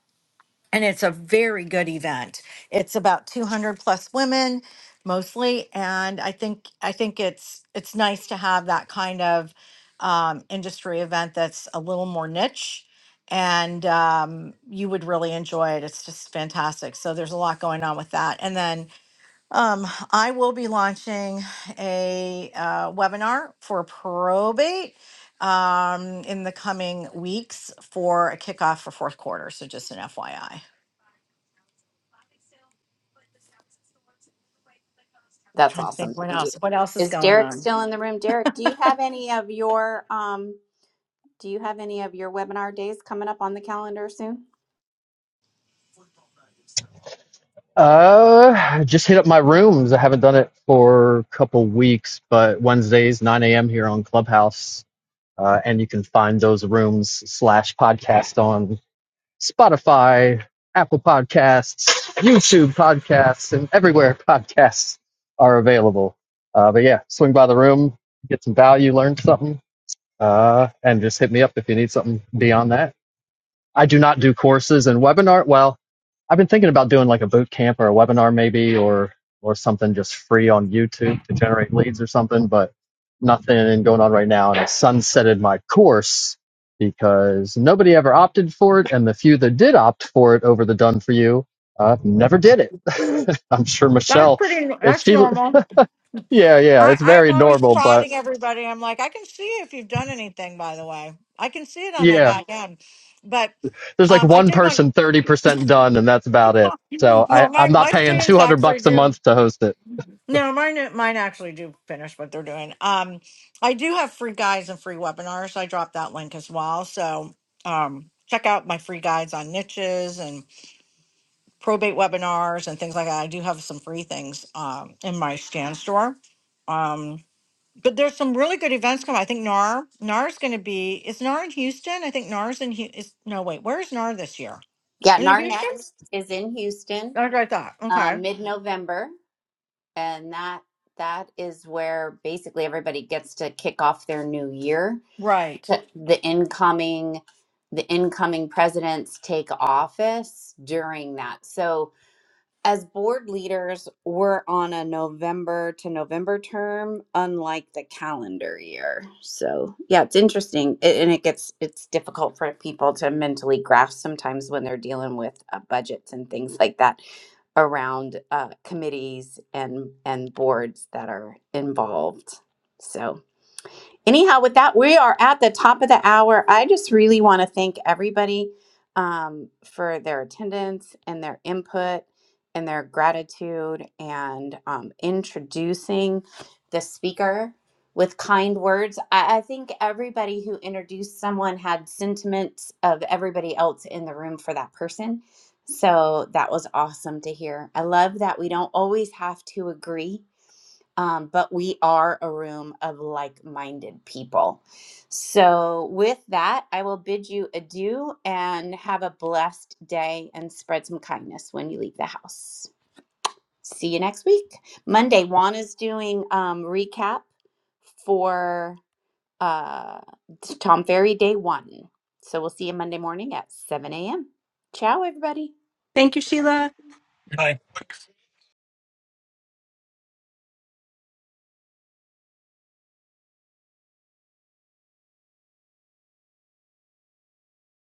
[SPEAKER 9] and it's a very good event. It's about 200 plus women mostly and I think I think it's it's nice to have that kind of um, industry event that's a little more niche and um, you would really enjoy it. It's just fantastic. So there's a lot going on with that. And then um, I will be launching a uh, webinar for probate um, in the coming weeks for a kickoff for fourth quarter. So just an FYI.
[SPEAKER 1] That's
[SPEAKER 9] Trying to
[SPEAKER 1] awesome.
[SPEAKER 9] think what
[SPEAKER 1] Thank you.
[SPEAKER 9] else. What else is
[SPEAKER 1] Is
[SPEAKER 9] going
[SPEAKER 1] Derek
[SPEAKER 9] on?
[SPEAKER 1] still in the room? Derek, do you have any of your, um, do you have any of your webinar days coming up on the calendar soon?
[SPEAKER 4] Uh, I just hit up my rooms. I haven't done it for a couple weeks, but Wednesdays nine a.m. here on Clubhouse, uh, and you can find those rooms slash podcast on Spotify, Apple Podcasts, YouTube Podcasts, and everywhere podcasts are available. Uh, but yeah, swing by the room, get some value, learn something uh, and just hit me up if you need something beyond that. I do not do courses and webinar. Well, I've been thinking about doing like a boot camp or a webinar maybe, or or something just free on YouTube to generate leads or something, but nothing going on right now. And I sunsetted my course because nobody ever opted for it, and the few that did opt for it over the done for you uh, never did it. I'm sure
[SPEAKER 9] That's
[SPEAKER 4] Michelle,
[SPEAKER 9] pretty.
[SPEAKER 4] if
[SPEAKER 9] That's
[SPEAKER 4] she,
[SPEAKER 9] normal.
[SPEAKER 4] yeah, yeah,
[SPEAKER 9] I
[SPEAKER 4] it's
[SPEAKER 9] I'm
[SPEAKER 4] very
[SPEAKER 9] always
[SPEAKER 4] normal, but.
[SPEAKER 9] prodding everybody. I'm like, I can see if you've done anything. By the way, I can see it on my
[SPEAKER 4] Yeah,
[SPEAKER 9] back end. But
[SPEAKER 4] there's like
[SPEAKER 9] um, I
[SPEAKER 4] one
[SPEAKER 9] did want.
[SPEAKER 4] person 30% done and that's about it. So I,
[SPEAKER 9] Well, my
[SPEAKER 4] I'm not
[SPEAKER 9] my
[SPEAKER 4] paying
[SPEAKER 9] students
[SPEAKER 4] 200
[SPEAKER 9] actually
[SPEAKER 4] bucks a
[SPEAKER 9] do.
[SPEAKER 4] month to host it.
[SPEAKER 9] No, mine mine actually do finish what they're doing. Um, I do have free guides and free webinars. I dropped that link as well. So um, check out my free guides on niches probate webinars and things like that. I do have some free things um, in my scan store. Um, but there's some really good events coming. I think NAR NAR is going to be is NAR in Houston. I think NAR's in Hu- is no wait. Where's NAR this year?
[SPEAKER 1] Yeah,
[SPEAKER 9] Is it
[SPEAKER 1] NAR
[SPEAKER 9] Houston?
[SPEAKER 1] Next is in Houston,
[SPEAKER 9] That's what I thought.
[SPEAKER 1] uh,
[SPEAKER 9] Okay,
[SPEAKER 1] mid-November, and that that is where basically everybody gets to kick off their new year
[SPEAKER 9] right.
[SPEAKER 1] the, the incoming the incoming presidents take office during that. So as board leaders, we're on a November to November term, unlike the calendar year. So yeah, it's interesting, a- and it gets it's difficult for people to mentally grasp sometimes when they're dealing with uh, budgets and things like that around uh, committees and and boards that are involved. So anyhow with that we are at the top of the hour i just really want to thank everybody um, for their attendance and their input and their gratitude and um, introducing the speaker with kind words I, I think everybody who introduced someone had sentiments of everybody else in the room for that person so that was awesome to hear i love that we don't always have to agree um, but we are a room of like minded people. So, with that, I will bid you adieu and have a blessed day and spread some kindness when you leave the house. See you next week. Monday, Juana's doing um, recap for uh, Tom Ferry Day One. So, we'll see you Monday morning at 7 a.m. Ciao, everybody.
[SPEAKER 15] Thank you, Sheila.
[SPEAKER 3] Hi.